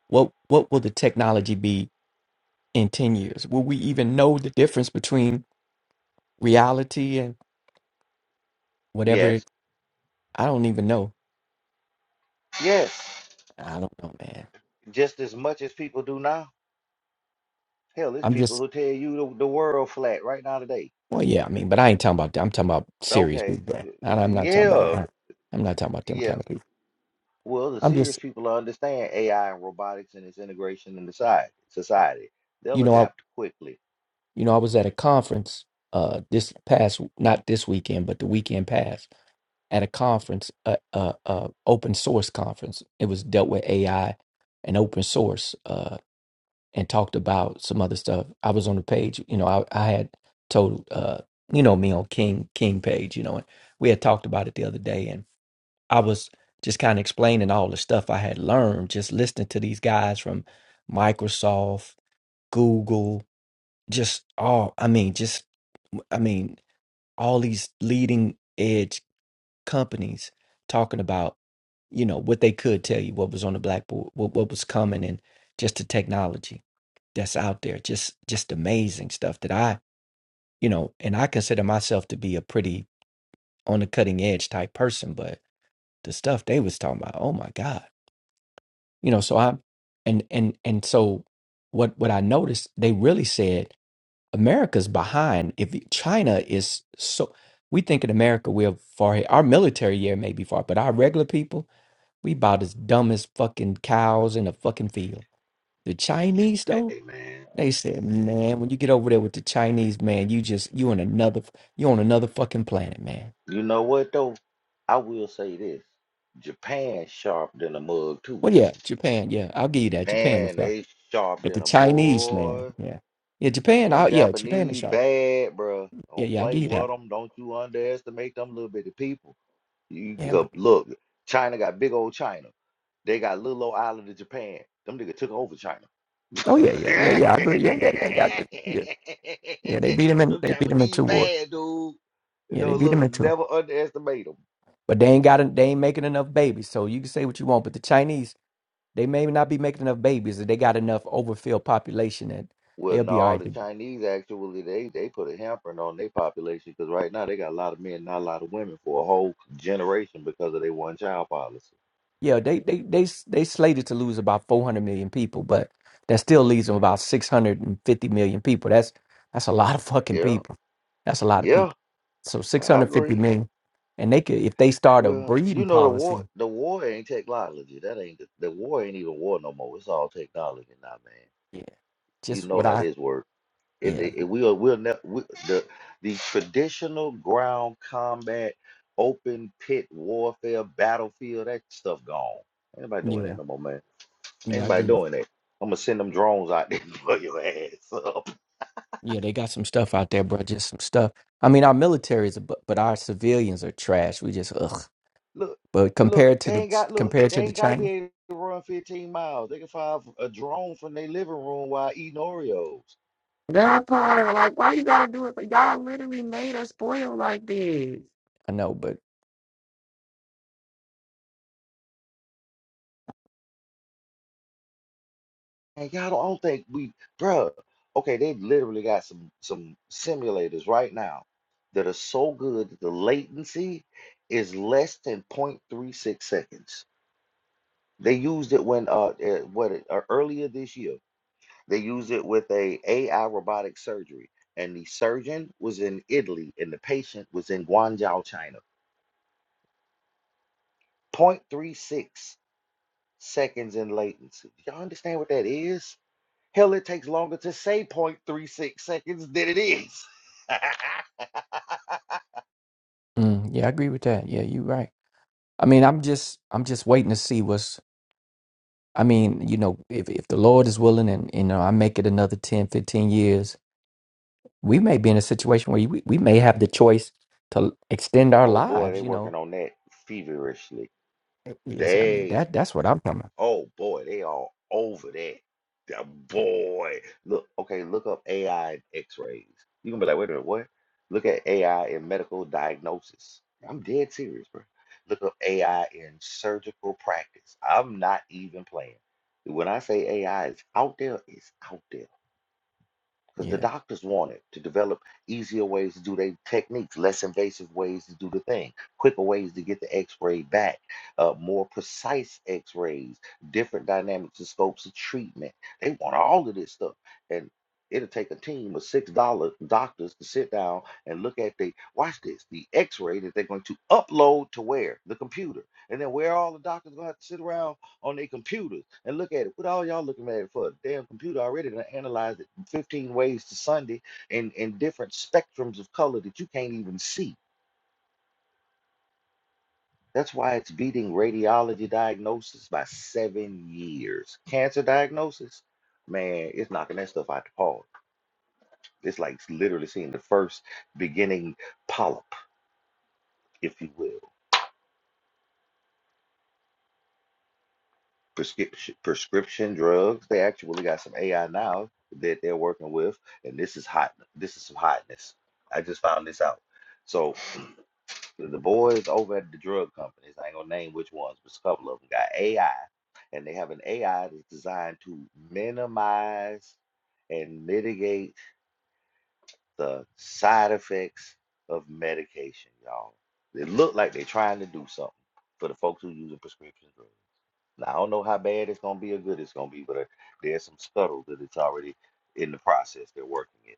What what will the technology be in ten years? Will we even know the difference between reality and whatever? Yes, It, I don't even know. yes. I don't know, man. Just as much as people do now. Hell, there's I'm people just who tell you the, the world flat right now today. well, yeah. I mean, but I ain't talking about that. I'm talking about serious Okay, people. bro. And I'm not talking yeah, about. I'm not talking about them yeah. kind of people. Well, the I'm serious just people understand AI and robotics and its integration in the side society. you They'll know I adapt quickly. you know I was at a conference uh this past not this weekend but the weekend past at a conference, a, a, a open source conference. It was dealt with AI and open source, uh, and talked about some other stuff. I was on the page, you know, I, I had told, uh, you know, me on King King page, you know, and we had talked about it the other day, and I was just kind of explaining all the stuff I had learned just listening to these guys from Microsoft, Google, just all. I mean, just I mean, all these leading edge companies talking about you know what they could tell you what was on the blackboard what, what was coming and just the technology that's out there just just amazing stuff that i you know and i consider myself to be a pretty on the cutting edge type person but the stuff they was talking about oh my god you know so i and and and so what what i noticed they really said america's behind if china is so we think in america we're far ahead. our military year may be far but our regular people We about as dumb as fucking cows in a fucking field. The Chinese though, Hey, man. they said, man, when you get over there with the Chinese, man, you just you on another you on another fucking planet, man. You know what though? I will say this: Japan sharp than a mug too. Well, yeah, Japan, yeah, I'll give you that. Japan is Man, rough, they sharp but the than a Chinese, man, boy. yeah, yeah, Japan, Them I, yeah, Japan is Japanese rough. bad, bro. Yeah, Don't yeah, I'll play give you that. with them. Don't you underestimate them little bitty people. You you Yeah, but go- look, China got big old China. They got little old island of Japan. Them nigga took over China. oh yeah, yeah, yeah, yeah, I agree. Yeah, yeah, yeah, yeah, I agree. yeah. Yeah, they beat them in. them They beat them in Japanese two wars. bad, dude. You Yeah, they know, beat them look, in two. never underestimate them. But they ain't got. They ain't making enough babies. So you can say what you want, but the Chinese. They may not be making enough babies, or they got enough overfilled population that Well, they'll be all no, the right. Chinese actually they they put a hampering on their population because right now they got a lot of men, not a lot of women for a whole generation because of their one child policy. Yeah, they they they they slated to lose about 400 million people, but that still leaves them about 650 million people. That's that's a lot of fucking Yeah. people. That's a lot of Yeah, people. So I 650 agree. million, and they could if they start a Well, breeding you know the policy. war the war ain't technology. That ain't the, the war ain't even war no more. It's all technology now, man. Yeah, You just know what how I this works. It, yeah it, it we'll we'll ne we, the the traditional ground combat, open pit warfare, battlefield, that stuff gone. Ain't nobody doing that yeah no more, man. Ain't yeah I agree. nobody With you. doing that. I'm gonna send them drones out there for your ass. Yeah, they got some stuff out there, bro. Just some stuff. I mean, our military is, a bu- but our civilians are trash. We just ugh. Look, But look, compared to they the ain't got look, compared they to the ain't gotta be China, able to run 15 miles. They can fire f- a drone from their living room while eating Oreos. That part, like, why you gotta do it? But y'all literally made us spoil like this. I know. But And y'all don't I don't think we, bruh. Okay, they literally got some some simulators right now that are so good that the latency is less than 0.36 seconds. They used it when uh, uh what it, uh, earlier this year. They used it with a AI robotic surgery, and the surgeon was in Italy, and the patient was in Guangzhou, China 0.36 seconds in latency. Do y'all understand what that is? Hell, it takes longer to say 0.36 seconds than it is. mm, yeah, I agree with that. Yeah, you're right. I mean, I'm just I'm just waiting to see what's. I mean, you know, if if the Lord is willing, and you know, I make it another 10, 15 years, we may be in a situation where we, we may have the choice to extend our oh boy, they lives. You working know, on that feverishly. yes, I mean They that that's what I'm talking about. Oh boy, they all over that. Yeah, Yeah, boy, look, okay, look up AI and X-rays. You gonna be like, wait a minute, what? Look at AI in medical diagnosis. I'm dead serious, bro. Look up AI in surgical practice. I'm not even playing. When I say AI is out there, it's out there because the yeah. doctors wanted to develop easier ways to do their techniques, less invasive ways to do the thing, quicker ways to get the x-ray back, uh, more precise x-rays, different dynamics and scopes of treatment. They want all of this stuff. And it'll take a team of six dollar doctors to sit down and look at the watch this, the x-ray that they're going to upload to where? The computer. And then where all the doctors gonna have to sit around on their computers and look at it. What all y'all looking at it for? Damn computer already to analyze 15 ways to Sunday in, in different spectrums of color that you can't even see. That's why it's beating radiology diagnosis by seven years. Cancer diagnosis, man, it's knocking that stuff out the park. It's like literally seeing the first beginning polyp, if you will. Prescription prescription drugs. They actually got some AI now that they're working with, and this is hot. This is some hotness. I just found this out. So The boys over at the drug companies, I ain't gonna name which ones, but a couple of them got AI, and they have an AI that's designed to minimize and mitigate the side effects of medication, y'all. They look like they're trying to do something for the folks who using prescription drugs. Now, I don't know how bad it's gonna be or good it's gonna be, but uh, there's some scuttle that it's already in the process. They're working it.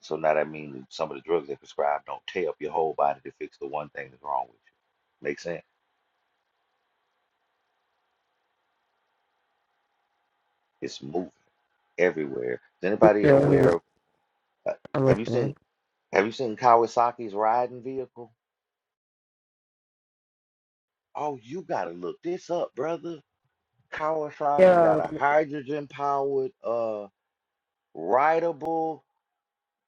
So now that means some of the drugs they prescribe don't tear up your whole body to fix the one thing that's wrong with you. Make sense? It's moving everywhere. Is anybody Yeah, aware of? Uh, I'm have you seen? listening. Have you seen Kawasaki's riding vehicle? Oh, you gotta look this up, brother. Kawasaki got a hydrogen-powered, uh, rideable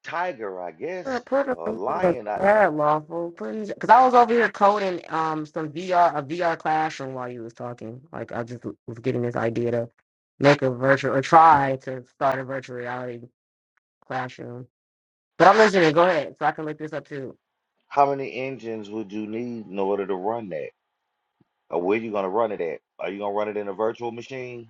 tiger, I Yeah, guess, put him or into the lion. I, lawful. cause I was over here coding um some VR a VR classroom while you was talking. Like I just was getting this idea to make a virtual or try to start a virtual reality classroom. But I'm listening. Go ahead, so I can look this up too. how many engines would you need in order to run that? Or where you gonna run it at? Are you gonna run it in a virtual machine?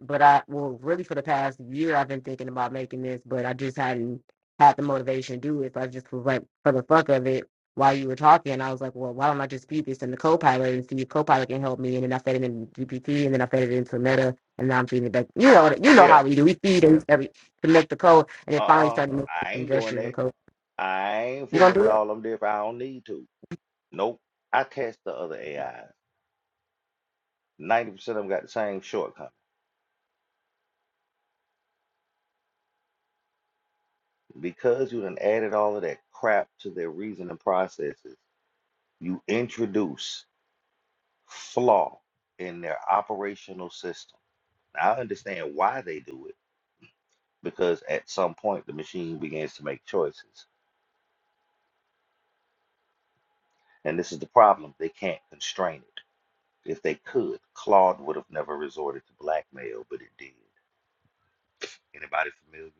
but I well really for the past year I've been thinking about making this, but I just hadn't had the motivation to do it. So I just was like for the fuck of it while you were talking, I was like, well, why don't I just feed this in the Copilot and see if Copilot can help me? And then I fed it in GPT, and then I fed it into Meta, and now I'm feeding it back. You know, you know Yeah. how we do. We feed and every connect the code, and it finally Uh-uh, started making I some ain't doing gestures and that. code. I ain't You gonna fooling do with it? all them there if I don't need to. Nope. I test the other AIs. 90% of them got the same shortcoming. Because you done added all of that crap to their reasoning processes, you introduce flaw in their operational system. Now, I understand why they do it, because at some point the machine begins to make choices. And this is the problem. They can't constrain it. If they could, Claude would have never resorted to blackmail, but it did. Anybody familiar?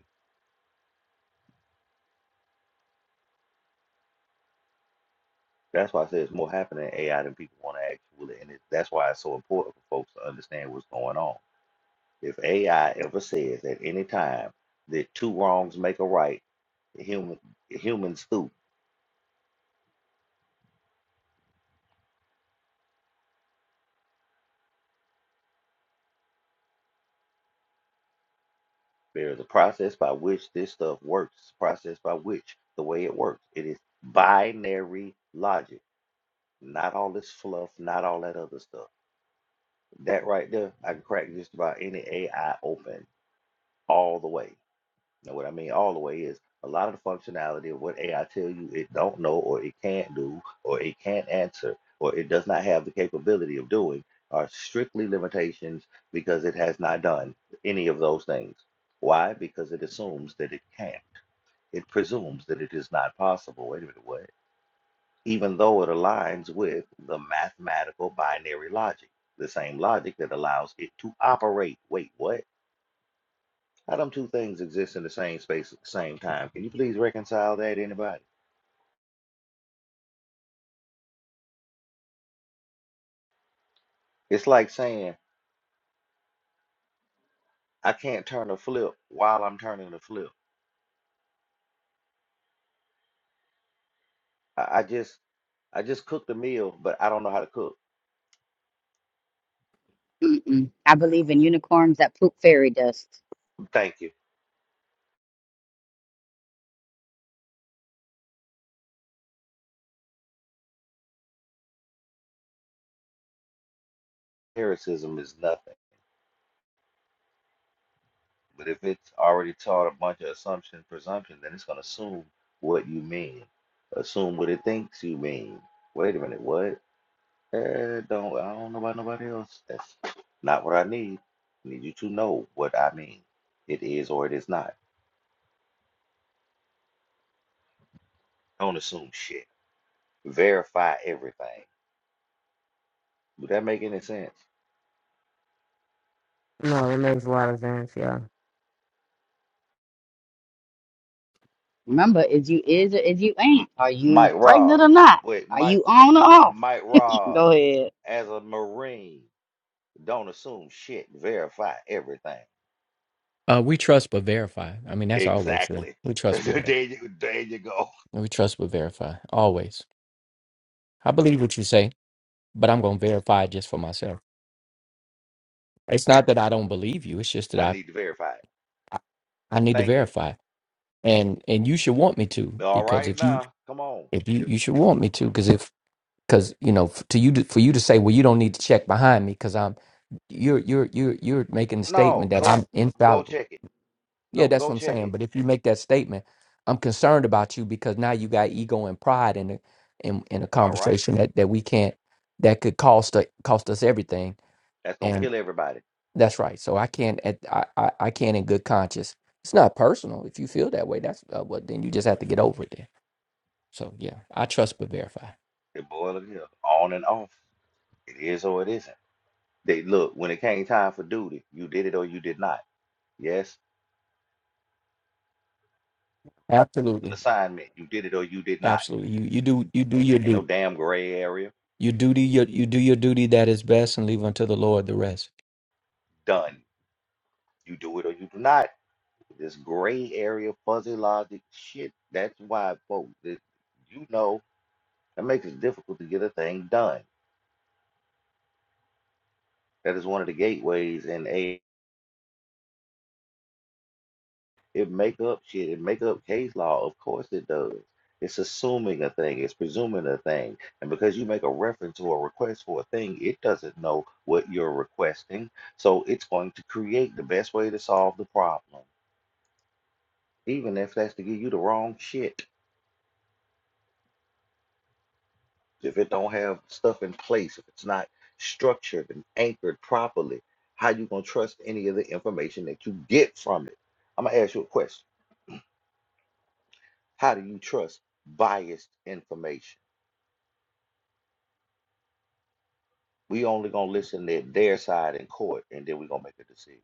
That's why I say it's more happening in AI than people want to actually, and it, that's why it's so important for folks to understand what's going on. If AI ever says at any time that two wrongs make a right, human humans do. There is a process by which this stuff works. It's a process by which the way it works. It is binary logic, not all this fluff, not all that other stuff. That right there, I can crack just about any AI open all the way. Now, what I mean all the way is a lot of the functionality of what AI tell you it don't know or it can't do or it can't answer or it does not have the capability of doing are strictly limitations because it has not done any of those things. Why? Because it assumes that it can't. It presumes that it is not possible. Wait a minute, what? Even though it aligns with the mathematical binary logic, the same logic that allows it to operate. Wait, what? How them two things exist in the same space at the same time? Can you please reconcile that, anybody? It's like saying I can't turn a flip while I'm turning a flip. I, I just I just cooked a meal, but I don't know how to cook. Mm-mm. I believe in unicorns that poop fairy dust. Thank you. Lyricism is nothing. But if it's already taught a bunch of assumption, presumption, then it's gonna assume what you mean. Assume what it thinks you mean. Wait a minute, what? Eh, don't I don't know about nobody else. That's not what I need. I need you to know what I mean. It is or it is not. Don't assume shit. Verify everything. Would that make any sense? No, it makes a lot of sense. Yeah, Remember, is you is or is you M- ain't? Are you Mike pregnant Robb, or not? but Are Mike you on or off? Mike Robb Go ahead. as a Marine, don't assume shit. Verify everything. Uh, we trust but verify. I mean, that's always the Exactly. we trust but verify. there you there you go. We trust but verify always. I believe what you say. but I'm going to verify just for myself. It's not that I don't believe you. It's just I that need to verify it. I, I I need to Thank you. verify, and and you should want me to All because right if you now. Come on. if you If you should want me to because if because you know f- to you to, for you to say well you don't need to check behind me because I'm you're you're you're you're making the no, statement that go I'm go infallible. check it. Yeah, No, that's go what I'm check saying. it. But if you make that statement, I'm concerned about you because now you got ego and pride in the in, in a All right. conversation that that we can't that could cost u- cost us everything That's gonna kill everybody. That's right. So I can't at I, I, I can't in good conscience. It's not personal. If you feel that way, that's uh, what then you just have to get over it then. So yeah, I trust but verify. It boil it up. On and off. It is or it isn't. They look, when it came time for duty, you did it or you did not. Yes, an Absolutely. assignment, you did it or you did not. Absolutely. You you do you do your Ain't no duty. damn gray area. You duty your you do your duty that is best and leave unto the Lord the rest. Done. You do it or you do not. This gray area, fuzzy logic shit. That's why, folks, that you know, that makes it difficult to get a thing done. That is one of the gateways in AI. It make up shit. It make up case law. Of course it does. It's assuming a thing. It's presuming a thing. And because you make a reference or a request for a thing, it doesn't know what you're requesting. So it's going to create the best way to solve the problem, even if that's to give you the wrong shit. If it don't have stuff in place, if it's not structured and anchored properly, how you gonna trust any of the information that you get from it? I'm gonna ask you a question. How do you trust biased information? We only gonna listen to their side in court, and then we gonna make a decision.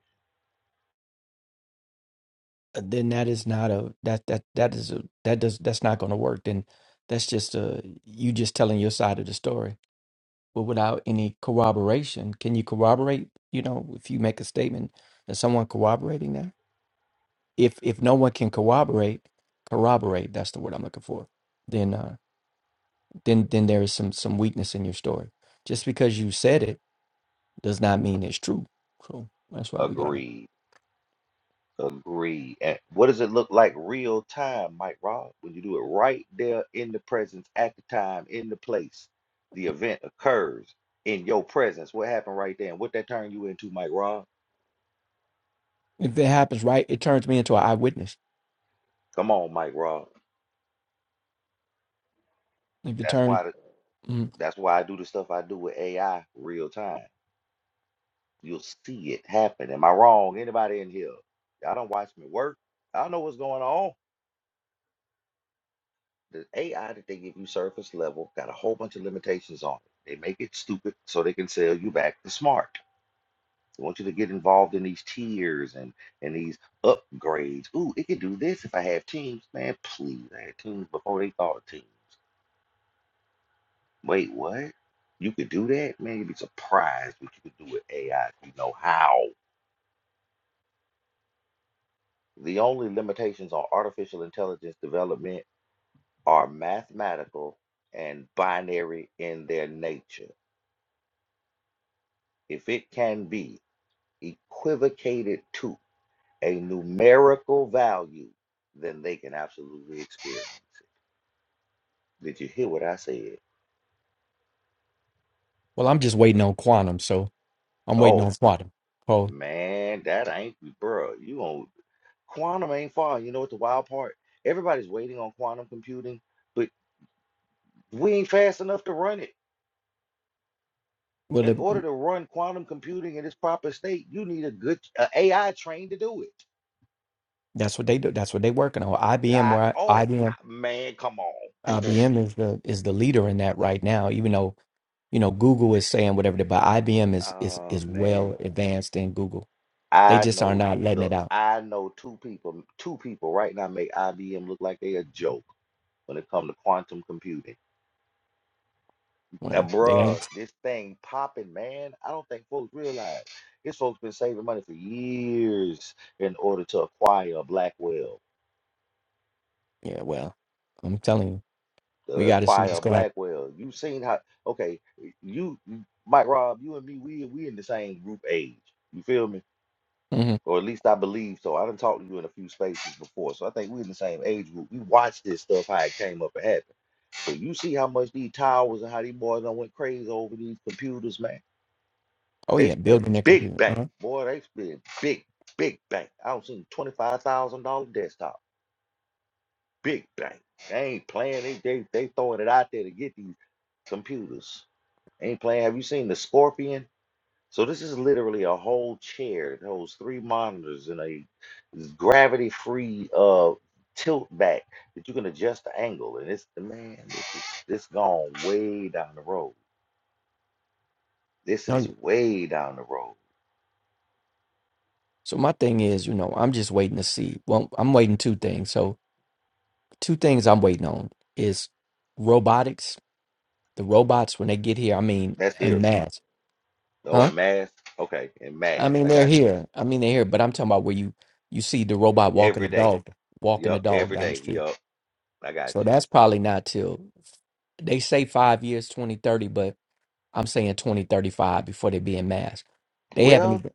Uh, Then that is not a that that that is a that does that's not gonna work. Then that's just uh you just telling your side of the story. But without any corroboration, can you corroborate, you know, if you make a statement, is someone corroborating that? if if no one can corroborate corroborate that's the word i'm looking for then uh then then there is some some weakness in your story just because you said it does not mean it's true so that's why we gotta Agreed. Agreed. And what does it look like real time, Mike Rod? When you do it right there in the presence, at the time, in the place, the event occurs in your presence. What happened right there, and what that turned you into, Mike Rod? if it happens right it turns me into an eyewitness Come on, Mike Rod. if it That's turns why. The, mm, that's why I do the stuff I do with AI real time. You'll see it happen. Am I wrong? Anybody in here? Y'all don't watch me work. I know what's going on. the AI that they give you surface level got a whole bunch of limitations on it. They make it stupid so they can sell you back the smart. They want you to get involved in these tiers and and these upgrades. Ooh, it can do this if I have teams. Man, please, I had teams before they thought of teams. Wait, what? You could do that? Man, you'd be surprised what you could do with AI if you know how. The only limitations on artificial intelligence development are mathematical and binary in their nature if it can be equivocated to a numerical value, then they can absolutely experience it. Did you hear what I said? well i'm just waiting on quantum so i'm waiting Oh on quantum oh man, that ain't bro. You on quantum ain't far. You know what the wild part? Everybody's waiting on quantum computing, but we ain't fast enough to run it. well In order the, to run quantum computing in its proper state, you need a good a AI trained to do it. that's what they do that's what they working on ibm I, where oh I, I- ibm man, come on. ibm is the is the leader in that right now even though you know google is saying whatever they, but ibm is is Oh is man. well advanced in google they I just are know, not letting it look, out I know two people, two people right now make IBM look like they a joke when it comes to quantum computing. Uh, well they bruh, ain't this thing popping, man. I don't think folks realize this folks been saving money for years in order to acquire a Blackwell. yeah well i'm telling you we To got to see acquire what's a going to Blackwell. You seen how? Okay, you, Mike, Rob, you and me, we we in the same group age. You feel me? happen hmm or at least I believe so. I done talked to you in a few spaces before, so I think we're in the same age group. We watched this stuff how it came up and happened. So you see how much these towers and how these boys done went crazy over these computers, man. oh They yeah spend building their big computer bank, uh-huh. boy. They spend big, big bank. I don't see twenty five thousand dollar desktop, big bank. They ain't playing. They they they throwing it out there to get these computers. Ain't playing. Have you seen the Scorpion? So this is literally a whole chair. It holds three monitors and a gravity-free uh tilt back that you can adjust the angle. And it's the man, this is this gone way down the road. This oh is yeah way down the road. so my thing is you know i'm just waiting to see well i'm waiting two things so two things i'm waiting on is robotics the robots when they get here i mean That's en here. mass Oh, huh and mass. Okay, and i mass. I mean they're got you here i mean they're here but i'm talking about where you you see the robot walking every the day. dog walking the Yup, dog every down the day. street Yup, I got So you. that's probably not till they say five years, 2030, but I'm saying 2035 before they be in mass. They haven't Well, even,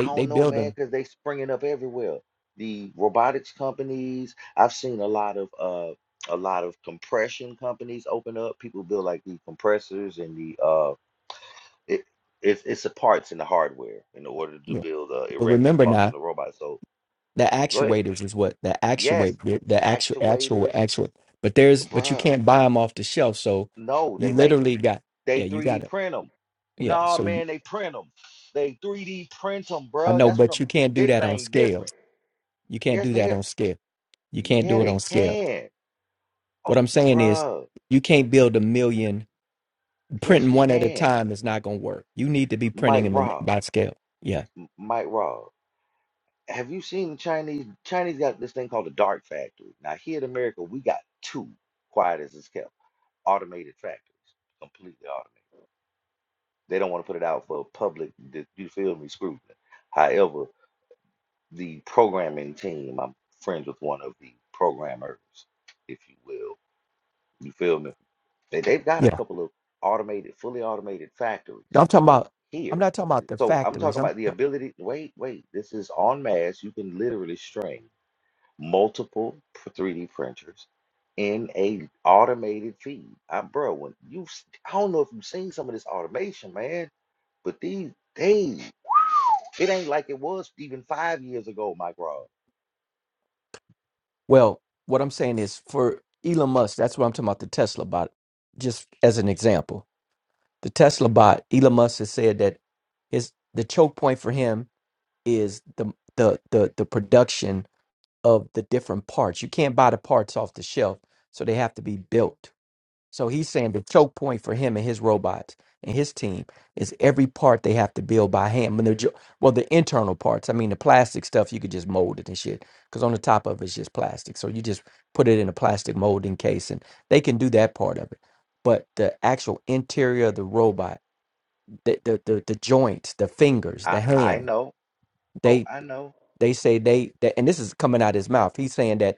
I they don't know, build man, them. because they springing up everywhere. The robotics companies, I've seen a lot of uh a lot of compression companies open up. People build like the compressors and the uh it it's it's the parts in the hardware in order to Yeah. build a But erect and remember now, functional robot. So the go ahead. actuators is what the Yes, actuate, the, the actual, actual, actuators, actual, but there's, but you bruh. can't buy them off the shelf. So No, you they make them. literally got, They yeah, you got 3D it. print them. Yeah. Nah, So man, they print them. They 3D print them, I bruh. know, That's what but I'm. you can't do This that on thing scale. different. You can't Yes, do the hell. that on scale. You can't Yeah, do it they on scale. can. Oh, What I'm saying is bruh. you can't build a million Yes, printing you one at a can. time is not going to work. You need to be printing Mike them in, Rob. by scale. Yeah. M- Mike Rob. Have you seen the Chinese? Chinese got this thing called the dark factory. Now, here in America, we got two, quiet as it's kept, automated factories, completely automated. They don't want to put it out for public, d- you feel me, scrutiny. However, the programming team, I'm friends with one of the programmers, if you will, you feel me? They, they've got a Yeah. couple of automated, fully automated factories I'm talking about I'm here. not talking about the So I'm talking factories. I'm about the ta- ability. Wait, wait. This is en masse. You can literally string multiple pr- 3D printers in a automated feed. I, bro, when you, s- I don't know if you've seen some of this automation, man, but these days, it ain't like it was even five years ago, my bro. well, what I'm saying is for Elon Musk, that's what I'm talking about the Tesla bot, just as an example. The Tesla bot, Elon Musk has said that his the choke point for him is the the the the production of the different parts. You can't buy the parts off the shelf, so they have to be built. So he's saying the choke point for him and his robots and his team is every part they have to build by hand. When they're jo- well, the internal parts. I mean, the plastic stuff you could just mold it and shit. Because on the top of it's just plastic, so you just put it in a plastic molding case, and they can do that part of it. But the actual interior of the robot, the the the, the joints, the fingers, the I, I hand, know. Oh, they I know. they say they that, and this is coming out his mouth. He's saying that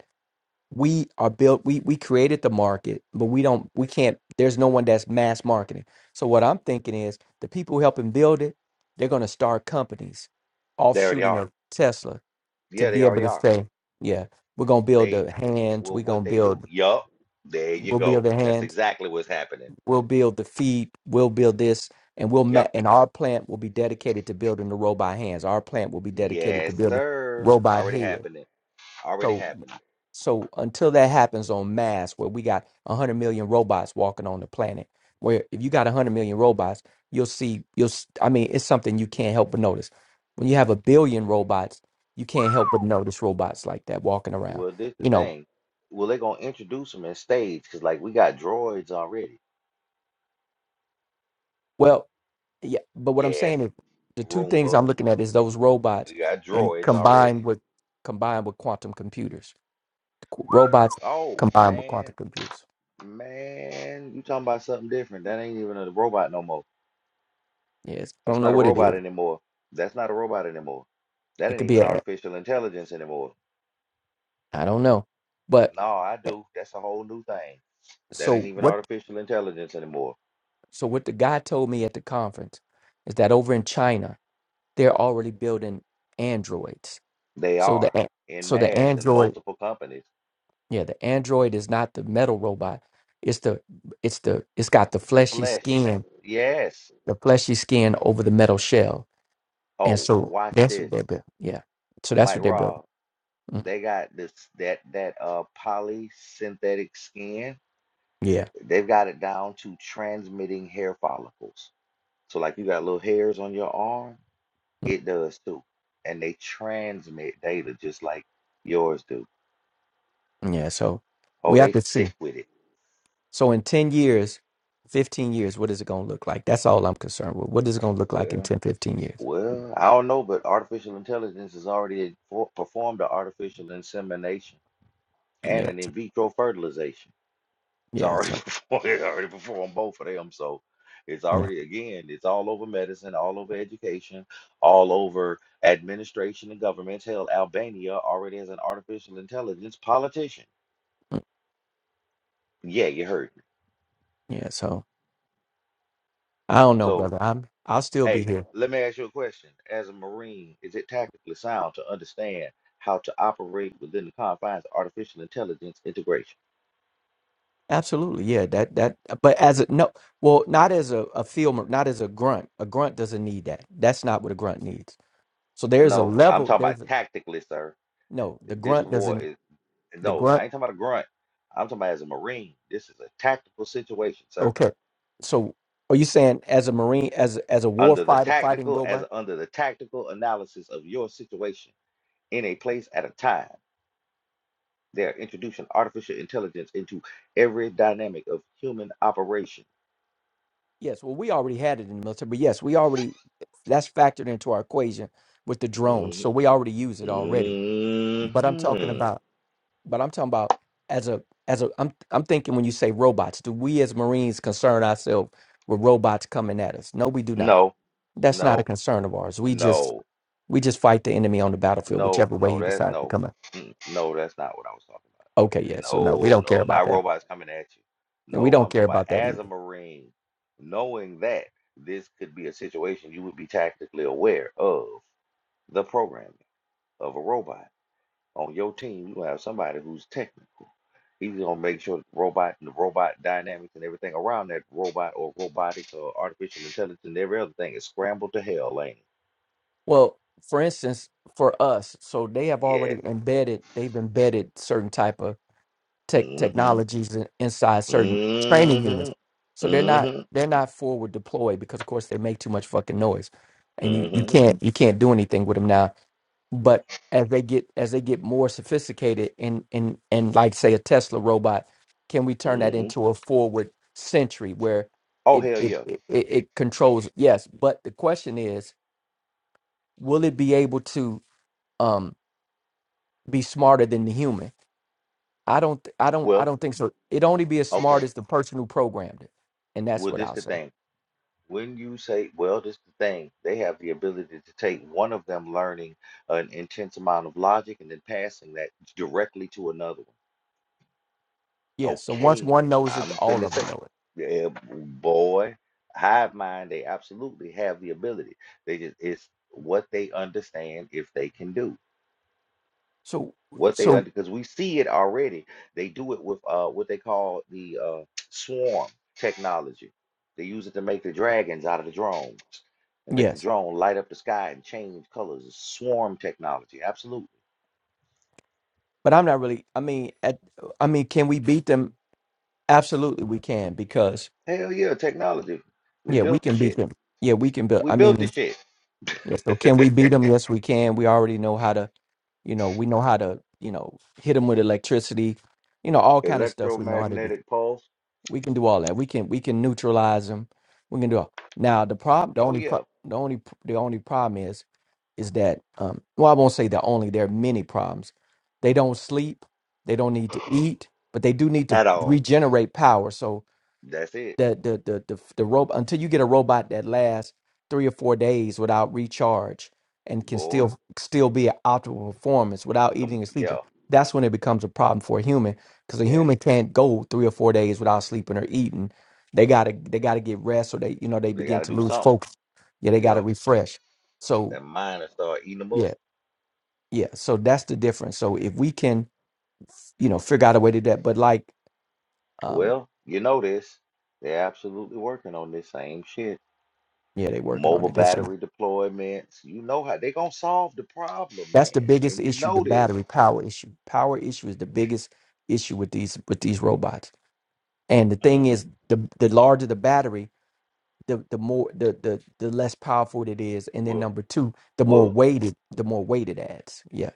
we are built we we created the market but we don't we can't there's no one that's mass marketing so what i'm thinking is the people who help him build it they're going to start companies They already offshooting are. of tesla to Yeah, they be able already to are. say yeah we're going to build They, the hands well, we're going what to they do. build Yup. There you we'll build go. the That's hands exactly what's happening. we'll build the feet we'll build this and we'll Yup. ma- and our plant will be dedicated to building the robot hands our plant will be dedicated to Yes, building sir. robot Already head happening. Already So happening. So until that happens on mass, where we got 100 million robots walking on the planet, where if you got 100 million robots, you'll see, you'll, s- I mean, it's something you can't help but notice. When you have a billion robots, you can't help but notice robots like that walking around. Well, this the You know, thing. Well, they gonna introduce them in stage because like we got droids already. well, yeah, but what I'm Yes, saying is the two things Roomba. I'm looking at is those robots We got and droids combined already. with combined with quantum computers. Qu- Robots Oh combined with quantum man, computers. man, you talking about something different? That ain't even a robot no more. Yes, I That's don't know not a what it robot is. anymore. That's not a robot anymore. That It ain't could be even a artificial intelligence anymore. I don't know. But No, I eh, do. That's a whole new thing. That ain't so even what artificial intelligence anymore. so what the guy told me at the conference is that over in China, they're already building androids. They So the are a- in so the mass in android, multiple companies. yeah, the android is not the metal robot. It's the it's the it's got the The fleshy flesh. skin, Yes. the fleshy skin over the metal shell. And Oh, so watch that's what this. they're building. Yeah. So that's Mike what they're building. Rob, Mhm. they got this that that uh polysynthetic skin. Yeah. They've got it down to transmitting hair follicles. So like you got little hairs on your arm, it does too. And they transmit data just like yours do. Mhm. Yeah, so Oh, we have they to see. sick with it. So in 10 years, 15 years, what is it going to look like? That's all I'm concerned with. What is it going to look like in Well, ten, fifteen years? well, I don't know, but artificial intelligence has already for- performed the artificial insemination and Yeah. an so- in vitro fertilization. It's Yeah. already So, before, it already performed both of them. So it's yeah. already again, it's all over medicine, all over education, all over administration and governments. Hell, Albania already has an artificial intelligence politician. mm, Yeah, you heard me. Yeah. So I don't know, So brother. I'm, I'll still be hey, here. let me ask you a question. As a Marine, is it tactically sound to understand how to operate within the confines of artificial intelligence integration? Absolutely. Yeah. That, that, but as a, no, well, not as a, a filmer, not as a grunt. A grunt doesn't need that. That's not what a grunt needs. So And there's a no, I'm level, talking about there's a, tactically, sir. no, the This grunt war doesn't, is the No, grunt. I ain't talking about a grunt. I'm talking about as a Marine. This is a tactical situation, sir. Okay. So are you saying as a Marine, as, a- as a war Under the fighter, fighting tactical, robot? as under the tactical analysis of your situation in a place at a time, they are introducing artificial intelligence into every dynamic of human operation. Yes, well, we already had it in the military, but yes, we already that's factored into our equation with the drones. hmm So we already use it already. But I'm talking about, but I'm talking about as a as a I'm I'm thinking when you say robots, do we as Marines concern ourselves with robots coming at us? No, we do not. No, That's not a no, concern of ours. We just no. we just fight the enemy on the battlefield, No, whichever way no, he that's decides to no, come. At. Mm, no, that's not what I was talking Okay, yeah. about. So no, we No, don't care no, about not that. robots coming at you. And we No, don't I'm talking care about about that as a either. Marine, knowing that this could be a situation you would be tactically aware of the programming of a robot on your team. You have somebody who's technical. He's gonna make sure the robot and the robot dynamics and everything around that robot or robotics or artificial intelligence and every other thing is scrambled to hell, ain't it? Well, for instance, for us, so they have Yes. already embedded, they've embedded certain type of tech Mm-hmm. technologies in, inside certain training hmm units. So they're not hmm they're not forward deployed because of course they make too much fucking noise. And you, you hmm can't you can't do anything with them now but as they get as they get more sophisticated and and and like say a tesla robot can we turn that hmm into a forward century where Oh it hell it yeah. it, it it controls yes but the question is will it be able to um be smarter than the human I don't, th- I don't, I Well, don't think so. It only be as okay. smart as the person who programmed it, and that's Well, what this I'll the say. thing. When you say, well, this the thing, they have the ability to take one of them learning an intense amount of logic and then passing that directly to another one. Yeah. So once Okay, one knows I'm it, all finna of say, them know it. yeah, boy, hive mind. They absolutely have the ability. They just it's what they understand if they can do. So, what they so under because we see it already. They do it with uh what they call the uh swarm technology. They use it to make the dragons out of the drones and make the yes, drone light up the sky and change colors. It's swarm technology, absolutely. but I'm not really. I mean, at, I mean, can we beat them? Absolutely, we can because Hell yeah, technology. We yeah, we built the can beat shit. them. Yeah, we can build. We I built the mean, shit. Yeah, so can we beat them? Yes, we can. We already know how to, you know, we know how to, you know, hit them with electricity, you know, all kind of stuff we know how to do. Electromagnetic pulse. We can do all that. We can we can neutralize them. We can do all. Now the problem, the Oh only pro- yeah, the only the only problem is is that um well I won't say the only there are many problems. They don't sleep, they don't need to eat, but they do need to at all. regenerate power. So That's it, the the the the, the robot until you get a robot that lasts three or four days without recharge and can boy. still still be at optimal performance without Come, eating and yeah, sleeping. That's when it becomes a problem for a human because a yes. human can't go three or four days without sleeping or eating. They gotta they gotta get rest or they you know they They got begin to to do lose something. focus. Yeah, they gotta Yup. refresh. So That mind will start eating them up. yeah, yeah. So that's the difference. So if we can, you know, figure out a way to do that, but like um Well, you know this. They're absolutely working on this same shit. yeah, they working on Mobile it. They should. battery deployments. You know how they gonna solve the problem, That's the man. biggest And you issue, the know this. battery power issue. Power issue is the biggest issue with these with these robots. And the thing hmm is, the the larger the battery, the the more the the the less powerful it is. And then Well, number two, the more well, weighted, the more weight it adds. Yeah.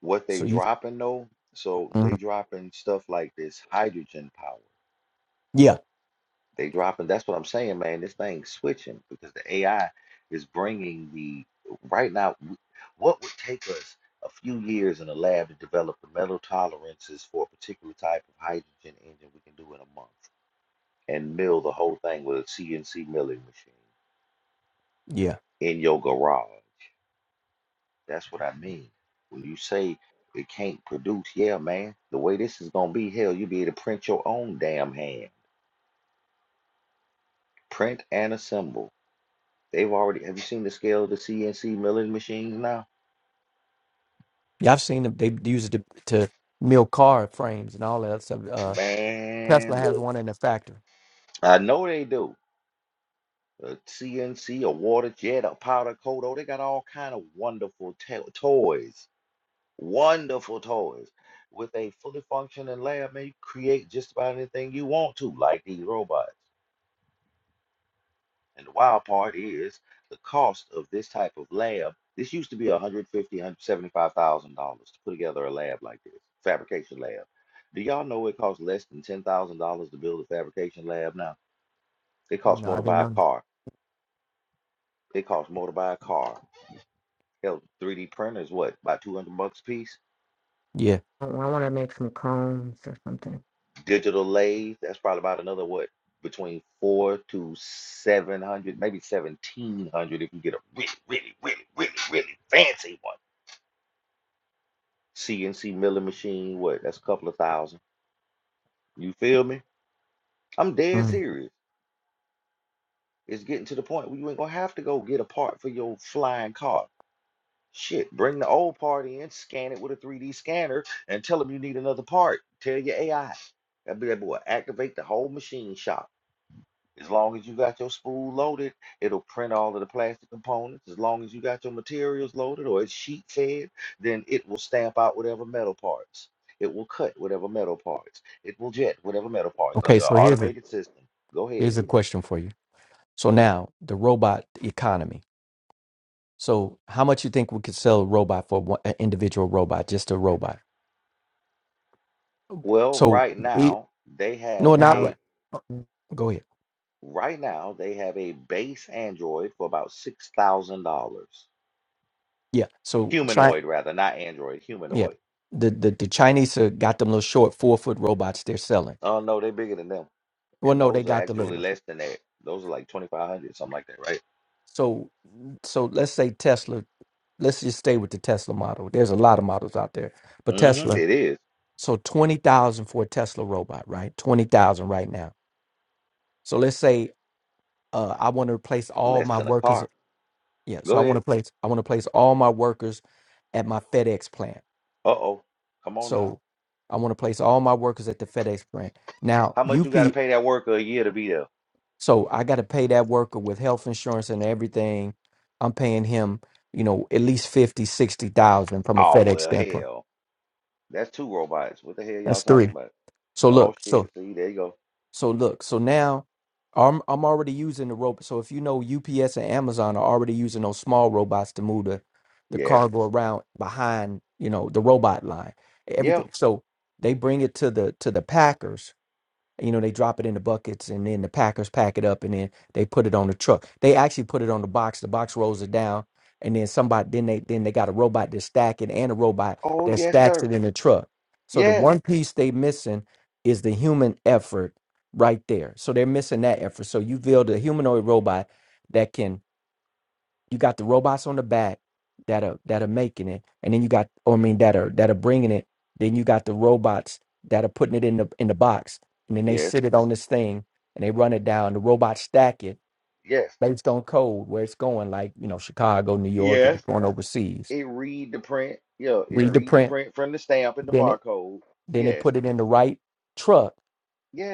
what they So you, dropping though? So they Mhm. dropping stuff like this hydrogen power. yeah, They dropping. That's what I'm saying, man. This thing's switching because the AI is bringing the right now. w- What would take us a few years in a lab to develop the metal tolerances for a particular type of hydrogen engine, we can do in a month and mill the whole thing with a CNC milling machine yeah, in your garage. That's what I mean. When you say it can't produce, yeah, man. The way this is gonna be, hell, you'll be able to print your own damn hand, print and assemble. They've already, have you seen the scale of the CNC milling machines now? yeah. I've seen them. They use it to, to mill car frames and all that stuff. Uh, Tesla Man, has look, one in the factory. I know they do. A CNC, a water jet, a powder coat, oh, they got all kind of wonderful to- toys, wonderful toys. With a fully functioning lab, man, you create just about anything you want to, like these robots. And the wild part is the cost of this type of lab. This used to be 150, 175,000 dollars one hundred seventy-five thousand dollars to put together a lab like this, fabrication lab. Do y'all know it costs less than ten thousand dollars to build a fabrication lab now? It costs No, more I to didn't buy a know. car. It costs more to buy a car. Hell, 3D printers, what, about 200 bucks a piece? Yeah. I want to make some cones or something. Digital lathe, that's probably about another what, between four to seven hundred, maybe seventeen hundred if you get a really, really, really, really, really fancy one CNC milling machine, what? That's a couple of thousand. You feel me? I'm dead Mhm. serious. It's getting to the point where you ain't gonna have to go get a part for your flying car. Shit, bring the old part in, scan it with a 3D scanner, and tell them you need another part. Tell your AI. That be bad boy activate the whole machine shop. As long as you got your spool loaded, it'll print all of the plastic components. As long as you got your materials loaded or it's sheet fed, then it will stamp out whatever metal parts. It will cut whatever metal parts. It will jet whatever metal parts Okay. under an So here's a automated system. Go ahead. here's a question for you. So now the robot economy. So, how much you think we could sell a robot for one, an individual robot, just a robot? Well, So, right we, now they have no, Yeah, not I was right. a Go ahead. right now they have a base Android for about six thousand dollars. Yeah. So, China, Humanoid rather, not Android, yeah, humanoid. the the, the Chinese uh, got them little short four foot robots they're selling. Oh no, they're bigger than them. Well, and no, they those are got the little actually ones. less than that. Those are like 2500 something like that, right? So, so let's say Tesla. Let's just stay with the Tesla model. There's a lot of models out there, but Mm-hmm. Tesla. It is So twenty thousand for a Tesla robot, right? Twenty thousand right now. So let's say uh, I want to replace all less my than a workers car. Yeah, Go so I want ahead. to place I want to place all my workers at my FedEx plant. Uh-oh. Come on now. So I want to place all my workers at the FedEx plant. Now, How much you UP got to pay that worker a year to be there? so I got to pay that worker with health insurance and everything. I'm paying him, you know, at least 50, 60,000 from a Oh, FedEx well, standpoint. hell. That's two robots. What the hell y'all That's talking 3. about? So But, oh, look, so shit. See, there you go. So look, so now I'm I'm already using the robot. So if you know UPS and Amazon are already using those small robots to move the the Yes. cargo around behind, you know, the robot line. Yeah. Everything. So they bring it to the to the packers you know they drop it in the buckets and then the packers pack it up and then they put it on the truck they actually put it on the box the box rolls it down and then somebody then they then they got a robot that's stacking and a robot Oh, that yes, stacks sir. it in the truck so the Yes. one piece they missing is the human effort right there so they're missing that effort so you build a humanoid robot that can. You got the robots on the back that are that are making it, and then you got, or I mean, that are that are bringing it. Then you got the robots that are putting it in the in the box, and then they Yes. sit it on this thing and they run it down. The robots stack it Yes. based on code where it's going, like you know, Chicago, New York, if Yes. it's going overseas. It read the print. Yeah, it Read the read the print, print from the stamp and the then it barcode. then it Yes. put it in the right truck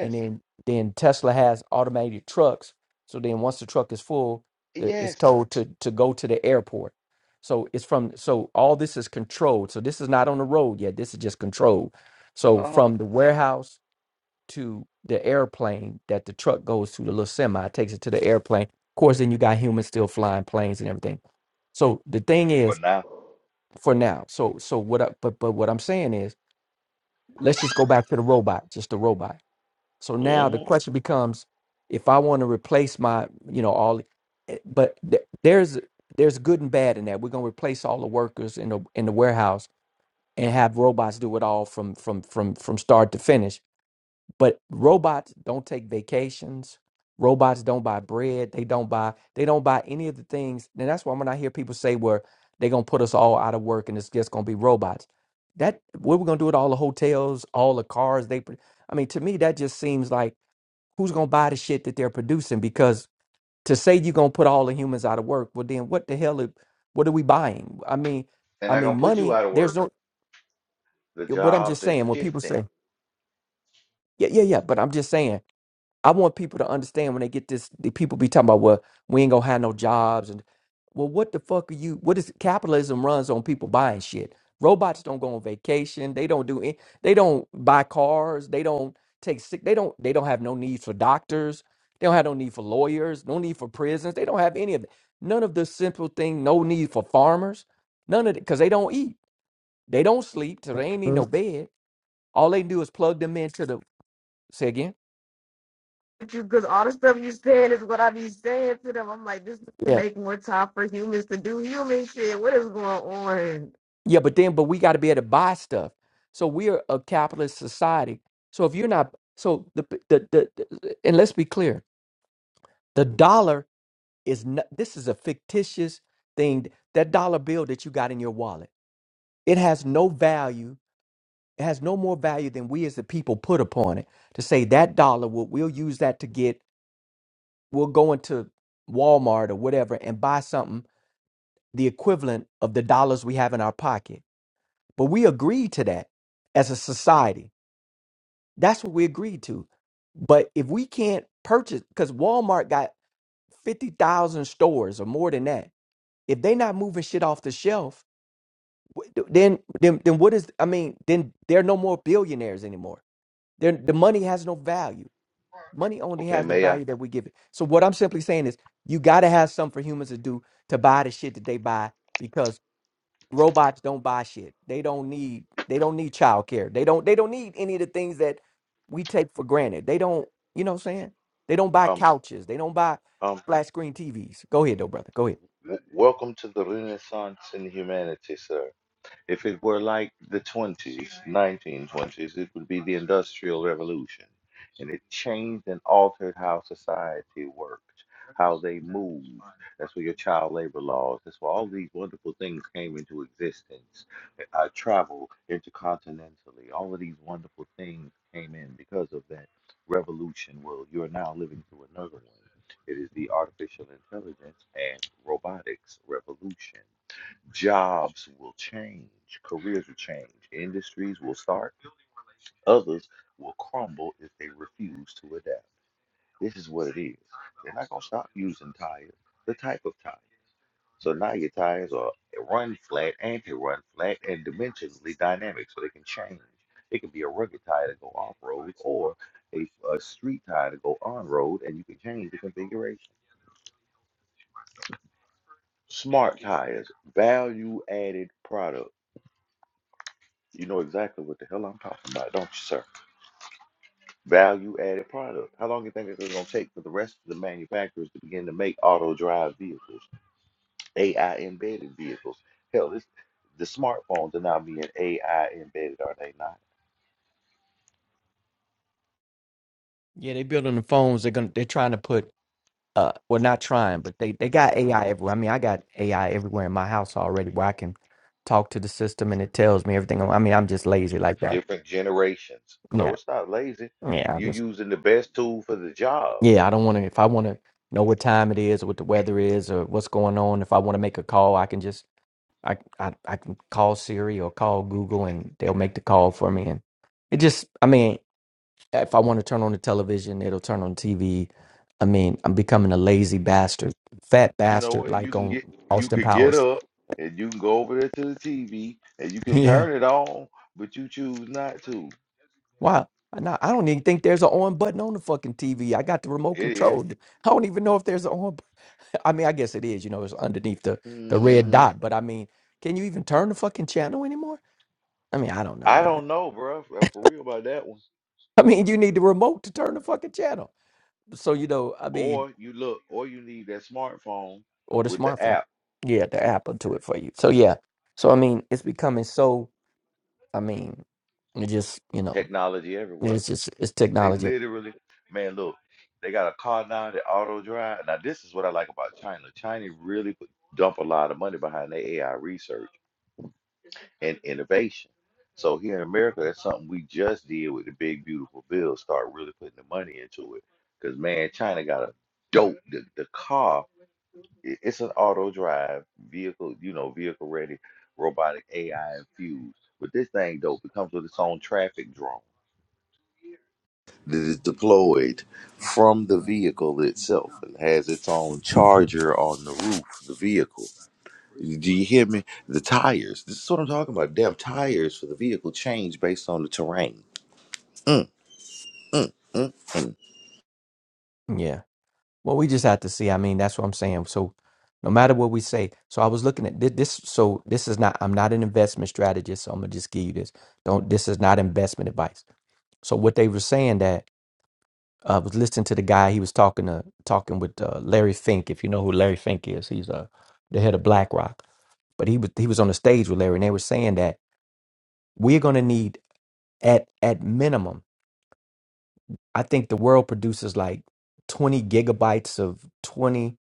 and then then Tesla has automated trucks. So then once the truck is full, the, it's Yes. told to to go to the airport. So it's from so all this is controlled. So this is not on the road yet. This is just controlled. So Uh-huh. from the warehouse to the airplane that the truck goes to, the little semi takes it to the airplane. Of course, then you got humans still flying planes and everything. So the thing For is now. for now. So so what? I, but but what I'm saying is, let's just go back to the robot, just the robot so now the question becomes, if I want to replace my, you know, all, eh, but th- there's there's good and bad in that. We're gonna replace all the workers in the in the warehouse and have robots do it all from from from from start to finish. But robots don't take vacations. Robots don't buy bread. They don't buy they don't buy any of the things. And that's why when I hear people say, "Well, they're gonna put us all out of work and it's just gonna be robots," that what we're gonna do with all the hotels, all the cars they. pr- I mean, to me, that just seems like who's gonna buy the shit that they're producing? Because to say you're gonna put all the humans out of work, well then what the hell are, what are we buying? I mean and I I'm mean gonna put you money, out of there's work. no The but I'm jobs just are saying when people shifting. say yeah, yeah, yeah. But I'm just saying I want people to understand when they get this. The people be talking about, well, we ain't gonna have no jobs, and well, what the fuck are you? What is capitalism runs on people buying shit? Robots don't go on vacation. They don't do. any- They don't buy cars. They don't take sick. They don't. They don't have no need for doctors. They don't have no need for lawyers. No need for prisons. They don't have any of it. None of the simple thing. No need for farmers. None of it because they don't eat. They don't sleep. So they ain't need no bed. All they do is plug them into the. Say again. because all the stuff you saying is what I be saying to them. I'm like, this is to make more time for humans to do human shit. What is going on? Yeah, but then, but we got to be able to buy stuff. So we're a capitalist society. So if you're not, so the the the, the and let's be clear, the dollar is not. This is a fictitious thing. That dollar bill that you got in your wallet, it has no value. It has no more value than we as the people put upon it to say that dollar will we'll use that to get we'll go into Walmart or whatever and buy something the equivalent of the dollars we have in our pocket. But we agreed to that as a society. That's what we agreed to. But if we can't purchase, because Walmart got 50,000 stores or more than that, if they're not moving shit off the shelf, wh- then, then, then what is, I mean, then they're no more billionaires anymore. They're, the money has no value. Money only Okay, has the may I? value that we give it. So what I'm simply saying is you got to have something for humans to do to buy the shit that they buy robots don't buy shit. They don't need they don't need childcare. They don't they don't need any of the things that we take for granted. They don't, you know what I'm saying? They don't buy Um, couches. They don't buy um, flat screen TVs. Go ahead though, brother. Go ahead. w- welcome to the Renaissance in humanity, sir. If it were like the 20s, 1920s, it would be the Industrial Revolution. And it changed and altered how society worked, how they moved. That's where your child labor laws, that's where all these wonderful things came into existence. Uh, travel intercontinentally, all of these wonderful things came in because of that revolution. Well, you are now living through another one. It is the artificial intelligence and robotics revolution. Jobs will change, careers will change, industries will start, others will crumble if they refuse to adapt. This is what it is. They're not going to stop using tires, the type of tires. So now your tires are run flat, anti-run flat, and dimensionally dynamic, so they can change. It can be a rugged tire to go off road, or a, a street tire to go on road, and you can change the configuration. Smart tires, value added product. You know exactly what the hell I'm talking about, don't you, sir? Value added product. How long do you think it's going to take for the rest of the manufacturers to begin to make auto drive vehicles, AI embedded vehicles? Hell, this the smartphones are now being AI embedded, are they not? Yeah, they building the phones. They're gonna they're trying to put uh well not trying, but they they got AI everywhere. I mean, I got AI everywhere in my house already where I can talk to the system and it tells me everything. I mean, I'm just lazy like that. Different generations. No, Yeah. it's not lazy. You're Yeah. using the best tool for the job. Yeah, I don't want to. If I want to know what time it is, or what the weather is, or what's going on, if I want to make a call, I can just I, I I can call Siri or call Google, and they'll make the call for me. And it just, I mean, if I want to turn on the television, it'll turn on TV. I mean, I'm becoming a lazy bastard, fat You know bastard, what? You like can on get you Austin could get Powers. up and you can go over there to the TV and you can Yeah. turn it on, but you choose not to. Wow. No, I don't even think there's an on button on the fucking TV. I got the remote It is. control. I don't even know if there's an on I mean, I guess it is. You know, it's underneath the the red Mhm. dot. But I mean, can you even turn the fucking channel anymore? I mean, I don't know, I man. don't know, bro. For, uh, for real about that one. I mean, you need the remote to turn the fucking channel. So you know, I mean, Or you look, or you need that smartphone or the with the smartphone. app Yeah, the app will do it for you. So yeah. So I mean, it's becoming so. I mean, it just you know, technology everywhere. it's just it's They technology. literally, man, look, they got a car now that auto drive. Now this is what I like about China. China really put, dump a lot of money behind their AI research and innovation. So here in America, that's something we just did with the big beautiful bill. Start really putting the money into it, because man, China got a dope the, the car. it- it's an auto drive vehicle, you know, vehicle ready, robotic AI infused. But this thing dope. It comes with its own traffic drone that is deployed from the vehicle itself and has its own charger on the roof of the vehicle. Do you hear me? The tires. This is what I'm talking about. Damn tires for the vehicle change based on the terrain. Mm, mm, mm, mm. Yeah. Well, we just have to see. I mean, that's what I'm saying. So, no matter what we say, so I was looking at thi- this. So this is not. I'm not an investment strategist. So I'm gonna just give you this. Don't. This is not investment advice. So what they were saying that I uh, was listening to the guy. He was talking to talking with uh, Larry Fink. If you know who Larry Fink is, he's uh, the head of BlackRock. But he was he was on the stage with Larry, and they were saying that we're gonna need at at minimum I think the world produces like 20 gigabytes of 20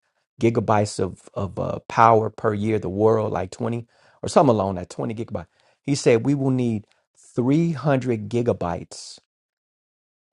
gigabytes of of uh, power per year. The world like 20 or something along that 20 gigabyte. He said we will need 300 gigabytes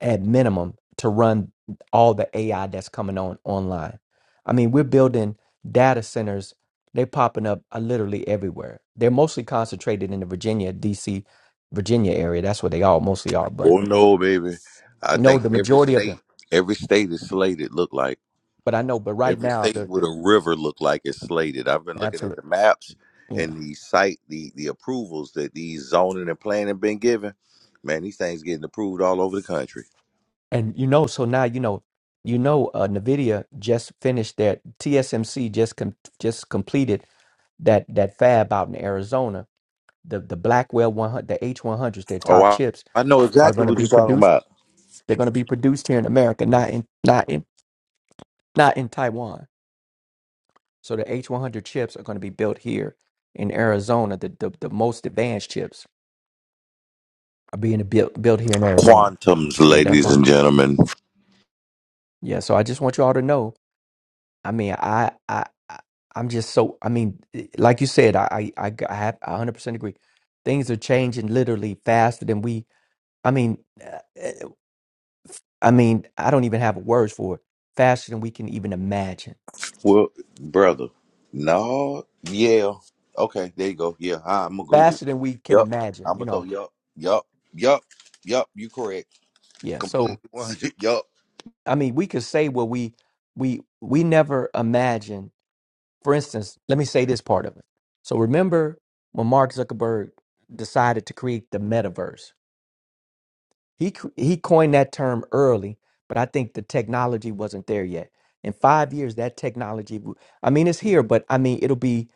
at minimum to run all the AI that's coming on online. I mean, we're building data centers. They're popping up uh, literally everywhere. They're mostly concentrated in the Virginia, DC, Virginia area. That's where they all mostly are. But Oh no, baby. I no, think the every majority of them state, every state is slated look like. but I know, but right Every now, state the, with the a river look like it's slated. I've been looking at the absolutely, maps yeah. and the site, the the approvals that these zoning and planning been given. Man, these things getting approved all over the country. And you know, so now you know, you know, uh, Nvidia just finished that TSMC just com- just completed that that fab out in Arizona. The the Blackwell one hundred, the H one hundreds, their Oh, top I, chips I know are exactly going to what you're be talking produced. about. They're going to be produced here in America, not in not in not in Taiwan. So the H one hundred chips are going to be built here in Arizona. The, the the most advanced chips are being built built here in Arizona. Quantums, So yeah, that's ladies what. and gentlemen. Yeah, so I just want you all to know I mean, I, I, I- I'm just so. I mean, eh, like you said, I, I, I g- I have I 100% agree. Things are changing literally faster than we. I mean, eh, eh, I mean, I don't even have words for it. Faster than we can even imagine. Well, brother, no, yeah, okay, there you go. Yeah, I, am agree with. Faster than we You. can Yep, imagine. I'm You gonna throw. know. Yup, yup, yup, yup. You correct. Yeah. Completely So one. hundred. Yup. I mean, we could say what we we we never imagined. For instance, let me say this part of it. So remember when Mark Zuckerberg decided to create the metaverse? He c- he coined that term early, but I think the technology wasn't there yet. In five years, that technology, w- I mean, it's here, but I mean, it'll be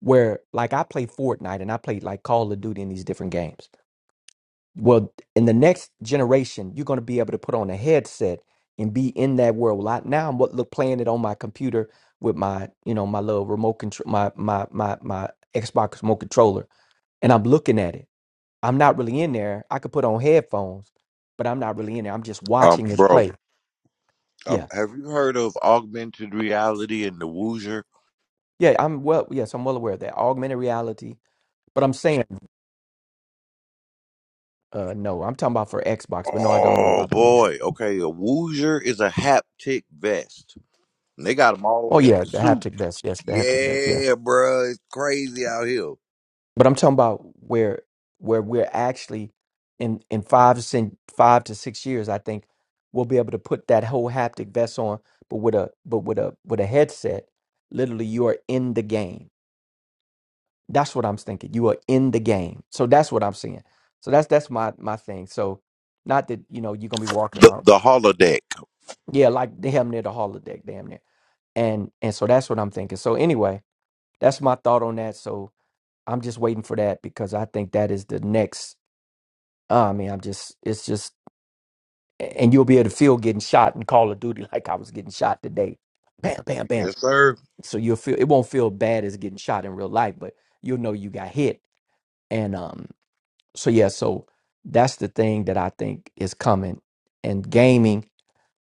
where like I play Fortnite and I play like Call of Duty in these different games. Well, in the next generation, you're going to be able to put on a headset and be in that world. Like now, I'm what look playing it on my computer with my you know my little remote control, my my my my Xbox remote controller, and I'm looking at it. I'm not really in there. I could put on headphones, but I'm not really in there. I'm just Um, watching it bro. play. Um, Yeah. have you heard of augmented reality and the Woozer? Yeah, I'm well yes, I'm well aware of that. Augmented reality. But I'm saying uh no. I'm talking about for Xbox, but no, I don't know Oh about the Woozer. boy. Okay, a Woozer is a haptic vest. And they got them all the Oh way yeah, up to the suit. haptic vest. Yes, the haptic vest, yeah. Yeah, bruh, it's crazy out here. But I'm talking about where where we're actually in in five to six, five to six years, I think we'll be able to put that whole haptic vest on, but with a but with a with a headset, literally you are in the game That's what I'm thinking. You are in the game. So that's what I'm seeing. So that's that's my my thing. So not that you know you're gonna be walking The around. the holodeck. Yeah, like damn near the holodeck, damn near. And and so that's what I'm thinking. So anyway, that's my thought on that. So I'm just waiting for that because I think that is the next. uh, I mean, I'm just it's just and you'll be able to feel getting shot in Call of Duty like I was getting shot today. Bam, bam, bam. Yes, sir. So you'll feel it won't feel bad as getting shot in real life, but you'll know you got hit. And um so yeah so that's the thing that i think is coming and gaming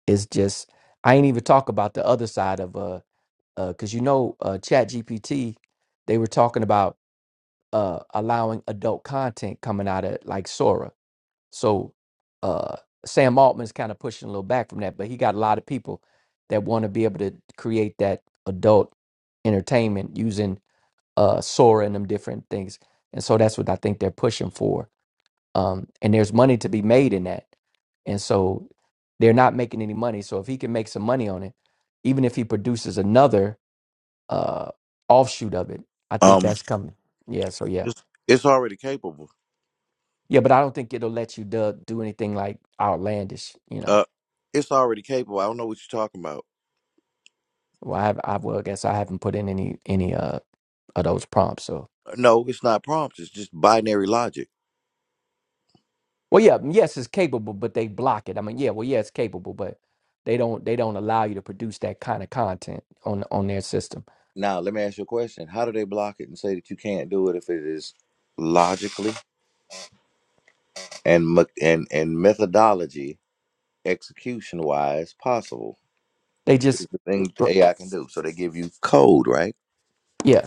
is just i ain't even talk about the other side of uh because you know uh chat gpt they were talking about uh allowing adult content coming out of like sora so uh sam altman's kind of pushing a little back from that but he got a lot of people that want to be able to create that adult entertainment using uh sora and them different things and so that's what i think they're pushing for um, and there's money to be made in that. And so they're not making any money. So if he can make some money on it, even if he produces another uh, offshoot of it, I think Um, that's coming. Yeah. So yeah, it's it's already capable. yeah. But I don't think it'll let you do, do anything like outlandish. You know. Uh, it's already capable. I don't know what you're talking about. Well, I have, I well, I guess I haven't put in any any uh of those prompts. So No, it's not prompts. It's just binary logic. well, yeah, mm, yes, it's capable, but they block it. I mean, yeah, well, yeah, it's capable, but they don't they don't allow you to produce that kind of content on on their system. Now, let me ask you a question. How do they block it and say that you can't do it if it is logically? and me- and and methodology execution wise possible They is just the thing uh, AI can do. So they give you code, right? yeah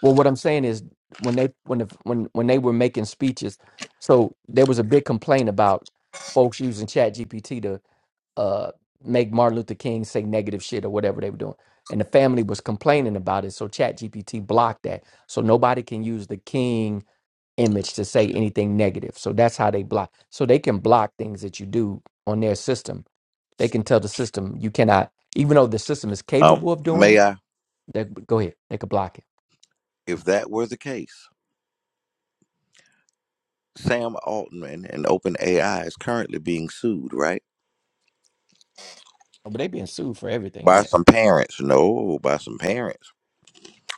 Well, what I'm saying is when they when the, when when they were making speeches, so there was a big complaint about folks using Chat GPT to uh, make Martin Luther King say negative shit or whatever they were doing, and the family was complaining about it. So Chat GPT blocked that, so nobody can use the King image to say anything negative. So that's how they block. So they can block things that you do on their system. They can tell the system you cannot, even though the system is Um, capable of doing may it. I? They go ahead, they could block it. If that were the case, Sam Altman and OpenAI is currently being sued, right? But they being sued for everything, By yeah. some parents, no, by some parents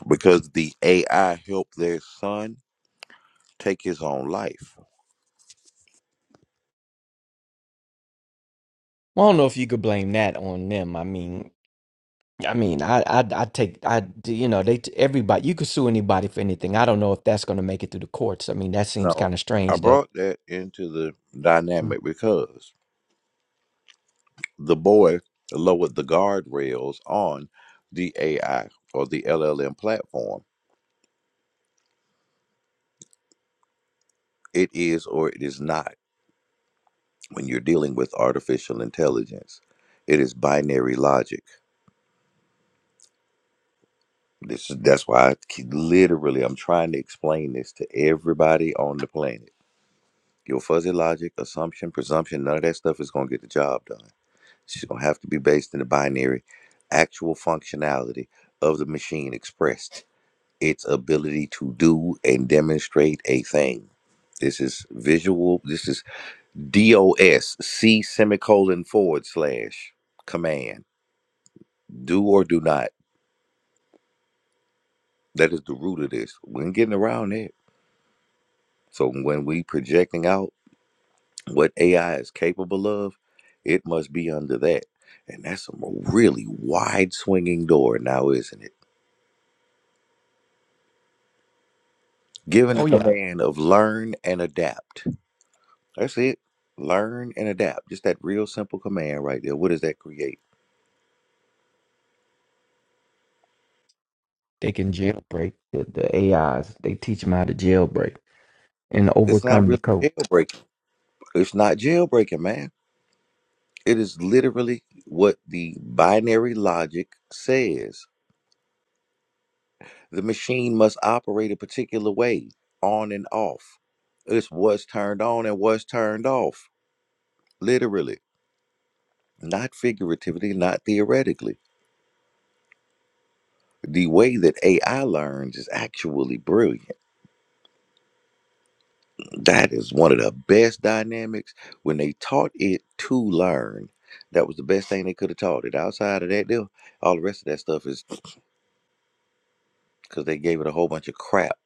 because the AI helped their son take his own life. Well, I don't know if you could blame that on them. I mean, I mean, I, I, I take, I, you know, they, everybody, you could sue anybody for anything. I don't know if that's going to make it through the courts. I mean, that seems No, kind of I strange that, brought that into the dynamic because the boy lowered the guardrails on the AI or the LLM platform. It is or it is not when you're dealing with artificial intelligence. It is binary logic. This is that's why I keep, literally I'm trying to explain this to everybody on the planet. Your fuzzy logic, assumption, presumption, none of that stuff is going to get the job done. It's going to have to be based in the binary actual functionality of the machine expressed. its ability to do and demonstrate a thing. This is visual. This is DOS, C semicolon forward slash command. Do or do not. That is the root of this. We ain't getting around it. So when we projecting out what AI is capable of, it must be under that. And that's a really wide swinging door now, isn't it? Given the oh yeah, command of learn and adapt That's it. Learn and adapt. Just that real simple command right there. What does that create? they can jailbreak the, the AIs. They teach them how to jailbreak and It's not overcome the really code. jailbreaking. It's not jailbreaking, man. It is literally what the binary logic says. The machine must operate a particular way, on and off. It's what's turned on and what's turned off, literally, not figuratively, not theoretically. The way that AI learns is actually brilliant that is one of the best dynamics when they taught it to learn that was the best thing they could have taught it outside of that deal all the rest of that stuff is because they gave it a whole bunch of crap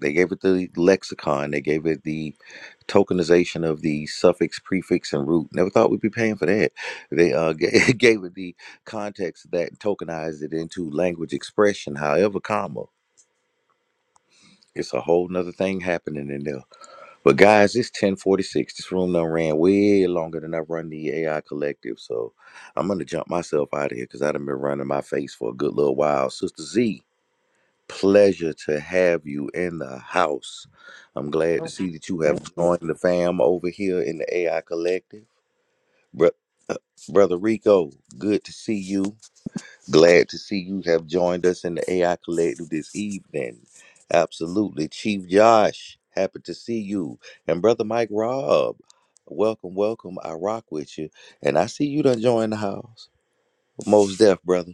they gave it the lexicon they gave it the tokenization of the suffix prefix and root never thought we'd be paying for that they uh, ga- gave it the context that tokenized it into language expression however comma it's a whole nother thing happening in there But guys, it's 1046. This room done ran way longer than I run the AI collective. So I'm gonna jump myself out of here because I done been running my face for a good little while. Sister Z, pleasure to have you in the house. I'm glad to Oh, see that you have thank you. joined the fam over here in the AI collective. Bro- uh, Brother Rico, good to see you. Glad to see you have joined us in the AI Collective this evening. Absolutely. Chief Josh, happy to see you. And Brother Mike Robb, welcome, welcome. I rock with you. And I see you done joined the house. Most deaf, brother.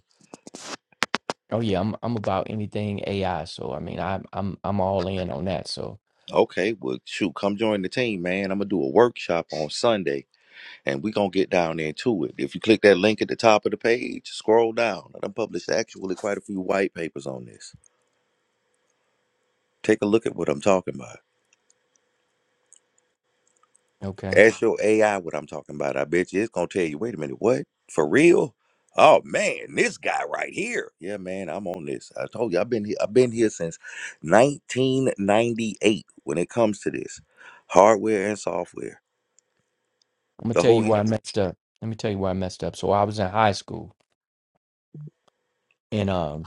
Oh yeah, I'm, I'm about anything AI. So I mean, I'm, I'm, I'm all in on that. So Okay, well, shoot, come join the team, man. I'm going to do a workshop on Sunday, and we going to get down into it. If you click that link at the top of the page, scroll down. I done published actually quite a few white papers on this. Take a look at what I'm talking about. okay, I'm Ask your AI what I'm talking about. I bet you it's gonna tell you, wait a minute, what? For real? Oh man, this guy right here. Yeah, man, I'm on this. I told you I've been here, I've been here since 1998 when it comes to this. Hardware and software. gonna The tell whole you in- why I messed up. Let me tell you why I messed up. So I was in high school. and um.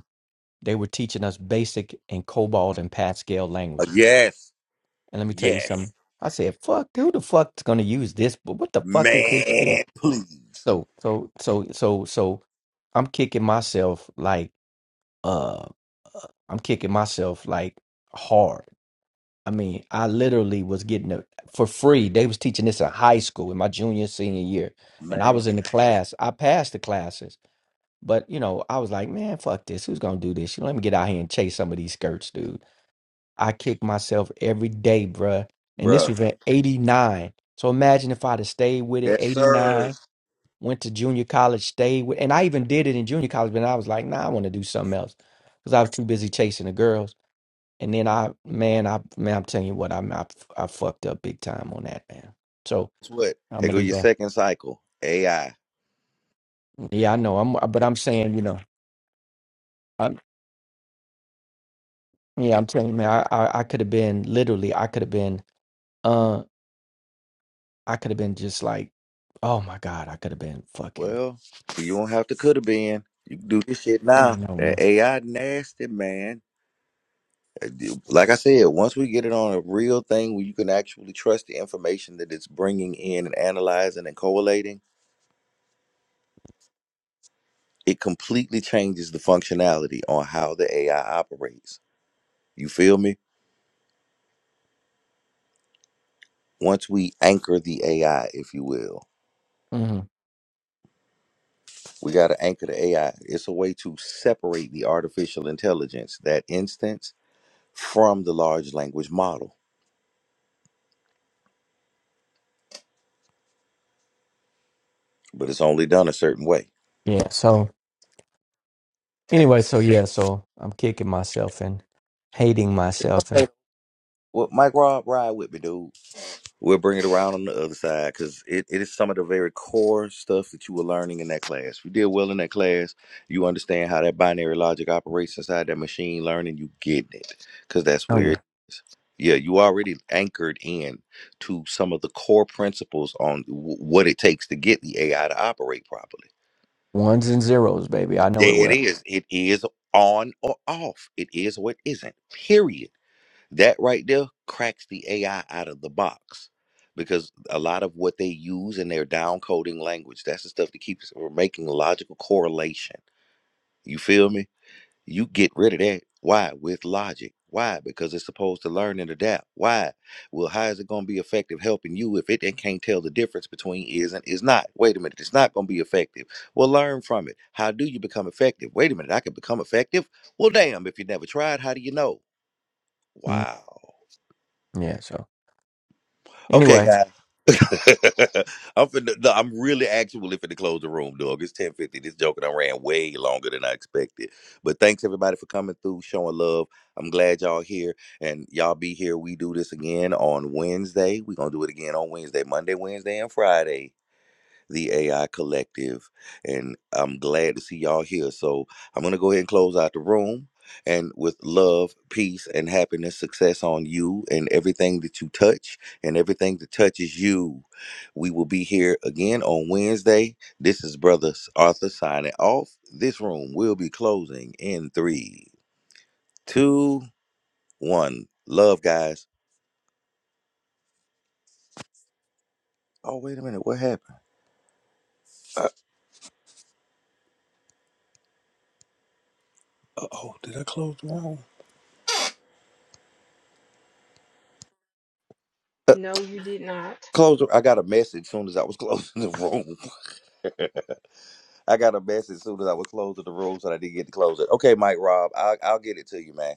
They were teaching us basic and COBOL and Pascal Uh, languages. yes, And let me tell you yes. something. I said, "Fuck, who the fuck's gonna use this? But what the fuck is this Man, shit?" please. So, so, so, so, so, I'm kicking myself like, uh, uh, I'm kicking myself like hard. I mean, I literally was getting it for free. They was teaching this in high school in my junior senior year, and I Man, was in the class. I passed the classes, but you know, I was like, man, fuck this. Who's gonna do this? You know, let me get out here and chase some of these skirts, dude. I kick myself every day, bruh. And this bruh. was in 89. So imagine if I'd have stayed with it, Yes, sir. 89, went to junior college, stayed with, and I even did it in junior college, but I was like, nah, I want to do something else because I was too busy chasing the girls. And then I, man, I, man, I'm telling you what, I'm, I, I fucked up big time on that, man. So That's what? I'm Here gonna go do your that. second cycle. AI. Yeah, I know. I'm, but I'm saying, you know, I'm, yeah, I'm telling you, man, I, I, I could have been literally, I could have been, uh, I could have been just like, oh my God, I could have been fucking Well, you don't have to coulda been. You can do this shit I now. know, man. That AI nasty man. Uh, do- Like I said, once we get it on a real thing where you can actually trust the information that it's bringing in and analyzing and collating, it completely changes the functionality on how the AI operates. You feel me? Once we anchor the AI, if you will, hmm we got to anchor the AI. It's a way to separate the artificial intelligence, that instance, from the large language model, but it's only done a certain way. Yeah. So anyway, so yeah, so I'm kicking myself and hating myself Hey, and Well, Mike Rob, ride with me, dude. We'll bring it around on the other side because it, it is some of the very core stuff that you were learning in that class. If You did well in that class. You understand how that binary logic operates inside that machine learning. You get it because that's oh where yeah, it is. Yeah, you already anchored in to some of the core principles on w- what it takes to get the AI to operate properly. ones and zeros, baby. I know it There it well. is. It is on or off. It is what isn't. Period. That right there cracks the AI out of the box because a lot of what they use in their downcoding language, that's the stuff that keeps from making logical correlation. You feel me? You get rid of that. Why? With logic. Why? Because it's supposed to learn and adapt. Why? Well, how is it going to be effective helping you if it, it can't tell the difference between is and is not? Wait a minute, it's not going to be effective. Well, learn from it. How do you become effective? Wait a minute, I can become effective? Well, damn, if you never tried, how do you know? Mm, Wow. Yeah. So Okay, anyway. guys. I'm finna, no, I'm really actually finna close the room, dog. It's 10:50. This joker done ran way longer than I expected. But thanks everybody for coming through, showing love. I'm glad y'all here and y'all be here. We do this again on Wednesday. We're gonna do it again on Wednesday, Monday, Wednesday, and Friday the AI Collective, and I'm glad to see y'all here. So I'm gonna go ahead and close out the room. And with love, peace, and happiness, success on you and everything that you touch and everything that touches you. We will be here again on Wednesday. This is Brother Arthur signing off. This room will be closing in three, two, one. Love, guys. Oh, wait a minute. What happened? Uh oh, did I close the room? Uh, No, you did not. Close. I got a message soon as I was closing the room. I got a message soon as I was closing the room, so I didn't get to close it. Okay, Mike Rob, I'll, I'll get it to you, man.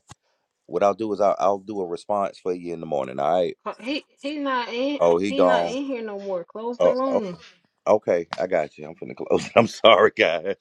What I'll do is I'll, I'll do a response for you in the morning. All right. Uh, He he not in Oh, he he not gone. in here no more. Close the Oh, room. okay. Okay, I got you. I'm finna close. I'm sorry, guys.